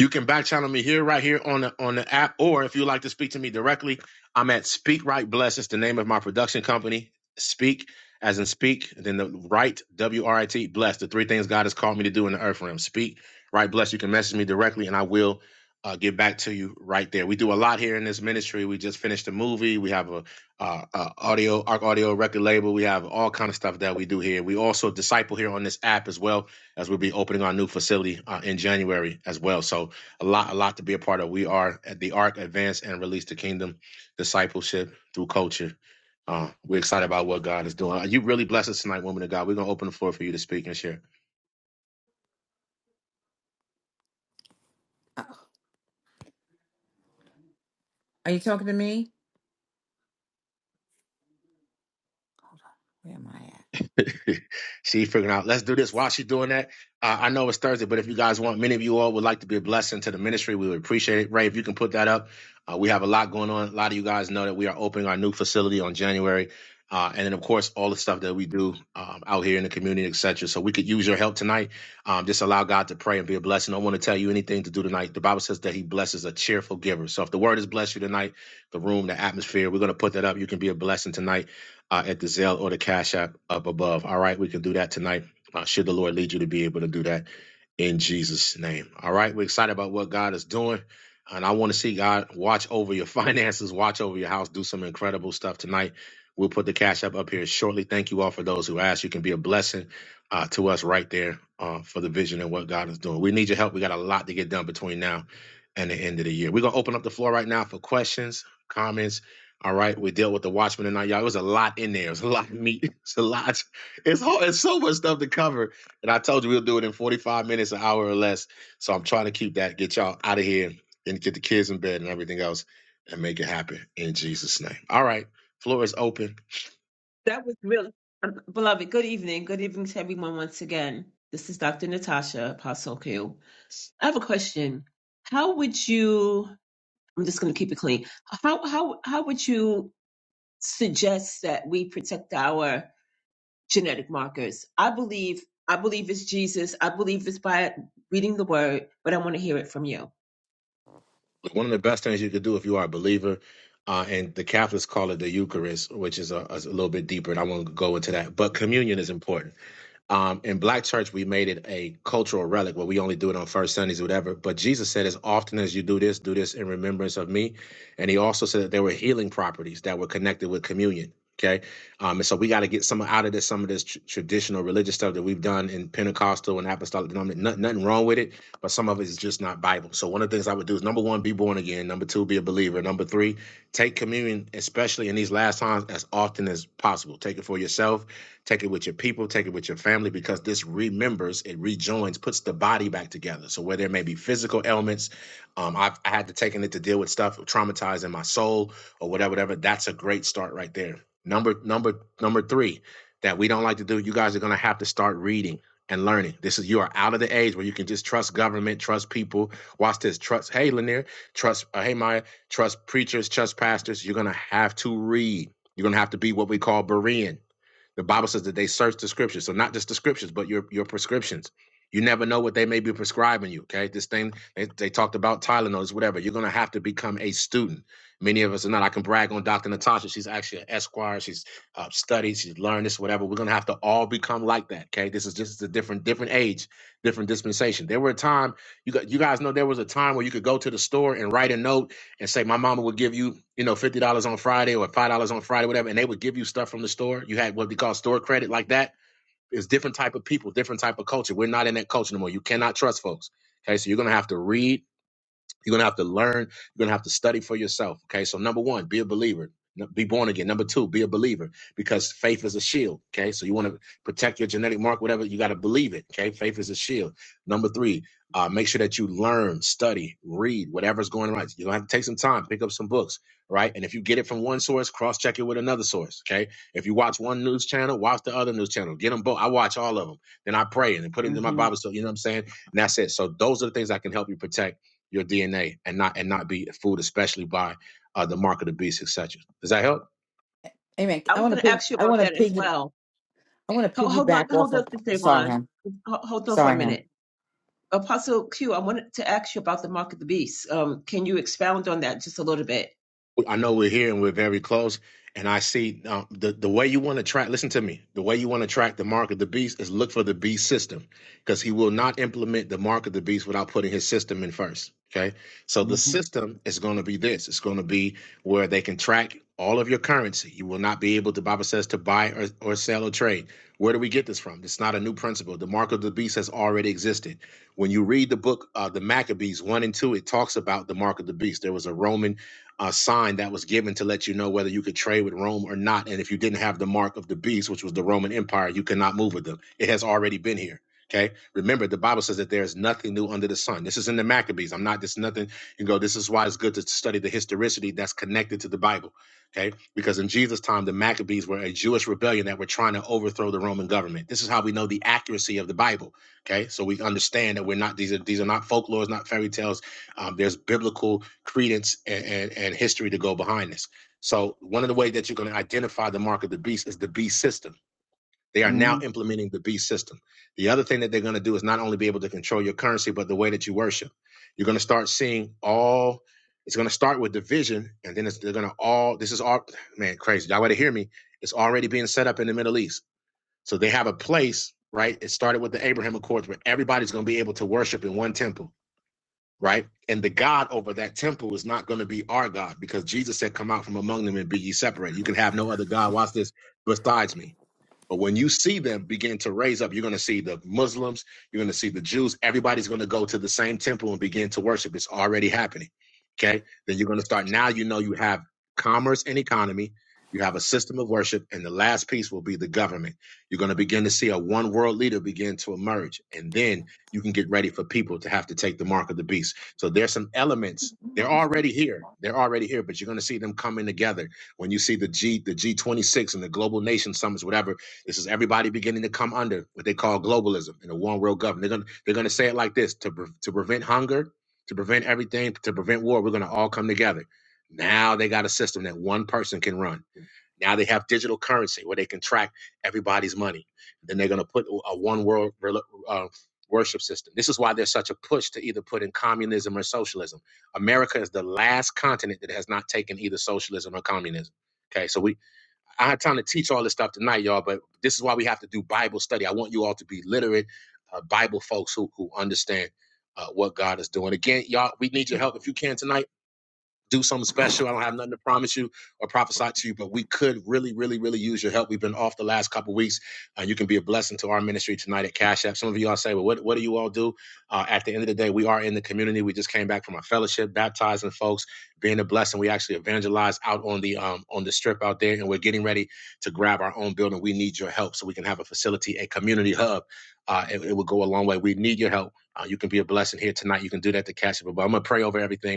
You can back channel me here, right here on the on the app, or if you'd like to speak to me directly, I'm at Speak Right Bless. It's the name of my production company. Speak as in speak, then the right W R I T bless. The three things God has called me to do in the earth realm. Speak right bless. You can message me directly, and I will uh, get back to you right there. We do a lot here in this ministry. We just finished a movie. We have a, uh, uh audio arc audio record label. We have all kind of stuff that we do here. We also disciple here on this app as well as we'll be opening our new facility uh, in January as well. So a lot, a lot to be a part of. We are at the Arc Advance and Release the Kingdom Discipleship through Culture. Uh, we're excited about what God is doing. You really blessed us tonight, woman of God. We're gonna open the floor for you to speak and share. Uh, Are you talking to me? Where am I at? she figuring out, let's do this while she's doing that. Uh, I know it's Thursday, but if you guys want, many of you all would like to be a blessing to the ministry. We would appreciate it. Ray, if you can put that up. Uh, we have a lot going on. A lot of you guys know that we are opening our new facility on January. Uh, and then, of course, all the stuff that we do um, out here in the community, et cetera. So we could use your help tonight. Um, just allow God to pray and be a blessing. I don't want to tell you anything to do tonight. The Bible says that He blesses a cheerful giver. So if the word has blessed you tonight, the room, the atmosphere, we're going to put that up. You can be a blessing tonight uh, at the Zelle or the Cash App up above. All right, we can do that tonight. Uh, should the Lord lead you to be able to do that in Jesus' name. All right. We're excited about what God is doing. And I want to see God watch over your finances, watch over your house, do some incredible stuff tonight. We'll put the cash up up here shortly. Thank you all for those who asked. You can be a blessing uh, to us right there uh, for the vision and what God is doing. We need your help. We got a lot to get done between now and the end of the year. We're going to open up the floor right now for questions, comments. All right. We dealt with the watchman tonight, y'all. It was a lot in there. It was a lot of meat. It's a lot. It's, hard. it's so much stuff to cover and I told you we'll do it in 45 minutes, an hour or less. So I'm trying to keep that, get y'all out of here and get the kids in bed and everything else and make it happen in Jesus' name. All right. Floor is open. that was really beloved. Good evening. Good evening to everyone once again. This is Dr. Natasha, Apostle Q. I have a question. How would you? I'm just going to keep it clean. How how how would you suggest that we protect our genetic markers? I believe I believe it's Jesus. I believe it's by reading the Word, but I want to hear it from you. One of the best things you could do if you are a believer, uh, and the Catholics call it the Eucharist, which is a, a little bit deeper, and I won't go into that. But communion is important Um, in Black church, we made it a cultural relic where we only do it on first Sundays or whatever. But Jesus said, as often as you do this, do this in remembrance of me. And he also said that there were healing properties that were connected with communion. Okay. Um, and so we got to get some out of this, some of this tr- traditional religious stuff that we've done in Pentecostal and apostolic denomination. Nothing, nothing wrong with it, but some of it is just not Bible. So one of the things I would do is number one, be born again. Number two, be a believer. Number three, take communion, especially in these last times, as often as possible. Take it for yourself Take it with your people, take it with your family, because this remembers, it rejoins, puts the body back together. So where there may be physical ailments, um, I've I had to taken it to deal with stuff traumatizing my soul or whatever, whatever. That's a great start right there. Number number number three that we don't like to do. You guys are gonna have to start reading and learning. This is you are out of the age where you can just trust government, trust people. Watch this. Trust. Hey, Lanier. Trust. Uh, hey, Maya. Trust preachers. Trust pastors. You're gonna have to read. You're gonna have to be what we call Berean. The Bible says that they search the scriptures. So not just the scriptures, but your your prescriptions. You never know what they may be prescribing you. Okay. This thing they, they talked about Tylenols, whatever. You're gonna have to become a student. Many of us are not. I can brag on Dr. Natasha. She's actually an Esquire. She's uh, studied. She's learned this, whatever. We're gonna have to all become like that. Okay. This is just a different different age, different dispensation. There were a time you got you guys know there was a time where you could go to the store and write a note and say my mama would give you, you know, fifty dollars on Friday or five dollars on Friday, whatever, and they would give you stuff from the store. You had what we call store credit, like that. It's different type of people, different type of culture. We're not in that culture no more. You cannot trust folks. Okay, so you're gonna have to read you're going to have to learn. You're going to have to study for yourself. Okay. So, number one, be a believer. N- Be born again. Number two, be a believer because faith is a shield. Okay. So, you want to protect your genetic mark, whatever, you got to believe it. Okay. Faith is a shield. Number three, uh, make sure that you learn, study, read whatever's going on. You're going to have to take some time, pick up some books. Right. And if you get it from one source, cross check it with another source. Okay. If you watch one news channel, watch the other news channel. Get them both. I watch all of them. Then I pray and then put it into my Mm-hmm. Bible. So, you know what I'm saying? And that's it. So, those are the things I can help you protect your DNA and not and not be fooled, especially by uh, the mark of the beast, etc. Does that help? Amen. I I was want to going to pig. ask you I about want to that as pig. well. I want to Hold, hold on, piggyback off hold of. on, Mister Sorry, Yvonne. him. Ho- Hold on for a Sorry, him. minute. Apostle Q, I wanted to ask you about the mark of the beast. Um, can you expound on that just a little bit? I know we're here and we're very close. And I see um, the the way you want to track. Listen to me. The way you want to track the mark of the beast is look for the beast system, because he will not implement the mark of the beast without putting his system in first. Okay, so the hmm system is going to be this. It's going to be where they can track all of your currency. You will not be able to. Bible says to buy or, or sell or trade. Where do we get this from? It's not a new principle. The mark of the beast has already existed. When you read the book, uh, the Maccabees one and two, it talks about the mark of the beast. There was a Roman uh, sign that was given to let you know whether you could trade with Rome or not. And if you didn't have the mark of the beast, which was the Roman Empire, you could not move with them. It has already been here. Okay. Remember, the Bible says that there is nothing new under the sun. This is in the Maccabees. I'm not this nothing. You go. This is why it's good to study the historicity that's connected to the Bible. Okay. Because in Jesus' time, the Maccabees were a Jewish rebellion that were trying to overthrow the Roman government. This is how we know the accuracy of the Bible. Okay. So we understand that we're not these are these are not folklores, not fairy tales um, there's biblical credence and, and, and history to go behind this. So one of the ways that you're going to identify the mark of the beast is the beast system. They are hmm now implementing the beast system. The other thing that they're going to do is not only be able to control your currency, but the way that you worship. You're going to start seeing all. It's going to start with division, and then it's, they're going to all. This is all man crazy. Y'all to hear me? It's already being set up in the Middle East. So they have a place, right? It started with the Abraham Accords, where everybody's going to be able to worship in one temple right? And the God over that temple is not going to be our God because Jesus said, Come out from among them and be ye separate. You can have no other God, watch this, besides me. But when you see them begin to raise up, you're going to see the Muslims, you're going to see the Jews. Everybody's going to go to the same temple and begin to worship. It's already happening. Okay. Then you're going to start. Now you know you have commerce and economy, you have a system of worship, and the last piece will be the government. You're going to begin to see a one world leader begin to emerge. And then you can get ready for people to have to take the mark of the beast. So there's some elements. They're already here. They're already here, but you're going to see them coming together when you see the G, the G26 and the Global Nation Summits, whatever this is everybody beginning to come under what they call globalism and a one world government. They're gonna they're gonna say it like this to pre- to prevent hunger, to prevent everything, to prevent war. We're gonna all come together. Now they got a system that one person can run. Now they have digital currency where they can track everybody's money. Then they're gonna put a one world rel- uh, worship system. This is why there's such a push to either put in communism or socialism. America is the last continent that has not taken either socialism or communism. Okay, so we I had time to teach all this stuff tonight, y'all, but this is why we have to do Bible study. I want you all to be literate uh, Bible folks who who understand uh, what God is doing. Again, y'all, we need your help if you can tonight do something special. I don't have nothing to promise you or prophesy to you, but we could really, really, really use your help. We've been off the last couple of weeks. Uh, you can be a blessing to our ministry tonight at Cash App. Some of you all say, well, what, what do you all do? Uh, at the end of the day, we are in the community. We just came back from a fellowship, baptizing folks, being a blessing. We actually evangelized out on the um, on the strip out there, and we're getting ready to grab our own building. We need your help so we can have a facility, a community hub. Uh, it, it will go a long way. We need your help. Uh, you can be a blessing here tonight. You can do that to Cash App. But I'm going to pray over everything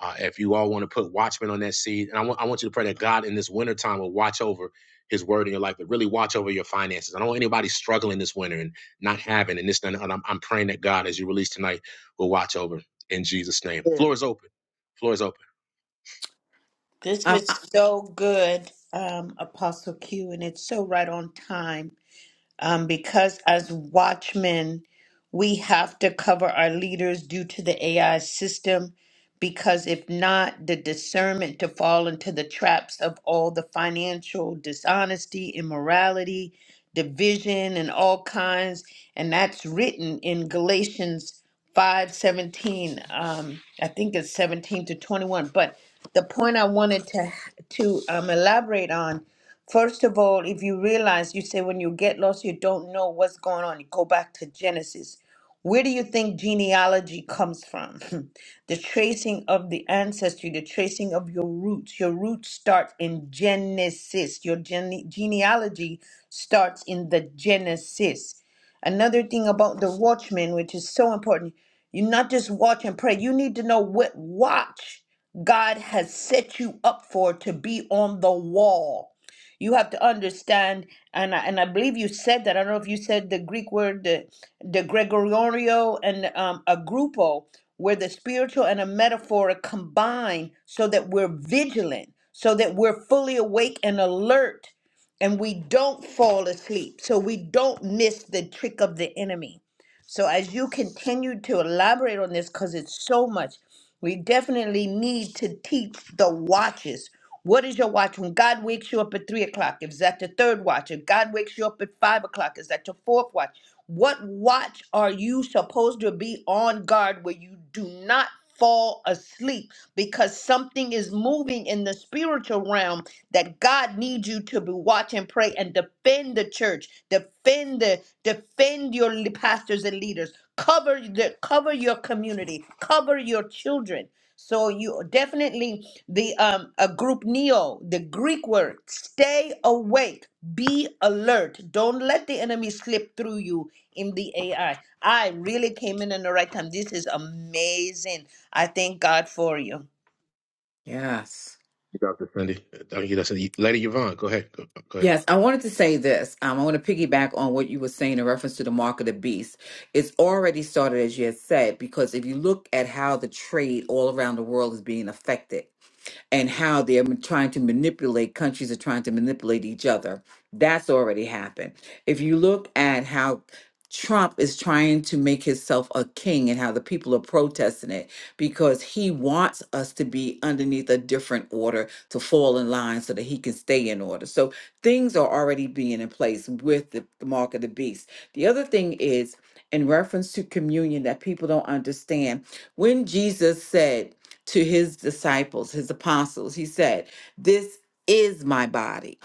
uh, if you all want to put watchmen on that seed, and I want I want you to pray that God in this winter time will watch over His word in your life, but really watch over your finances. I don't want anybody struggling this winter and not having and this and, I'm, I'm praying that God, as you release tonight, will watch over in Jesus' name. Yeah, Floor is open. Floor is open. This Um, was I- so good, um, Apostle Q, and it's so right on time. um, because as watchmen, we have to cover our leaders due to the AI system. Because if not, the discernment to fall into the traps of all the financial dishonesty, immorality, division, and all kinds. And that's written in Galatians 5 17. Um, I think it's 17 to 21. But the point I wanted to, to um, elaborate on First of all, if you realize, you say when you get lost, you don't know what's going on. You go back to Genesis. Where do you think genealogy comes from? the tracing of the ancestry, the tracing of your roots. Your roots start in Genesis. Your gene- genealogy starts in the Genesis. Another thing about the watchman, which is so important, you not just watch and pray, you need to know what watch God has set you up for to be on the wall. You have to understand, and I, and I believe you said that. I don't know if you said the Greek word, the, the Gregorio and um, a grupo, where the spiritual and a metaphor are combined so that we're vigilant, so that we're fully awake and alert, and we don't fall asleep, so we don't miss the trick of the enemy. So as you continue to elaborate on this, because it's so much, we definitely need to teach the watches what is your watch when God wakes you up at three o'clock? Is that your third watch? If God wakes you up at five o'clock, is that your fourth watch? What watch are you supposed to be on guard where you do not fall asleep because something is moving in the spiritual realm that God needs you to be watch and pray and defend the church, defend the defend your le- pastors and leaders, cover the cover your community, cover your children. So you definitely the um a group neo the greek word stay awake be alert don't let the enemy slip through you in the ai i really came in in the right time this is amazing i thank god for you yes. Dr. Cindy, uh, Dr. Cindy. Lady Yvonne, go ahead. Go, go ahead. Yes, I wanted to say this. Um, I want to piggyback on what you were saying in reference to the mark of the beast. It's already started, as you had said, because if you look at how the trade all around the world is being affected, and how they're m- trying to manipulate countries are trying to manipulate each other. That's already happened. If you look at how Trump is trying to make himself a king and how the people are protesting it because he wants us to be underneath a different order to fall in line so that he can stay in order. So things are already being in place with the, the mark of the beast. The other thing is in reference to communion that people don't understand when Jesus said to his disciples, his apostles. He said, "This is my body."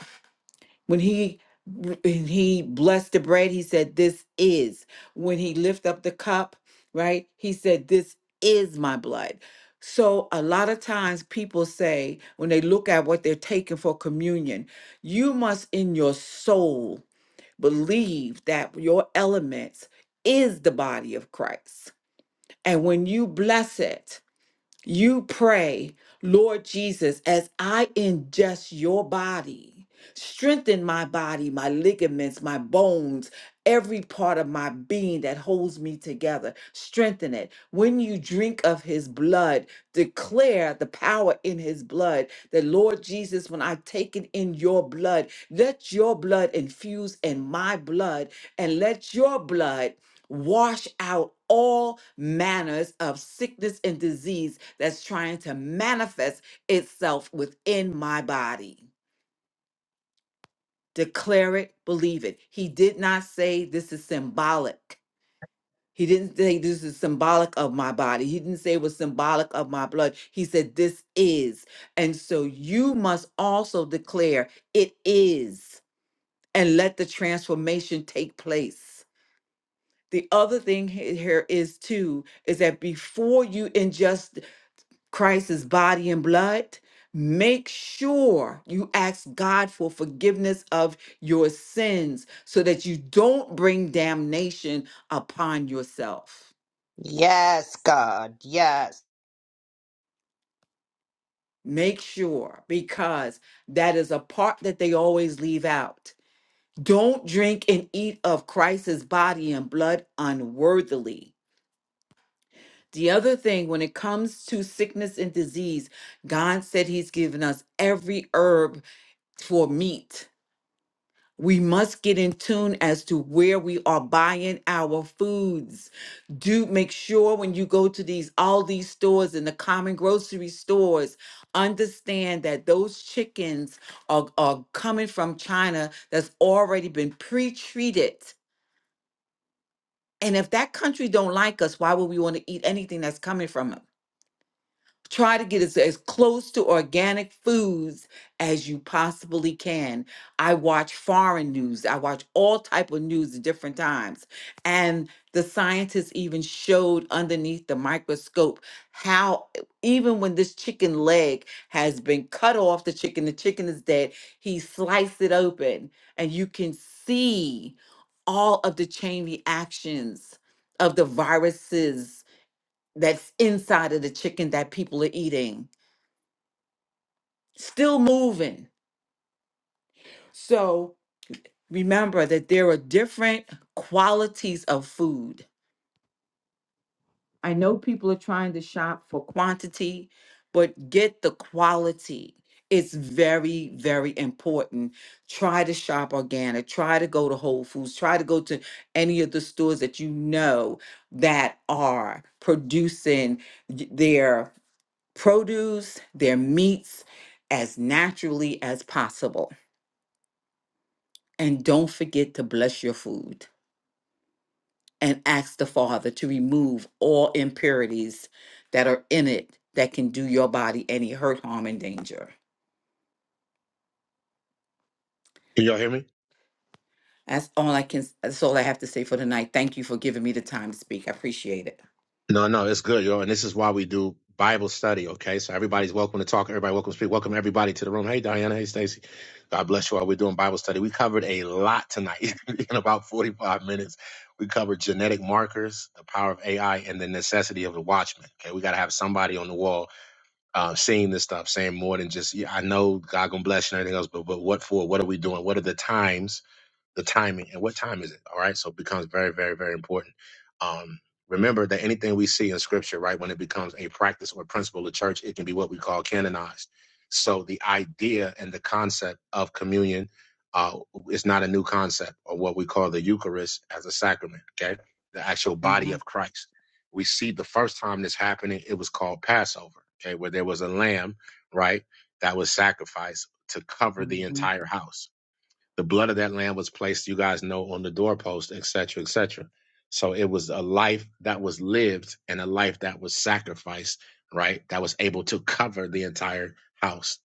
When he when he blessed the bread, he said, "This is." When he lift up the cup, right? He said, "This is my blood." So a lot of times people say when they look at what they're taking for communion, you must in your soul believe that your elements is the body of Christ. And when you bless it, you pray, Lord Jesus, as I ingest your body, strengthen my body, my ligaments, my bones, every part of my being that holds me together. Strengthen it. When you drink of his blood, declare the power in his blood. That, Lord Jesus, when I take it in your blood, let your blood infuse in my blood and let your blood wash out all manners of sickness and disease that's trying to manifest itself within my body. Declare it, believe it. He did not say this is symbolic. He didn't say this is symbolic of my body. He didn't say it was symbolic of my blood. He said this is. And so you must also declare it is and let the transformation take place. the other thing he- here is too is that before you ingest christ's body and blood make sure you ask god for forgiveness of your sins so that you don't bring damnation upon yourself Yes, God. make sure because that is a part that they always leave out don't drink and eat of christ's body and blood unworthily The other thing, when it comes to sickness and disease, God said He's given us every herb for meat. We must get in tune as to where we are buying our foods. Do make sure when you go to these all these stores and the common grocery stores, understand that those chickens are, are coming from China that's already been pre-treated. And if that country don't like us, why would we want to eat anything that's coming from 'em? try to get as, as close to organic foods as you possibly can i watch foreign news i watch all type of news at different times and the scientists even showed underneath the microscope how e- even when this chicken leg has been cut off the chicken the chicken is dead he sliced it open and you can see all of the chain reactions of the viruses that's inside of the chicken that people are eating, still moving. So remember that there are different qualities of food. I know people are trying to shop for quantity, but get the quality. It's very, very important. Try to shop organic. Try to go to Whole Foods. Try to go to any of the stores that you know that are producing y- their produce, their meats as naturally as possible. And don't forget to bless your food and ask the Father to remove all impurities that are in it that can do your body any hurt, harm, and danger. Can y'all hear me? That's all I can. That's all I have to say for tonight. Thank you for giving me the time to speak. I appreciate it. No, no, it's good, yo. And this is why we do Bible study, okay? So everybody's welcome to talk. Everybody welcome to speak. Welcome everybody to the room. Hey, Diana. Hey, Stacy. God bless you all. We're doing Bible study. We covered a lot tonight in about 45 minutes. We covered genetic markers, the power of AI, and the necessity of the watchman. Okay, we got to have somebody on the wall uh, seeing this stuff, saying more than just, yeah, I know God gonna bless you and everything else, but, but what for? What are we doing? What are the times? the timing and what time is it all right so it becomes very very very important um remember that anything we see in scripture right when it becomes a practice or principle of church it can be what we call canonized so the idea and the concept of communion uh is not a new concept or what we call the eucharist as a sacrament okay the actual body Mhm, of christ we see the first time this happening it was called passover okay where there was a lamb right that was sacrificed to cover the mhm, entire house the blood of that lamb was placed, you guys know, on the doorpost, etc., cetera, etc. So it was a life that was lived and a life that was sacrificed, right? That was able to cover the entire house,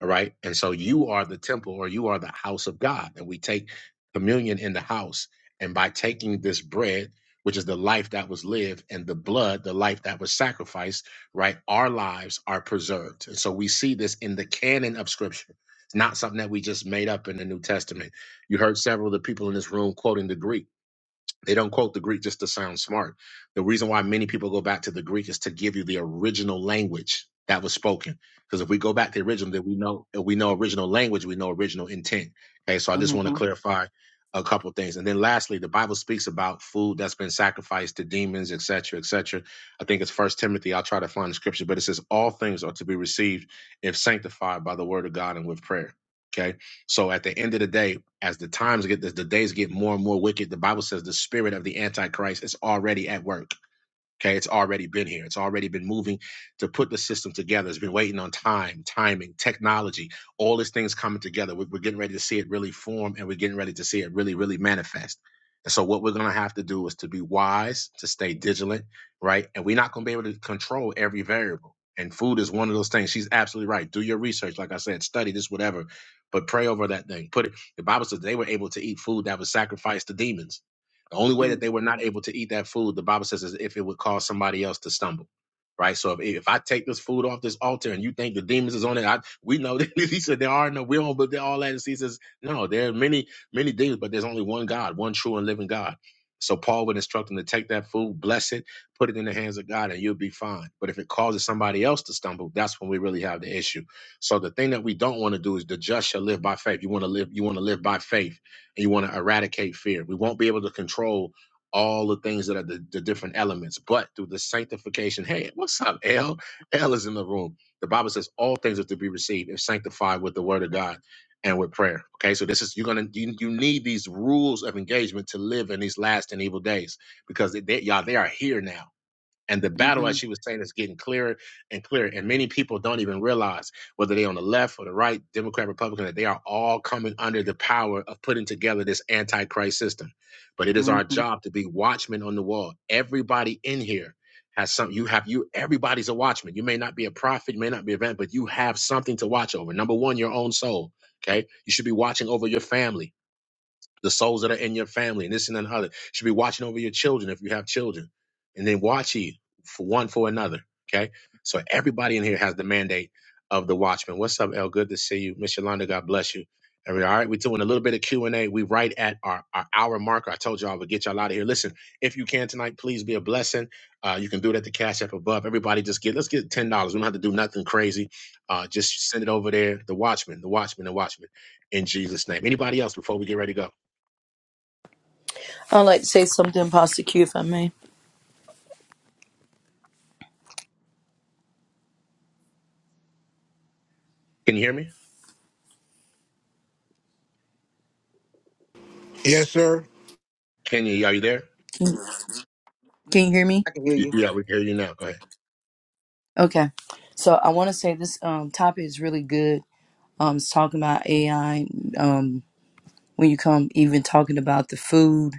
all right? And so you are the temple or you are the house of God, and we take communion in the house. And by taking this bread, which is the life that was lived, and the blood, the life that was sacrificed, right? Our lives are preserved. And so we see this in the canon of Scripture it's not something that we just made up in the New Testament. You heard several of the people in this room quoting the Greek. They don't quote the Greek just to sound smart. The reason why many people go back to the Greek is to give you the original language that was spoken. Because if we go back to the original, then we know if we know original language, we know original intent. Okay, so I just want to mhm, mhm, clarify a couple things. And then lastly, the Bible speaks about food that's been sacrificed to demons, etc., etc. I think it's First Timothy. I'll try to find the scripture, but it says all things are to be received if sanctified by the word of God and with prayer. Okay. So at the end of the day, as the times get, as the days get more and more wicked, the Bible says the spirit of the Antichrist is already at work. Okay, it's already been here. It's already been moving to put the system together. It's been waiting on time, timing, technology, all these things coming together. We're, we're getting ready to see it really form and we're getting ready to see it really, really manifest. And so, what we're going to have to do is to be wise, to stay vigilant, right? And we're not going to be able to control every variable. And food is one of those things. She's absolutely right. Do your research. Like I said, study this, whatever, but pray over that thing. Put it, the Bible says they were able to eat food that was sacrificed to demons the only way that they were not able to eat that food, the Bible says, is if it would cause somebody else to stumble. Right. So if, if I take this food off this altar and you think the demons is on it, I, we know that he said there are no, we don't but believe all that. And he says, no, there are many, many demons, but there's only one God, one true and living God. So Paul would instruct them to take that food, bless it, put it in the hands of God, and you'll be fine. But if it causes somebody else to stumble, that's when we really have the issue. So the thing that we don't want to do is the just shall live by faith. You want to live, you want to live by faith and you want to eradicate fear. We won't be able to control all the things that are the, the different elements, but through the sanctification. Hey, what's up, L? L is in the room. The Bible says all things are to be received and sanctified with the word of God and with prayer. Okay, so this is you're gonna you, you need these rules of engagement to live in these last and evil days because they, they- y'all they are here now. And the battle, as mhm, she was saying, is getting clearer and clearer. And many people don't even realize whether they're on the left or the right, Democrat, Republican, that they are all coming under the power of putting together this antichrist system. But it is our mhm, job to be watchmen on the wall. Everybody in here has something. You have you. Everybody's a watchman. You may not be a prophet, you may not be a event, but you have something to watch over. Number one, your own soul. Okay, you should be watching over your family the souls that are in your family and this and another, and should be watching over your children if you have children and then watch ye for one for another okay so everybody in here has the mandate of the watchman what's up el good to see you miss yolanda god bless you and we, all right we're doing a little bit of q&a we right at our, our hour marker i told y'all i would get y'all out of here listen if you can tonight please be a blessing uh, you can do it at the cash app above everybody just get let's get $10 we don't have to do nothing crazy uh, just send it over there the watchman the watchman the watchman in jesus name anybody else before we get ready to go I'd like to say something, Pastor Q, if I may. Can you hear me? Yes, sir. Kenya, are you there? Can, can you hear me? I can hear Y- you. Yeah, we hear you now. Go ahead. Okay. So I want to say this um, topic is really good. Um, it's talking about AI. Um, when you come, even talking about the food.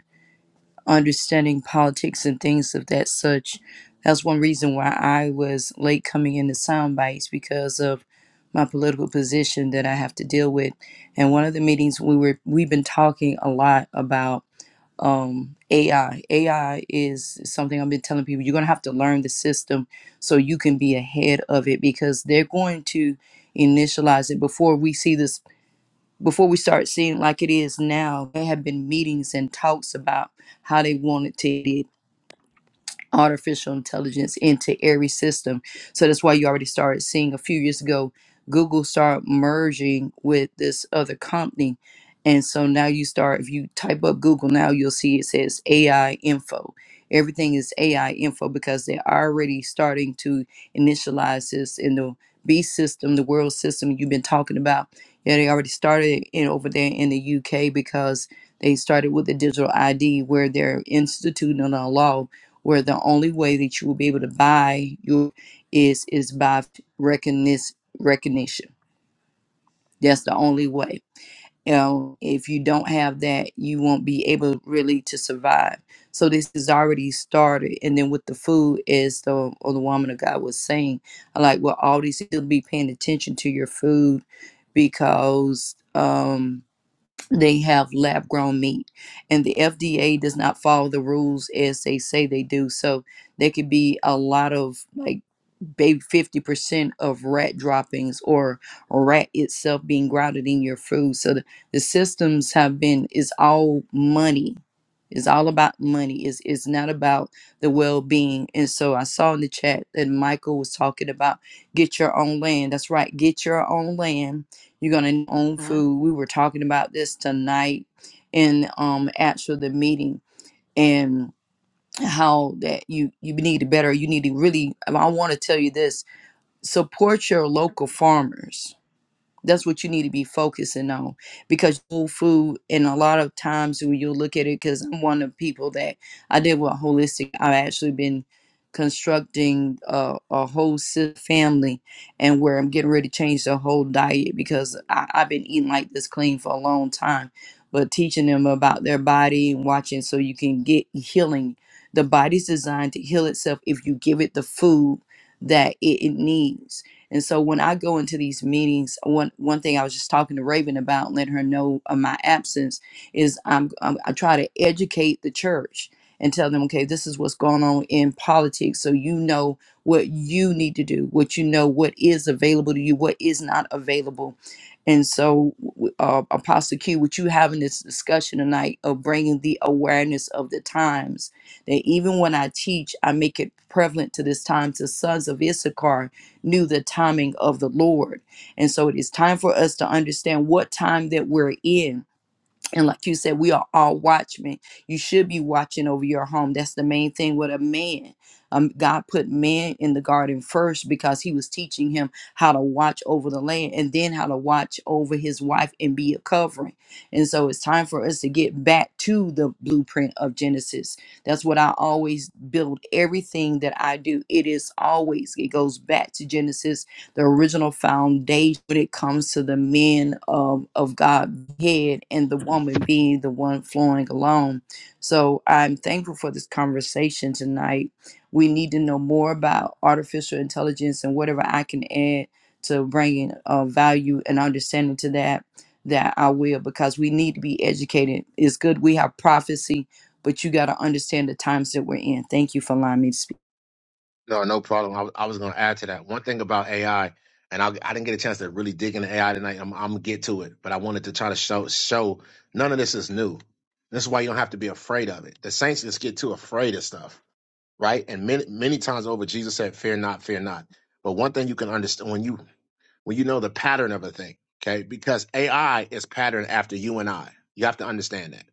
understanding politics and things of that such. That's one reason why I was late coming into sound bites because of my political position that I have to deal with. And one of the meetings we were we've been talking a lot about um AI. AI is something I've been telling people you're gonna have to learn the system so you can be ahead of it because they're going to initialize it before we see this before we start seeing like it is now, there have been meetings and talks about how they wanted to artificial intelligence into every system. So that's why you already started seeing a few years ago Google start merging with this other company. And so now you start, if you type up Google now, you'll see it says AI info. Everything is AI info because they're already starting to initialize this in the B system, the world system you've been talking about. Yeah, they already started in over there in the UK because they started with the digital ID where they're instituting a law where the only way that you will be able to buy you is is by recognition recognition that's the only way you know if you don't have that you won't be able really to survive so this is already started and then with the food as the or the woman of god was saying I like well all these you'll be paying attention to your food because um they have lab grown meat and the FDA does not follow the rules as they say they do so there could be a lot of like baby 50% of rat droppings or rat itself being grounded in your food so the, the systems have been it's all money it's all about money it's, it's not about the well-being and so i saw in the chat that michael was talking about get your own land that's right get your own land you're gonna own food we were talking about this tonight in um actually the meeting and how that you you need to better you need to really i want to tell you this support your local farmers. That's what you need to be focusing on because whole food, and a lot of times when you look at it, because I'm one of the people that I did with holistic, I've actually been constructing a, a whole si- family and where I'm getting ready to change the whole diet because I, I've been eating like this clean for a long time. But teaching them about their body and watching so you can get healing. The body's designed to heal itself if you give it the food that it, it needs and so when I go into these meetings, one one thing I was just talking to Raven about, letting her know of my absence, is I'm, I'm I try to educate the church and tell them, okay, this is what's going on in politics, so you know what you need to do, what you know, what is available to you, what is not available. And so, w- uh, Apostle Q, with you having this discussion tonight of bringing the awareness of the times, that even when I teach, I make it prevalent to this time to sons of Issachar knew the timing of the Lord. And so it is time for us to understand what time that we're in and like you said, we are all watchmen. You should be watching over your home. That's the main thing with a man. Um, God put man in the garden first because he was teaching him how to watch over the land and then how to watch over his wife and be a covering. And so it's time for us to get back to the blueprint of Genesis. That's what I always build everything that I do. It is always, it goes back to Genesis the original foundation when it comes to the men of, of God head and the woman being the one flowing alone. So I'm thankful for this conversation tonight. We need to know more about artificial intelligence and whatever I can add to bringing uh, value and understanding to that, that I will, because we need to be educated. It's good we have prophecy, but you got to understand the times that we're in. Thank you for allowing me to speak. No, no problem. I, was- I was going to add to that. One thing about AI, and I, I didn't get a chance to really dig into AI tonight. I'm, I'm going to get to it, but I wanted to try to show, show none of this is new. This is why you don't have to be afraid of it. The saints just get too afraid of stuff, right? And many, many times over, Jesus said, fear not, fear not. But one thing you can understand when you, when you know the pattern of a thing, okay? Because AI is patterned after you and I. You have to understand that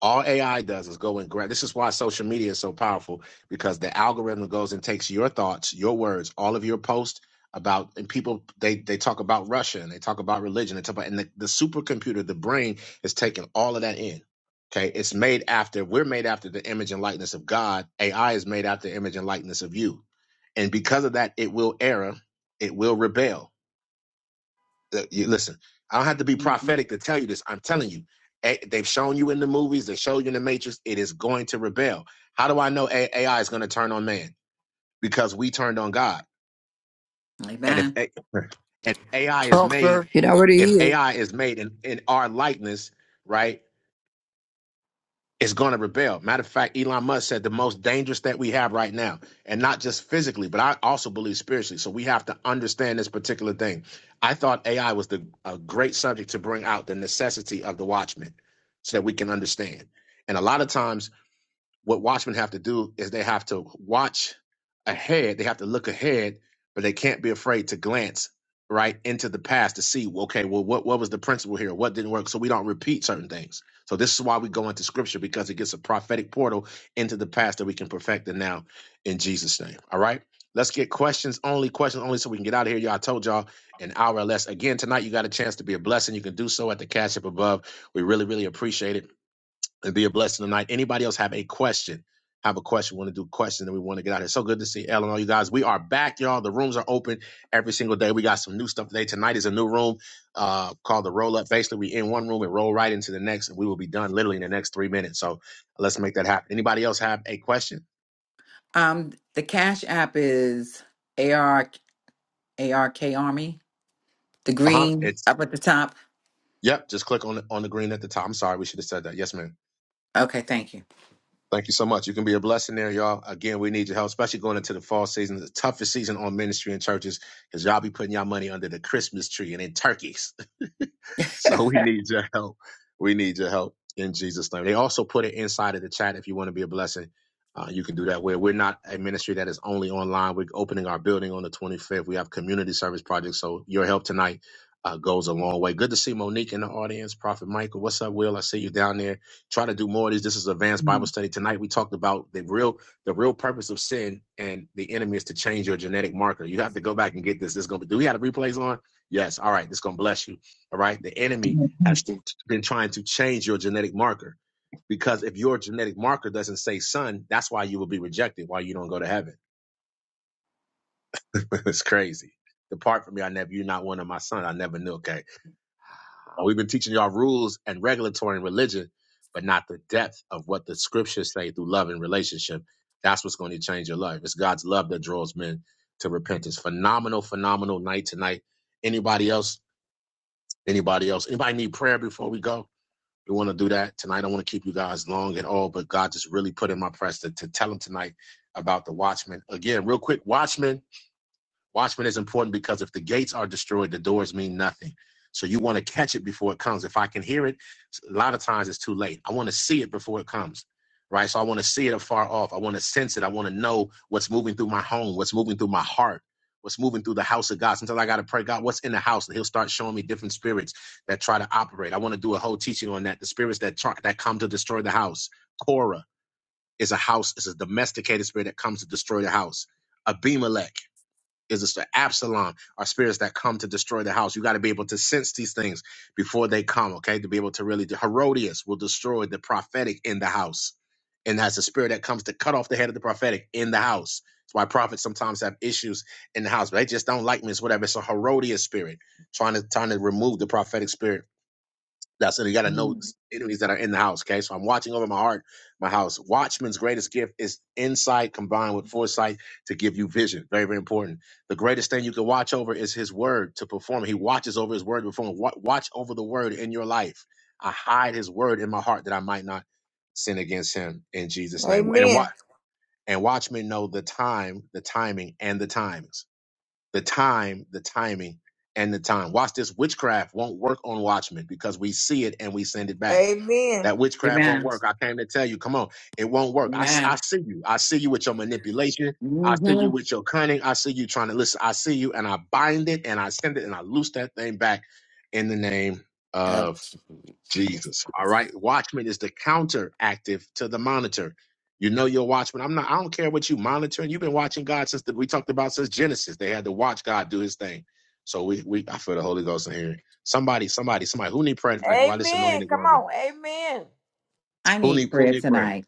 All AI does is go and grab. This is why social media is so powerful because the algorithm goes and takes your thoughts, your words, all of your posts about and people they they talk about Russia and they talk about religion. They talk about and the, the supercomputer, the brain, is taking all of that in. Okay, it's made after we're made after the image and likeness of God. AI is made after the image and likeness of you, and because of that, it will err, it will rebel uh, you listen, I don't have to be mhm. prophetic to tell you this. I'm telling you, A- they've shown you in the movies, they show you in the Matrix, it is going to rebel. How do I know A- AI is going to turn on man? Because we turned on God. And if Amen. A- and if AI is Talk, sir. made, It already if is. AI is made in, in our likeness, right? is going to rebel. Matter of fact, Elon Musk said the most dangerous that we have right now, and not just physically, but I also believe spiritually. So we have to understand this particular thing. I thought AI was the a great subject to bring out the necessity of the watchman, so that we can understand. And a lot of times what watchmen have to do is they have to watch ahead. They have to look ahead, but they can't be afraid to glance right into the past to see, well, okay, well, what, what was the principle here? What didn't work? So we don't repeat certain things. So this is why we go into scripture because it gets a prophetic portal into the past that we can perfect the now in Jesus' name. All right. Let's get questions only, questions only, so we can get out of here. Y'all I told y'all an hour or less. Again, tonight you got a chance to be a blessing. You can do so at the cash up above. We really, really appreciate it and be a blessing tonight. Anybody else have a question? Have a question? Want to do a question? And we want to get out of here. So good to see Ellen, and all you guys. We are back, y'all. The rooms are open every single day. We got some new stuff today. Tonight is a new room uh, called the Roll Up. Basically, we in one room and roll right into the next, and we will be done literally in the next three minutes. So let's make that happen. Anybody else have a question? Um, the Cash App is a r a r k Army. The Uh huh. green It's up at the top. yep. Just click on the, on the green at the top. I'm sorry, we should have said that. Yes, ma'am. Okay, thank you. Thank you so much. You can be a blessing there, y'all. Again, we need your help, especially going into the fall season, the toughest season on ministry and churches, because y'all be putting y'all money under the Christmas tree and in turkeys. so we need your help. We need your help in Jesus' name. They also put it inside of the chat if you want to be a blessing. Uh, you can do that. Where we're not a ministry that is only online. We're opening our building on the 25th. We have community service projects. So your help tonight uh, goes a long way. Good to see Monique in the audience. Prophet Michael, what's up, Will? I see you down there. Try to do more of these. This is advanced Bible Mm, study tonight. We talked about the real the real purpose of sin and the enemy is to change your genetic marker. You have to go back and get this. This is gonna be. Do we have the replays on? Yes. All right. This is gonna bless you. All right. The I enemy got a has question. been trying to change your genetic marker because if your genetic marker doesn't say son, that's why you will be rejected, why you don't go to heaven. it's crazy. Depart from me. I never, you're not one of my son. I never knew. Okay. Uh, We've been teaching y'all rules and regulatory and religion, but not the depth of what the scriptures say through love and relationship. That's what's going to change your life. It's God's love that draws men to repentance. Phenomenal, phenomenal night tonight. Anybody else? Anybody else? Anybody need prayer before we go? We want to do that tonight. I don't want to keep you guys long at all, but God just really put in my press to, to tell him tonight about the Watchmen. Again, real quick, Watchmen. Watchmen is important because if the gates are destroyed, the doors mean nothing. So you want to catch it before it comes. If I can hear it, a lot of times it's too late. I want to see it before it comes. Right. So I want to see it afar off. I want to sense it. I want to know what's moving through my home, what's moving through my heart, what's moving through the house of God. Sometimes I got to pray, God, what's in the house? And he'll start showing me different spirits that try to operate. I want to do a whole teaching on that. The spirits that try, that come to destroy the house. Korah is a house, It's a domesticated spirit that comes to destroy the house. Abimelech is a spirit. Absalom are spirits that come to destroy the house. You got to be able to sense these things before they come, okay? To be able to really, Herodias will destroy the prophetic in the house. And that's a spirit that comes to cut off the head of the prophetic in the house. That's why prophets sometimes have issues in the house, but they just don't like me. It's whatever. It's a Herodias spirit trying to trying to remove the prophetic spirit that's it. You got to know Mm. enemies that are in the house. Okay. So I'm watching over my heart, my house. Watchman's greatest gift is insight combined with foresight to give you vision. Very, very important. The greatest thing you can watch over is his word to perform. He watches over his word to perform. Wa- Watch over the word in your life. I hide his word in my heart that I might not sin against him in Jesus' name. And, Amen. wa- and watchmen know the time, the timing, and the times the time, the timing, and the time. Watch this witchcraft won't work on Watchmen because we see it and we send it back. Amen. That witchcraft won't Amen. work. I came to tell you, come on, it won't work. I, s- I Amen. see you. I see you with your manipulation. I see hmm you with your cunning. I see you trying to listen. I see you and I bind it and I send it and I loose that thing back in the name of. Jesus. All right. Watchman is the counteractive to the monitor. You know your watchman. I'm not, I don't care what you monitoring. You've been watching God since the, we talked about since Genesis. They had to watch God do his thing. So we we I feel the Holy Ghost in here. Somebody, somebody, somebody who need prayer tonight? Why this Amen. anointing is Come on me? on. Amen. I Who need need who prayer need prayer? tonight.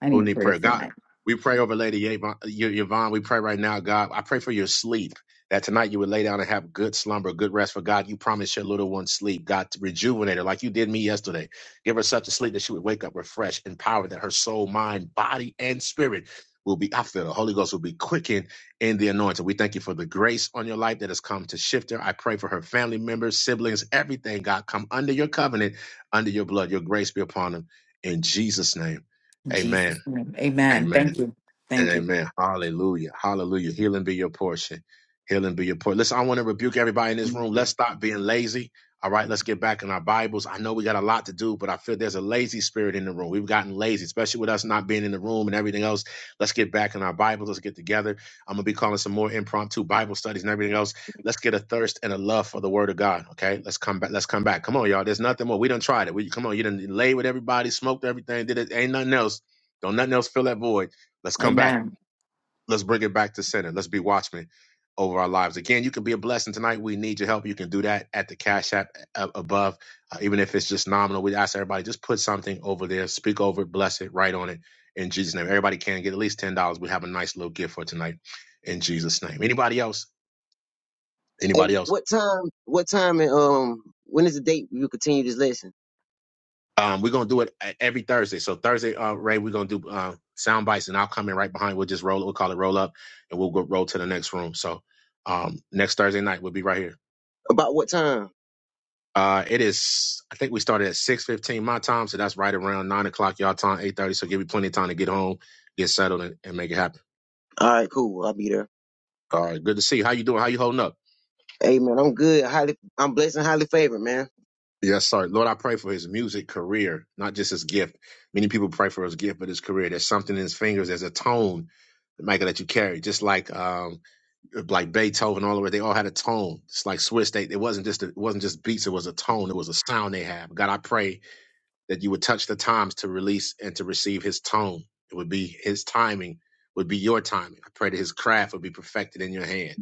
I who need need prayer prayer. God, tonight. we pray over Lady Yvonne. Yvonne, We pray right now, God. I pray for your sleep. That tonight you would lay down and have good slumber, good rest. For God, you promised your little one sleep. God, to rejuvenate her like you did me yesterday. Give her such a sleep that she would wake up refreshed, empowered, that her soul, mind, body, and spirit will be, I feel the Holy Ghost will be quickened in the anointing. We thank you for the grace on your life that has come to shift her. I pray for her family members, siblings, everything, God, come under your covenant, under your blood. Your grace be upon them. In Jesus' name, In amen. Jesus' name. Amen. Amen. Thank you. And Thank you. amen. Hallelujah. Hallelujah. Healing be your portion. Healing be your portion. Listen, I want to rebuke everybody in this room. Let's stop being lazy. All right, let's get back in our Bibles. I know we got a lot to do, but I feel there's a lazy spirit in the room. We've gotten lazy, especially with us not being in the room and everything else. Let's get back in our Bibles. Let's get together. I'm going to be calling some more impromptu Bible studies and everything else. Let's get a thirst and a love for the Word of God. Okay, let's come back. Let's come back. Come on, y'all. There's nothing more. We done tried it. We come on. You done lay with everybody, smoked everything, did it. Ain't nothing else. Don't nothing else fill that void. Let's come back. Amen. Let's bring it back to center. Let's be watchmen over our lives. Again, you can be a blessing tonight. We need your help. You can do that at the Cash App uh, above, uh, even if it's just nominal. We ask everybody just put something over there, speak over it, bless it, write on it in Jesus' name. Everybody can get at least ten dollars. We have a nice little gift for tonight in Jesus' name. Anybody else? Hey, Anybody else? what time? What time? And um, when is the date you continue this lesson? Um, we're gonna do it uh, every Thursday. So Thursday, uh, Ray, we're gonna do uh, sound bites, and I'll come in right behind. We'll just roll. We'll call it roll up, and we'll go roll to the next room. So um, next Thursday night, we'll be right here. About what time? Uh, it is. I think we started at six fifteen my time, so that's right around nine o'clock y'all time, eight thirty. So give you plenty of time to get home, get settled, and, and make it happen. All right, cool. I'll be there. All right, good to see you. How you doing? How you holding up? Amen. I'm good. Highly, I'm blessed and highly favored, man. Yes, sir. Lord, I pray for his music career, not just his gift. Many people pray for his gift, but his career. There's something in his fingers. There's a tone, Michael, that you carry. Just like um, like Beethoven, all the way. They all had a tone. It's like Swiss. They it wasn't just it wasn't just beats. It was a tone. It was a sound they have. God, I pray that you would touch the times to release and to receive his tone. It would be his timing would be your timing. I pray that his craft would be perfected in your hand.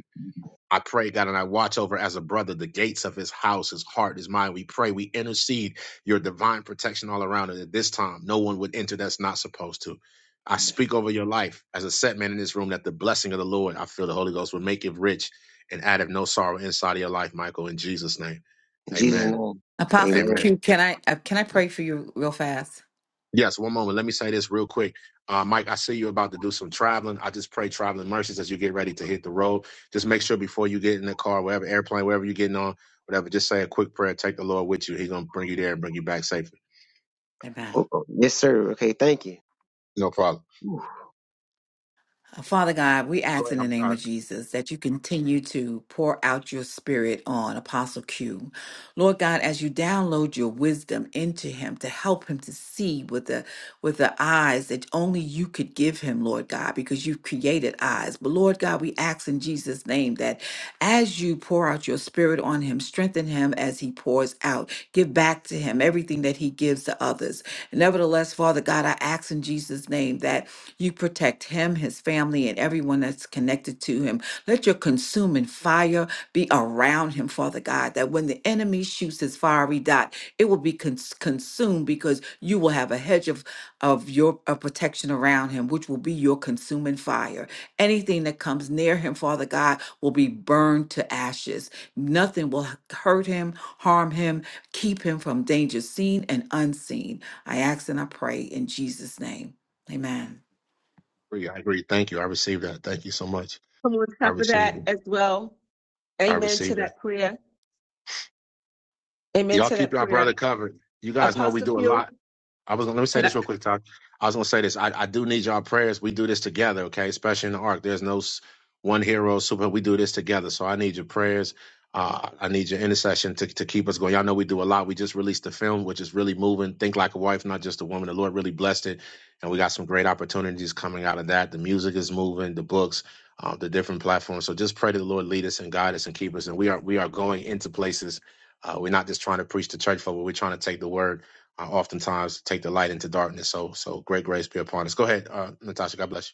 I pray, God, and I watch over as a brother the gates of his house, his heart, his mind. We pray, we intercede your divine protection all around. And at this time, no one would enter that's not supposed to. I speak over your life as a set man in this room that the blessing of the Lord, I feel the Holy Ghost, will make it rich and add of no sorrow inside of your life, Michael, in Jesus' name. In Jesus' Amen. name. Apostle Amen. Amen. Q, can I uh, can I pray for you real fast? Yes, one moment. Let me say this real quick. Uh, Mike, I see you're about to do some traveling. I just pray traveling mercies as you get ready to hit the road. Just make sure before you get in the car, whatever airplane, wherever you're getting on, whatever, just say a quick prayer. Take the Lord with you. He's going to bring you there and bring you back safely. Amen. Oh, oh, Yes, sir. Okay, thank you. No problem. Father God, we Go ask in ahead. the I'm name sorry. of Jesus that you continue to pour out your spirit on Apostle Q. Lord God, as you download your wisdom into him to help him to see with the with the eyes that only you could give him, Lord God, because you've created eyes. But Lord God, we ask in Jesus' name that as you pour out your spirit on him, strengthen him as he pours out. Give back to him everything that he gives to others. Nevertheless, Father God, I ask in Jesus' name that you protect him, his family, and everyone that's connected to him. Let your consuming fire be around him, Father God, that when the enemy shoots his fiery dot, it will be cons- consumed because you will have a hedge of, of your of protection around him, which will be your consuming fire. Anything that comes near him, Father God, will be burned to ashes. Nothing will h- hurt him, harm him, keep him from danger seen and unseen. I ask and I pray in Jesus' name. Amen. I agree. I agree. Thank you. I received that. Thank you so much. Come on I top of received that it. as well. I Amen to received that. that prayer. Amen Y'all to keep that our prayer. brother covered. You guys know we Apostle do a lot. Q, I was gonna let me say can I? this real quick, Todd. I was gonna say this. I, I do need y'all prayers. We do this together, okay? Especially in the arc. There's no s- one hero, super. We do this together. So I need your prayers. Uh, I need your intercession to, to keep us going. Y'all know we do a lot. We just released the film, which is really moving. Think like a wife, not just a woman. The Lord really blessed it, and we got some great opportunities coming out of that. The music is moving, the books, uh, the different platforms. So just pray to the Lord lead us and guide us and keep us. And we are we are going into places. Uh, we're not just trying to preach to church folk, but we're trying to take the word I oftentimes take the light into darkness. So, so great grace be upon us. Go ahead, uh, Natasha. God bless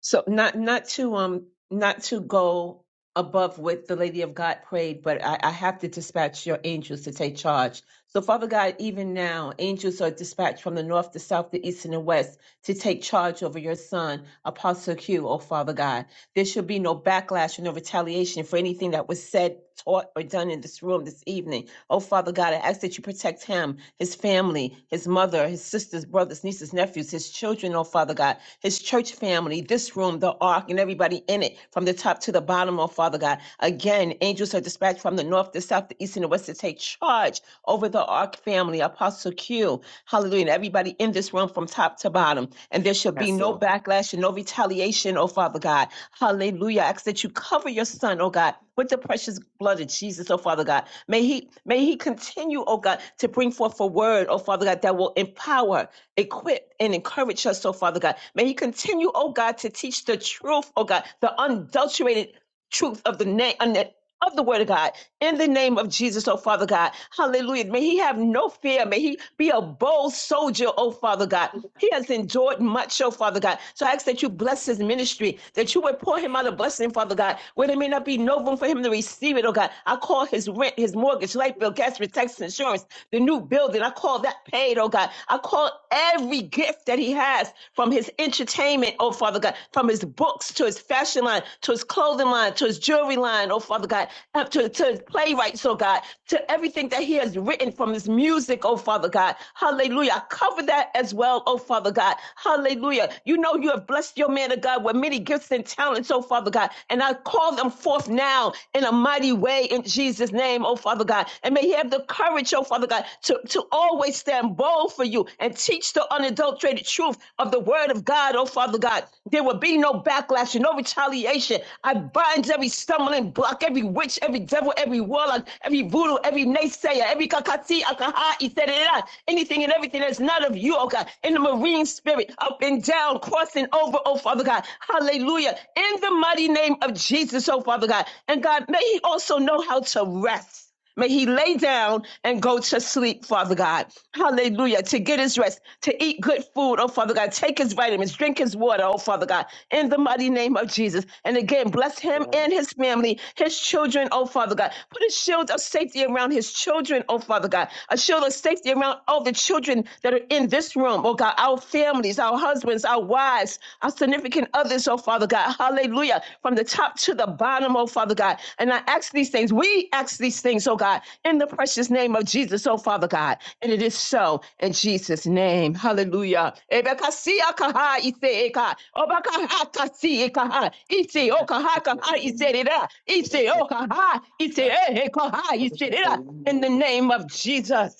So not not to um not to go above what the Lady of God prayed, but I, I have to dispatch your angels to take charge. So Father God, even now, angels are dispatched from the north, the south, the east, and the west to take charge over your son, Apostle Q, oh Father God. There shall be no backlash or no retaliation for anything that was said, taught, or done in this room this evening. Oh Father God, I ask that you protect him, his family, his mother, his sisters, brothers, nieces, nephews, his children, oh Father God, his church family, this room, the ark, and everybody in it, from the top to the bottom, oh Father God. Again, angels are dispatched from the north, the south, the east, and the west to take charge over the ark family, Apostle Q. Hallelujah. And everybody in this room kingdom from top to bottom. And there shall be no Castle. backlash and no retaliation, oh Father God. Hallelujah. I ask that you cover your son, oh God, with the precious blood of Jesus, oh Father God. May he may he continue, oh God, to bring forth a word, oh Father God, that will empower, equip, and encourage us, oh Father God. May he continue, oh God, to teach the truth, oh God, the unadulterated truth of the name of the word of God in the name of Jesus, oh Father God. Hallelujah. May he have no fear. May he be a bold soldier, oh Father God. He has endured much, oh Father God. So I ask that you bless his ministry, that you would pour him out a blessing, Father God, where there may not be no room for him to receive it, oh God. I call his rent, his mortgage, light bill, gas, bill, tax, insurance, the new building. I call that paid, oh God. I call every gift that he has from his entertainment, oh Father God, from his books to his fashion line, to his clothing line, to his jewelry line, oh Father God, uh, to, to his playwrights, oh God, to everything that he has written from his music, oh Father God. Hallelujah. I Cover that as well, oh Father God. Hallelujah. You know you have blessed your man of God with many gifts and talents, oh Father God. And I call them forth now in a mighty way in Jesus' name, oh Father God. And may he have the courage, oh Father. Lord God, to, to always stand bold for you and teach the unadulterated truth of the word of God, oh Father God. There will be no backlash and no retaliation. I bind every stumbling block, every witch, every devil, every warlock, every voodoo, every naysayer, every kakati, akaha, iterera, anything and everything that's not of you, oh God, in the marine spirit, up and down, crossing over, oh Father God. Hallelujah. In the mighty name of Jesus, oh Father God. And God, may He also know how to rest. May he lay down and go to sleep, Father God. Hallelujah. To get his rest, to eat good food, oh Father God. Take his vitamins, drink his water, oh Father God, in the mighty name of Jesus. And again, bless him and his family, his children, oh Father God. Put a shield of safety around his children, oh Father God. A shield of safety around all the children that are in this room, oh God. Our families, our husbands, our wives our significant others, oh Father God. Hallelujah. From the top to the bottom, oh Father God. And I ask these things. We ask these things, oh God, in the precious name of Jesus, oh Father God. And it is so in Jesus' name. Hallelujah. Ebekasia kaha ise eka. Obakaha kasi ekaha. Ise okaha kaha ise rera. Ise okaha ise ehe kaha ise rera. In the name of Jesus.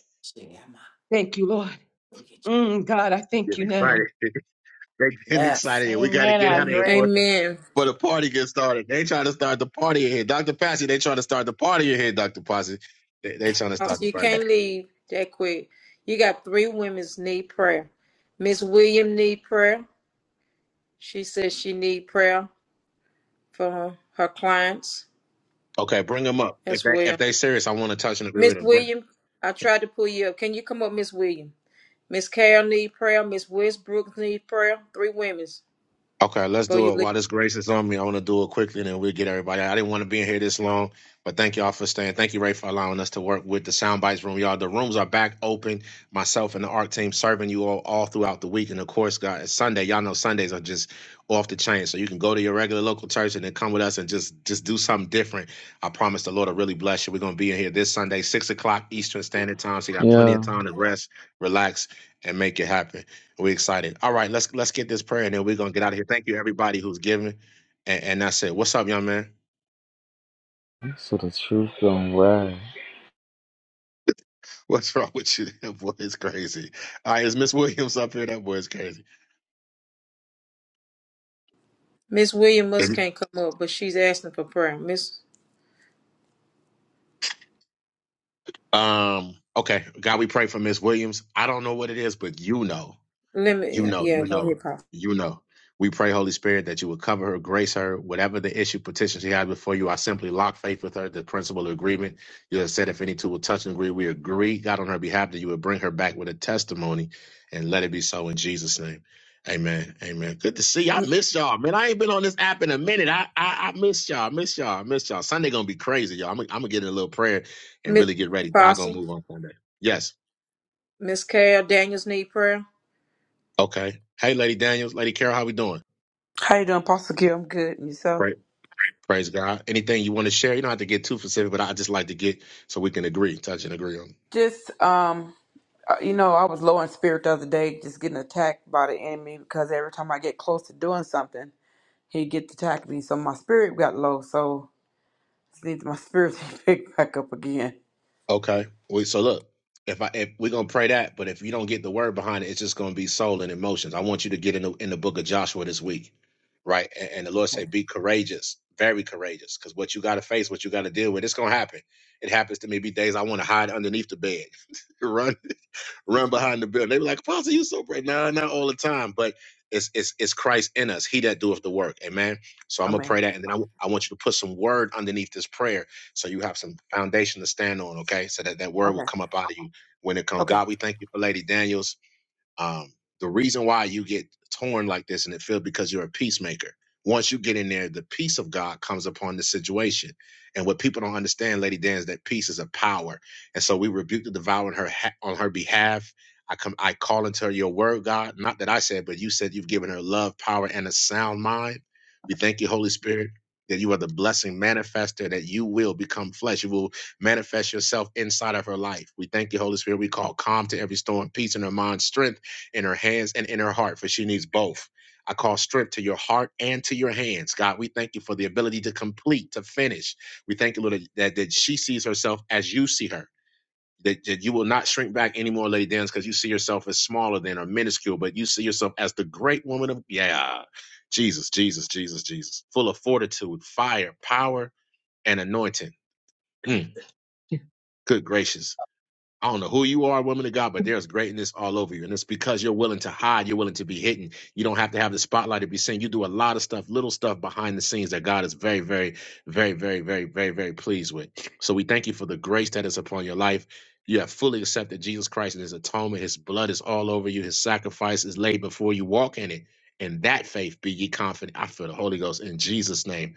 Thank you, Lord. Mm, God, I you. thank Getting you now. excited. They getting excited. Yes. We got to Amen. get I out of here agree. for Amen. for the party get started. They trying to start the party in here, Doctor Passy. They trying to start the party in here, Doctor Passy. They, they trying to start Also, the you party. can't leave that quick. You got three women's need prayer. Miss William need prayer. She says she need prayer for her, her clients Okay, bring them up. If as they well. if they serious, I want to touch and agree Miss with them. Bring. William, I tried to pull you up. Can you come up, Miss William? Miss Carol need prayer. Miss Westbrook need prayer. Three women's. Okay, let's Before do you it. leave. While this grace is on me, I want to do it quickly and then we'll get everybody. I didn't want to be in here this long, but thank y'all for staying. Thank you, Ray, for allowing us to work with the Soundbites room. Y'all, the rooms are back open. Myself and the art team serving you all all throughout the week. And of course, guys, Sunday, y'all know Sundays are just off the chain. So you can go to your regular local church and then come with us and just just do something different. I promise the Lord will really bless you. We're gonna be in here this Sunday, six o'clock Eastern Standard Time. So you got plenty of Yeah, time to rest, relax, and make it happen. We excited. All right, let's let's get this prayer and then we're gonna get out of here. Thank you everybody who's giving. And, and that's it. What's up, young man? so the truth don't lie. What's wrong with you? That boy is crazy. All right, is Miss Williams up here? That boy is crazy. Miss William must can't come up, but she's asking for prayer. Miss Um, okay. God, we pray for Miss Williams. I don't know what it is, but you know. Let me, You know, yeah, you go know, ahead, Pop. you know. We pray, Holy Spirit, that you would cover her, grace her, whatever the issue, petition she has before you. I simply lock faith with her, the principle of agreement. You have said if any two will touch and agree, we agree, God, on her behalf, that you would bring her back with a testimony and let it be so in Jesus' name. Amen. Amen. Good to see you. I M- miss y'all, man. I ain't been on this app in a minute. I I, I miss y'all. I miss y'all. I miss y'all. Sunday gonna be crazy, y'all. I'm, gonna- I'm gonna get in a little prayer and Mi- really get ready. God gonna Apostle, move on Sunday. Yes. Miss Carol, Daniels need prayer. Okay. Hey, Lady Daniels, Lady Carol, how we doing? How you doing, Pastor Q? I'm good. And yourself? Praise God. Anything you want to share? You don't have to get too specific, but I just like to get so we can agree, touch and agree on. Just um, uh, you know, I was low in spirit the other day, just getting attacked by the enemy because every time I get close to doing something, he gets attack me. So my spirit got low. So just need my spirit to pick back up again. Okay. We, so look, if I if we're gonna pray that, but if you don't get the word behind it, it's just gonna be soul and emotions. I want you to get in the in the book of Joshua this week, right? And, and the Lord Okay. said, be courageous, very courageous, because what you got to face, what you got to deal with, it's gonna happen. It happens to me. Be days I want to hide underneath the bed, run run behind the building. They be like, Apostle, you so brave. No, not all the time, but it's it's it's Christ in us. He that doeth the work. Amen. So I'm gonna Amen. pray that, and then I, w- I want you to put some word underneath this prayer, so you have some foundation to stand on. Okay, so that that word will Okay. come up out of you when it comes. Okay. God, we thank you for Lady Daniels. Um, the reason why you get torn like this and it feels because you're a peacemaker. Once you get in there, the peace of God comes upon the situation. And what people don't understand, Lady Dan, is that peace is a power. And so we rebuke the devourer on her, ha- on her behalf. I come, I call into her your word, God. Not that I said, but you said you've given her love, power, and a sound mind. We thank you, Holy Spirit, that you are the blessing manifester, that you will become flesh. You will manifest yourself inside of her life. We thank you, Holy Spirit. We call calm to every storm, peace in her mind, strength in her hands and in her heart, for she needs both. I call strength to your heart and to your hands. God, we thank you for the ability to complete, to finish. We thank you, Lord, that, that she sees herself as you see her. That, that you will not shrink back anymore, Lady Dance, because you see yourself as smaller than or minuscule, but you see yourself as the great woman of, yeah, Jesus, Jesus, Jesus, Jesus, full of fortitude, fire, power, and anointing. Mm, good gracious. I don't know who you are, woman of God, but there's greatness all over you. And it's because you're willing to hide, you're willing to be hidden. You don't have to have the spotlight to be seen. You do a lot of stuff, little stuff behind the scenes that God is very, very, very, very, very, very, very pleased with. So we thank you for the grace that is upon your life. You have fully accepted Jesus Christ and his atonement. His blood is all over you. His sacrifice is laid before you. Walk in it. In that faith, be ye confident. I feel the Holy Ghost in Jesus' name.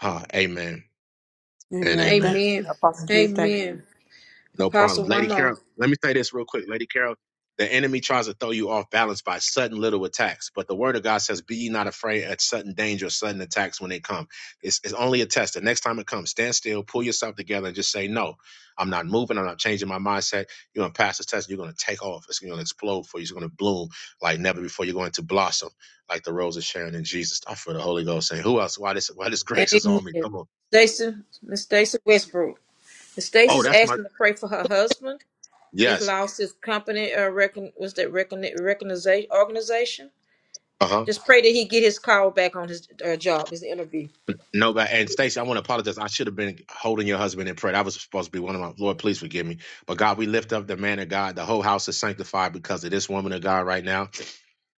Ah, amen and Amen. amen. Thank you, Amen. Apostle Q. Thank you. Amen. No problem. Apostle, Lady one more. Carol, let me say this real quick. Lady Carol, the enemy tries to throw you off balance by sudden little attacks, but the word of God says, Be ye not afraid at sudden danger, sudden attacks when they come. It's, it's only a test. The next time it comes, stand still, pull yourself together, and just say, No, I'm not moving. I'm not changing my mindset. You're going to pass this test. You're going to take off. It's going to explode for you. It's going to bloom like never before. You're going to blossom like the rose of Sharon in Jesus. I feel the Holy Ghost saying, Who else? Why this, why this grace is Amen. on me? Come on. Stacy, Miss Stacy Westbrook. Miss Oh, Stacy's that's my, asking to pray for her husband. He's yes. lost his company. Uh, recon, was that recon, recogniza- organization? Uh huh. Just pray that he get his call back on his uh, job, his interview. No, but and Stacey, I want to apologize. I should have been holding your husband in prayer. That was supposed to be one of my Lord, please forgive me. But God, we lift up the man of God. The whole house is sanctified because of this woman of God right now.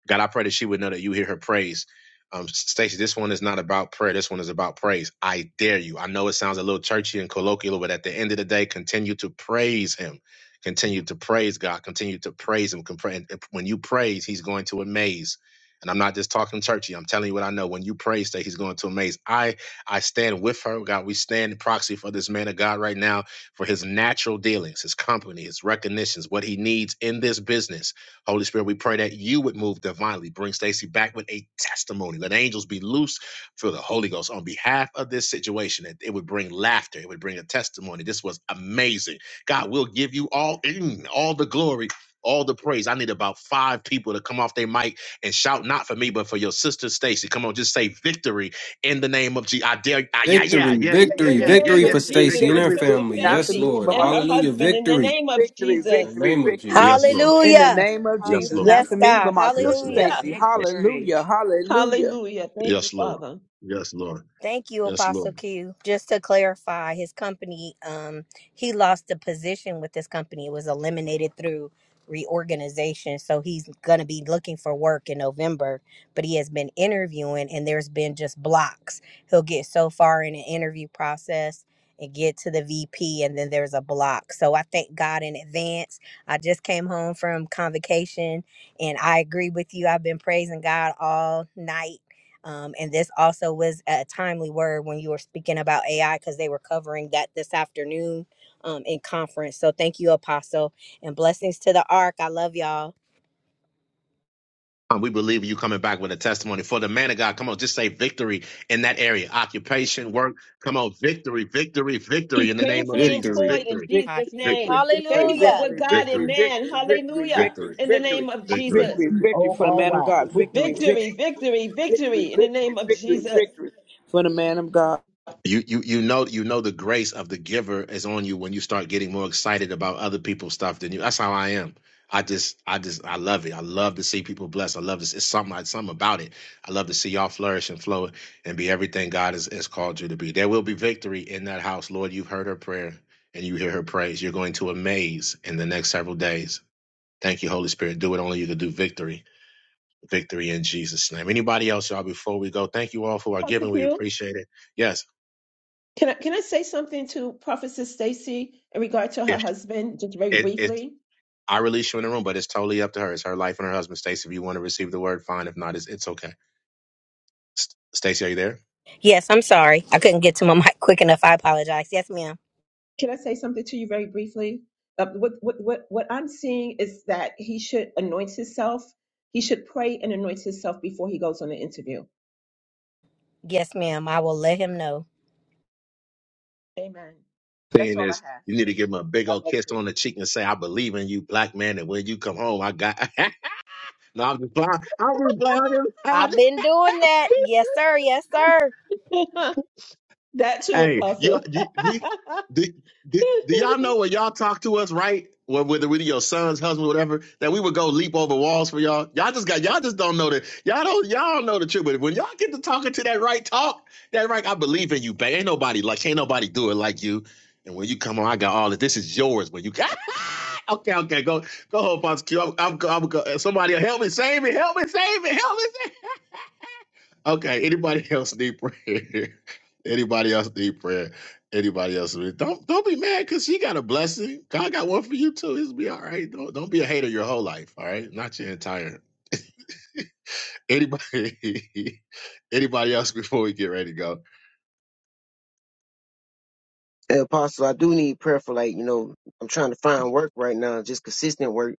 God, I pray that she would know that you hear her praise. Um, Stacy, this one is not about prayer. This one is about praise. I dare you. I know it sounds a little churchy and colloquial, but at the end of the day, continue to praise Him. Continue to praise God. Continue to praise Him. Compra- and when you praise, He's going to amaze. And I'm not just talking churchy. I'm telling you what I know. When you praise, that He's going to amaze. I I stand with her, God. We stand in proxy for this man of God right now for His natural dealings, His company, His recognitions, what He needs in this business Holy Spirit, we pray that you would move divinely. Bring Stacy back with a testimony. Let angels be loose for the Holy Ghost on behalf of this situation. That it would bring laughter. It would bring a testimony. This was amazing. God, we'll give you all mm, all the glory. All the praise. I need about five people to come off their mic and shout not for me, but for your sister Stacy. Come on, just say victory in the name of Jesus. I dare. ah, yeah, Victory, yeah, yeah, yeah, in yeah, victory, yeah, the yeah, name victory yeah, for of yeah. Victory, Jesus Stacy and for Victory. her victory, Sister victory. family. Not for Yes, me, Stacy Lord. but and my her sister. Hallelujah. husband in the Victory name of Victory, in Jesus. the victory, name of victory. In Yes, Jesus. Jesus, Lord. In the Hallelujah. name of Yes, Jesus. Lord. Not for Yes, me, hallelujah. but God. my Yes, sister Lord. Hallelujah. Hallelujah. Stacy. Yes, Victory. Hallelujah. Hallelujah. Hallelujah. Thank you, yes, Lord. Father. Yes, Lord. Thank you, Yes, Apostle Lord. Q. Just to clarify, his company, um, he lost the position with this company. It was eliminated through reorganization. So he's going to be looking for work in November, but he has been interviewing and there's been just blocks. He'll get so far in an interview process and get to the VP and then there's a block. So I thank God in advance. I just came home from convocation and I agree with you. I've been praising God all night um, and this also was a timely word when you were speaking about AI because they were covering that this afternoon um, in conference. So thank you, Apostle, and blessings to the Ark. I love y'all. And we believe you coming back with a testimony for the man of God. Come on, just say victory in that area. Occupation, work. Come on, victory, victory, He's victory in the name of gainfully Jesus. Victory. employed in Victory, victory, Hi. Jesus' name. victory, victory, victory, Favor Hallelujah. with victory, victory, God victory, and victory, man. victory, Hallelujah. victory, victory, In the victory, name of victory. Jesus. victory, B victory O for the R man of Y. God, victory, Victory. Victory, victory, victory, victory, victory in the victory, name of victory, Jesus. victory for the man of God. You you you know you know the grace of the giver is on you when you start getting more excited about other people's stuff than you. That's how I am. I just I just I love it. I love to see people blessed. I love this. It's something like something about it. I love to see y'all flourish and flow and be everything God has, has called you to be. There will be victory in that house, Lord. You've heard her prayer and you hear her praise. You're going to amaze in the next several days. Thank you, Holy Spirit. Do what only you can do. Victory, victory in Jesus' name. Anybody else, y'all? Before we go, thank you all for our Dr. giving. We Q, appreciate it. Yes, can I, can I say something to Prophetess Stacy in regard to her if husband, just very it, it briefly? I release you in the room, but it's totally up to her. It's her life and her husband. Stacey, if you want to receive the word, fine. If not, it's, it's okay. St- Stacey, are you there? Yes, I'm sorry. I couldn't get to my mic quick enough. I apologize. Yes, ma'am. Can I say something to you very briefly? Uh, what, what, what, what I'm seeing is that he should anoint himself. He should pray and anoint himself before he goes on the interview. Yes, ma'am. I will let him know. Amen. That's Saying is, you need to give him you. a big God old bless kiss on the cheek and say, I believe in you, black man. And when you come home, I got. no, I'm just playing. I'm just playing. I've been doing that. Yes, sir. Yes, sir. you. that too, Hey, you, Apostle. you, you do, do, do y'all know when y'all talk to us, right? Well, whether with your son's husband, whatever, that we would go leap over walls for y'all. Y'all just got y'all just don't know that. y'all don't y'all don't know the truth. But when y'all get to talking to that right talk, that right, I believe in you, babe. Ain't nobody like ain't nobody do it like you. And when you come on, I got all this. This is yours. When you got okay, okay, go go home, Pops Q. I'm, I'm, I'm, somebody help me, save me, help me, save me, help me. Save me. Okay, anybody else need prayer? anybody else need prayer? Anybody else need- don't don't be mad because she got a blessing. God got one for you too. It's be all right. Don't don't be a hater your whole life. All right, not your entire. Anybody anybody else before we get ready to go? Hey, Apostle, I do need prayer for like, you know, I'm trying to find work right now, just consistent work.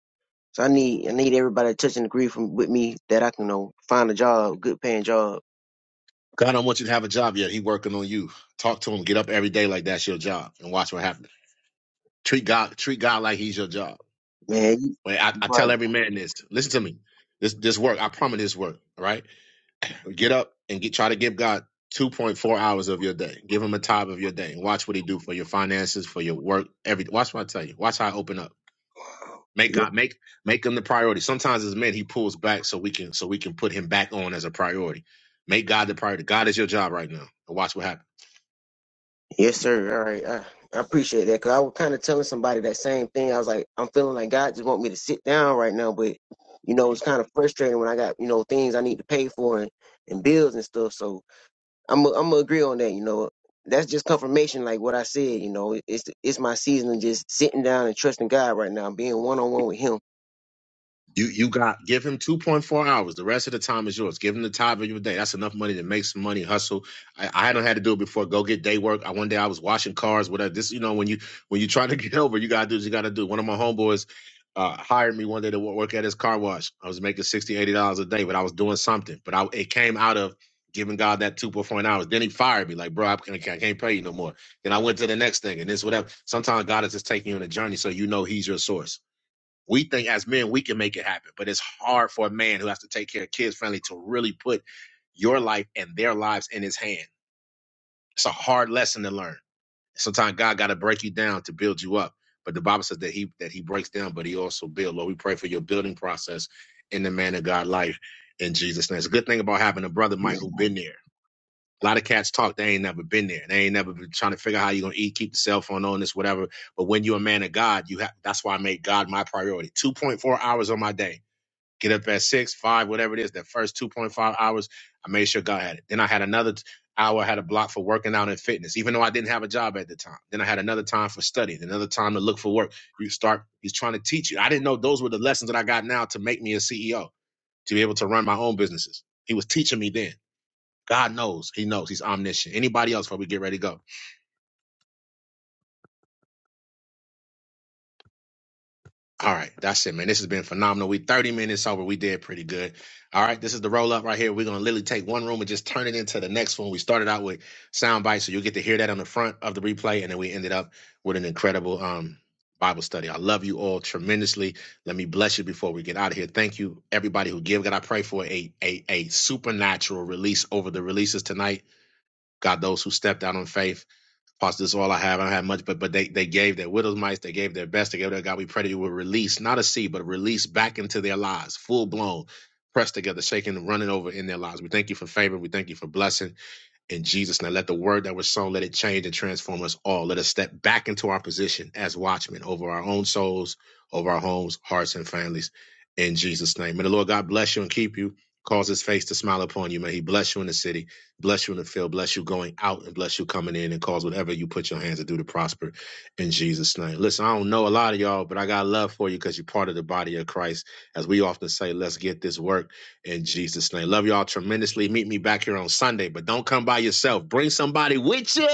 So I need I need everybody to touch and agree from with me that I can you know find a job, good paying job. God don't want you to have a job yet. He working on you. Talk to him. Get up every day like that's your job, and watch what happens. Treat God treat God like He's your job. Man, you Wait, I, you I tell right. every man this. Listen to me. This this work. I promise this work. All right Get up and get try to give God 2.4 hours of your day. Give him a time of your day. watch what he do for your finances, for your work, every watch what I tell you. Watch how I open up. Make Yeah. God make make him the priority. Sometimes as men he pulls back so we can so we can put him back on as a priority. Make God the priority. God is your job right now. And watch what Yes, sir. All right. I, I appreciate that. Cause I was kind of telling somebody that same thing. I was like, I'm feeling like God just want me to sit down right now, but you know, it's happens. kind of frustrating when I got, you know, things I need to pay for and, and bills and stuff. So I'm i I'm gonna agree on that. You know, that's just confirmation, like what I said. You know, it's it's my season of just sitting down and trusting God right now, being one on one with Him. You you got give him two point four hours. The rest of the time is yours. Give him the time of your day. That's enough money to make some money, hustle. I, I hadn't had to do it before. Go get day work. I, one day I was washing cars. Whatever. This you know when you when you try to get over, you gotta do what you gotta do. One of my homeboys uh, hired me one day to wo- work at his car wash. I was making sixty eighty dollars a day, but I was doing something. But I it came out of giving God that two point four hours. Then he fired me like, bro, I can't, I can't pay you no more. Then I went to the next thing and this whatever. Sometimes God is just taking you on a journey so you know He's your source we think as men we can make it happen but it's hard for a man who has to take care of kids friendly to really put your life and their lives in his hand it's a hard lesson to learn sometimes god got to break you down to build you up but the bible says that he that he breaks down but he also builds lord we pray for your building process in the man of god life in jesus name it's a good thing about having a brother mike who been there a lot of cats talk they ain't never been there they ain't never been trying to figure out how you are gonna eat keep the cell phone on this whatever but when you're a man of god you have that's why i made god my priority 2.4 hours on my day get up at six, five, whatever it is, that first 2.5 hours, I made sure God had it. Then I had another t- hour, I had a block for working out and fitness, even though I didn't have a job at the time. Then I had another time for studying, another time to look for work. You start, he's trying to teach you. I didn't know those were the lessons that I got now to make me a CEO, to be able to run my own businesses. He was teaching me then. God knows, he knows, he's omniscient. Anybody else before we get ready to go? All right, that's it, man. This has been phenomenal. We 30 minutes over. We did pretty good. All right, this is the roll up right here. We're gonna literally take one room and just turn it into the next one. We started out with sound bites, so you'll get to hear that on the front of the replay, and then we ended up with an incredible um Bible study. I love you all tremendously. Let me bless you before we get out of here. Thank you, everybody who give. God, I pray for a a a supernatural release over the releases tonight. God, those who stepped out on faith. Pastor, this is all I have. I don't have much, but but they, they gave their widow's mites, they gave their best, they gave their God. We pray that you will release, not a seed, but a release back into their lives, full blown, pressed together, shaking and running over in their lives. We thank you for favor. We thank you for blessing in Jesus. name, let the word that was sown, let it change and transform us all. Let us step back into our position as watchmen over our own souls, over our homes, hearts, and families in Jesus' name. May the Lord God bless you and keep you, cause his face to smile upon you. May he bless you in the city, bless you in the field, bless you going out, and bless you coming in, and cause whatever you put your hands to do to prosper in Jesus' name. Listen, I don't know a lot of y'all, but I got love for you because you're part of the body of Christ. As we often say, let's get this work. In Jesus' name. Love y'all tremendously. Meet me back here on Sunday, but don't come by yourself. Bring somebody with you.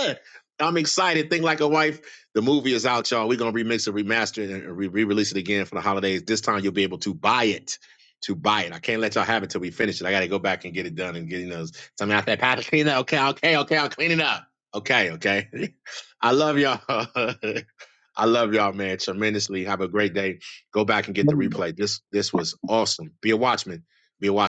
I'm excited. Think like a wife. The movie is out, y'all. We're going to remix it, remaster it, and re release it again for the holidays. This time you'll be able to buy it. To buy it. I can't let y'all have it till we finish it. I got to go back and get it done and getting those. Something out there, Pastor, clean it up. Okay, okay, okay. I'll clean it up. Okay, okay. I love y'all. I love y'all, man, tremendously. Have a great day. Go back and get the replay. This this was awesome. Be a watchman. Be a watchman.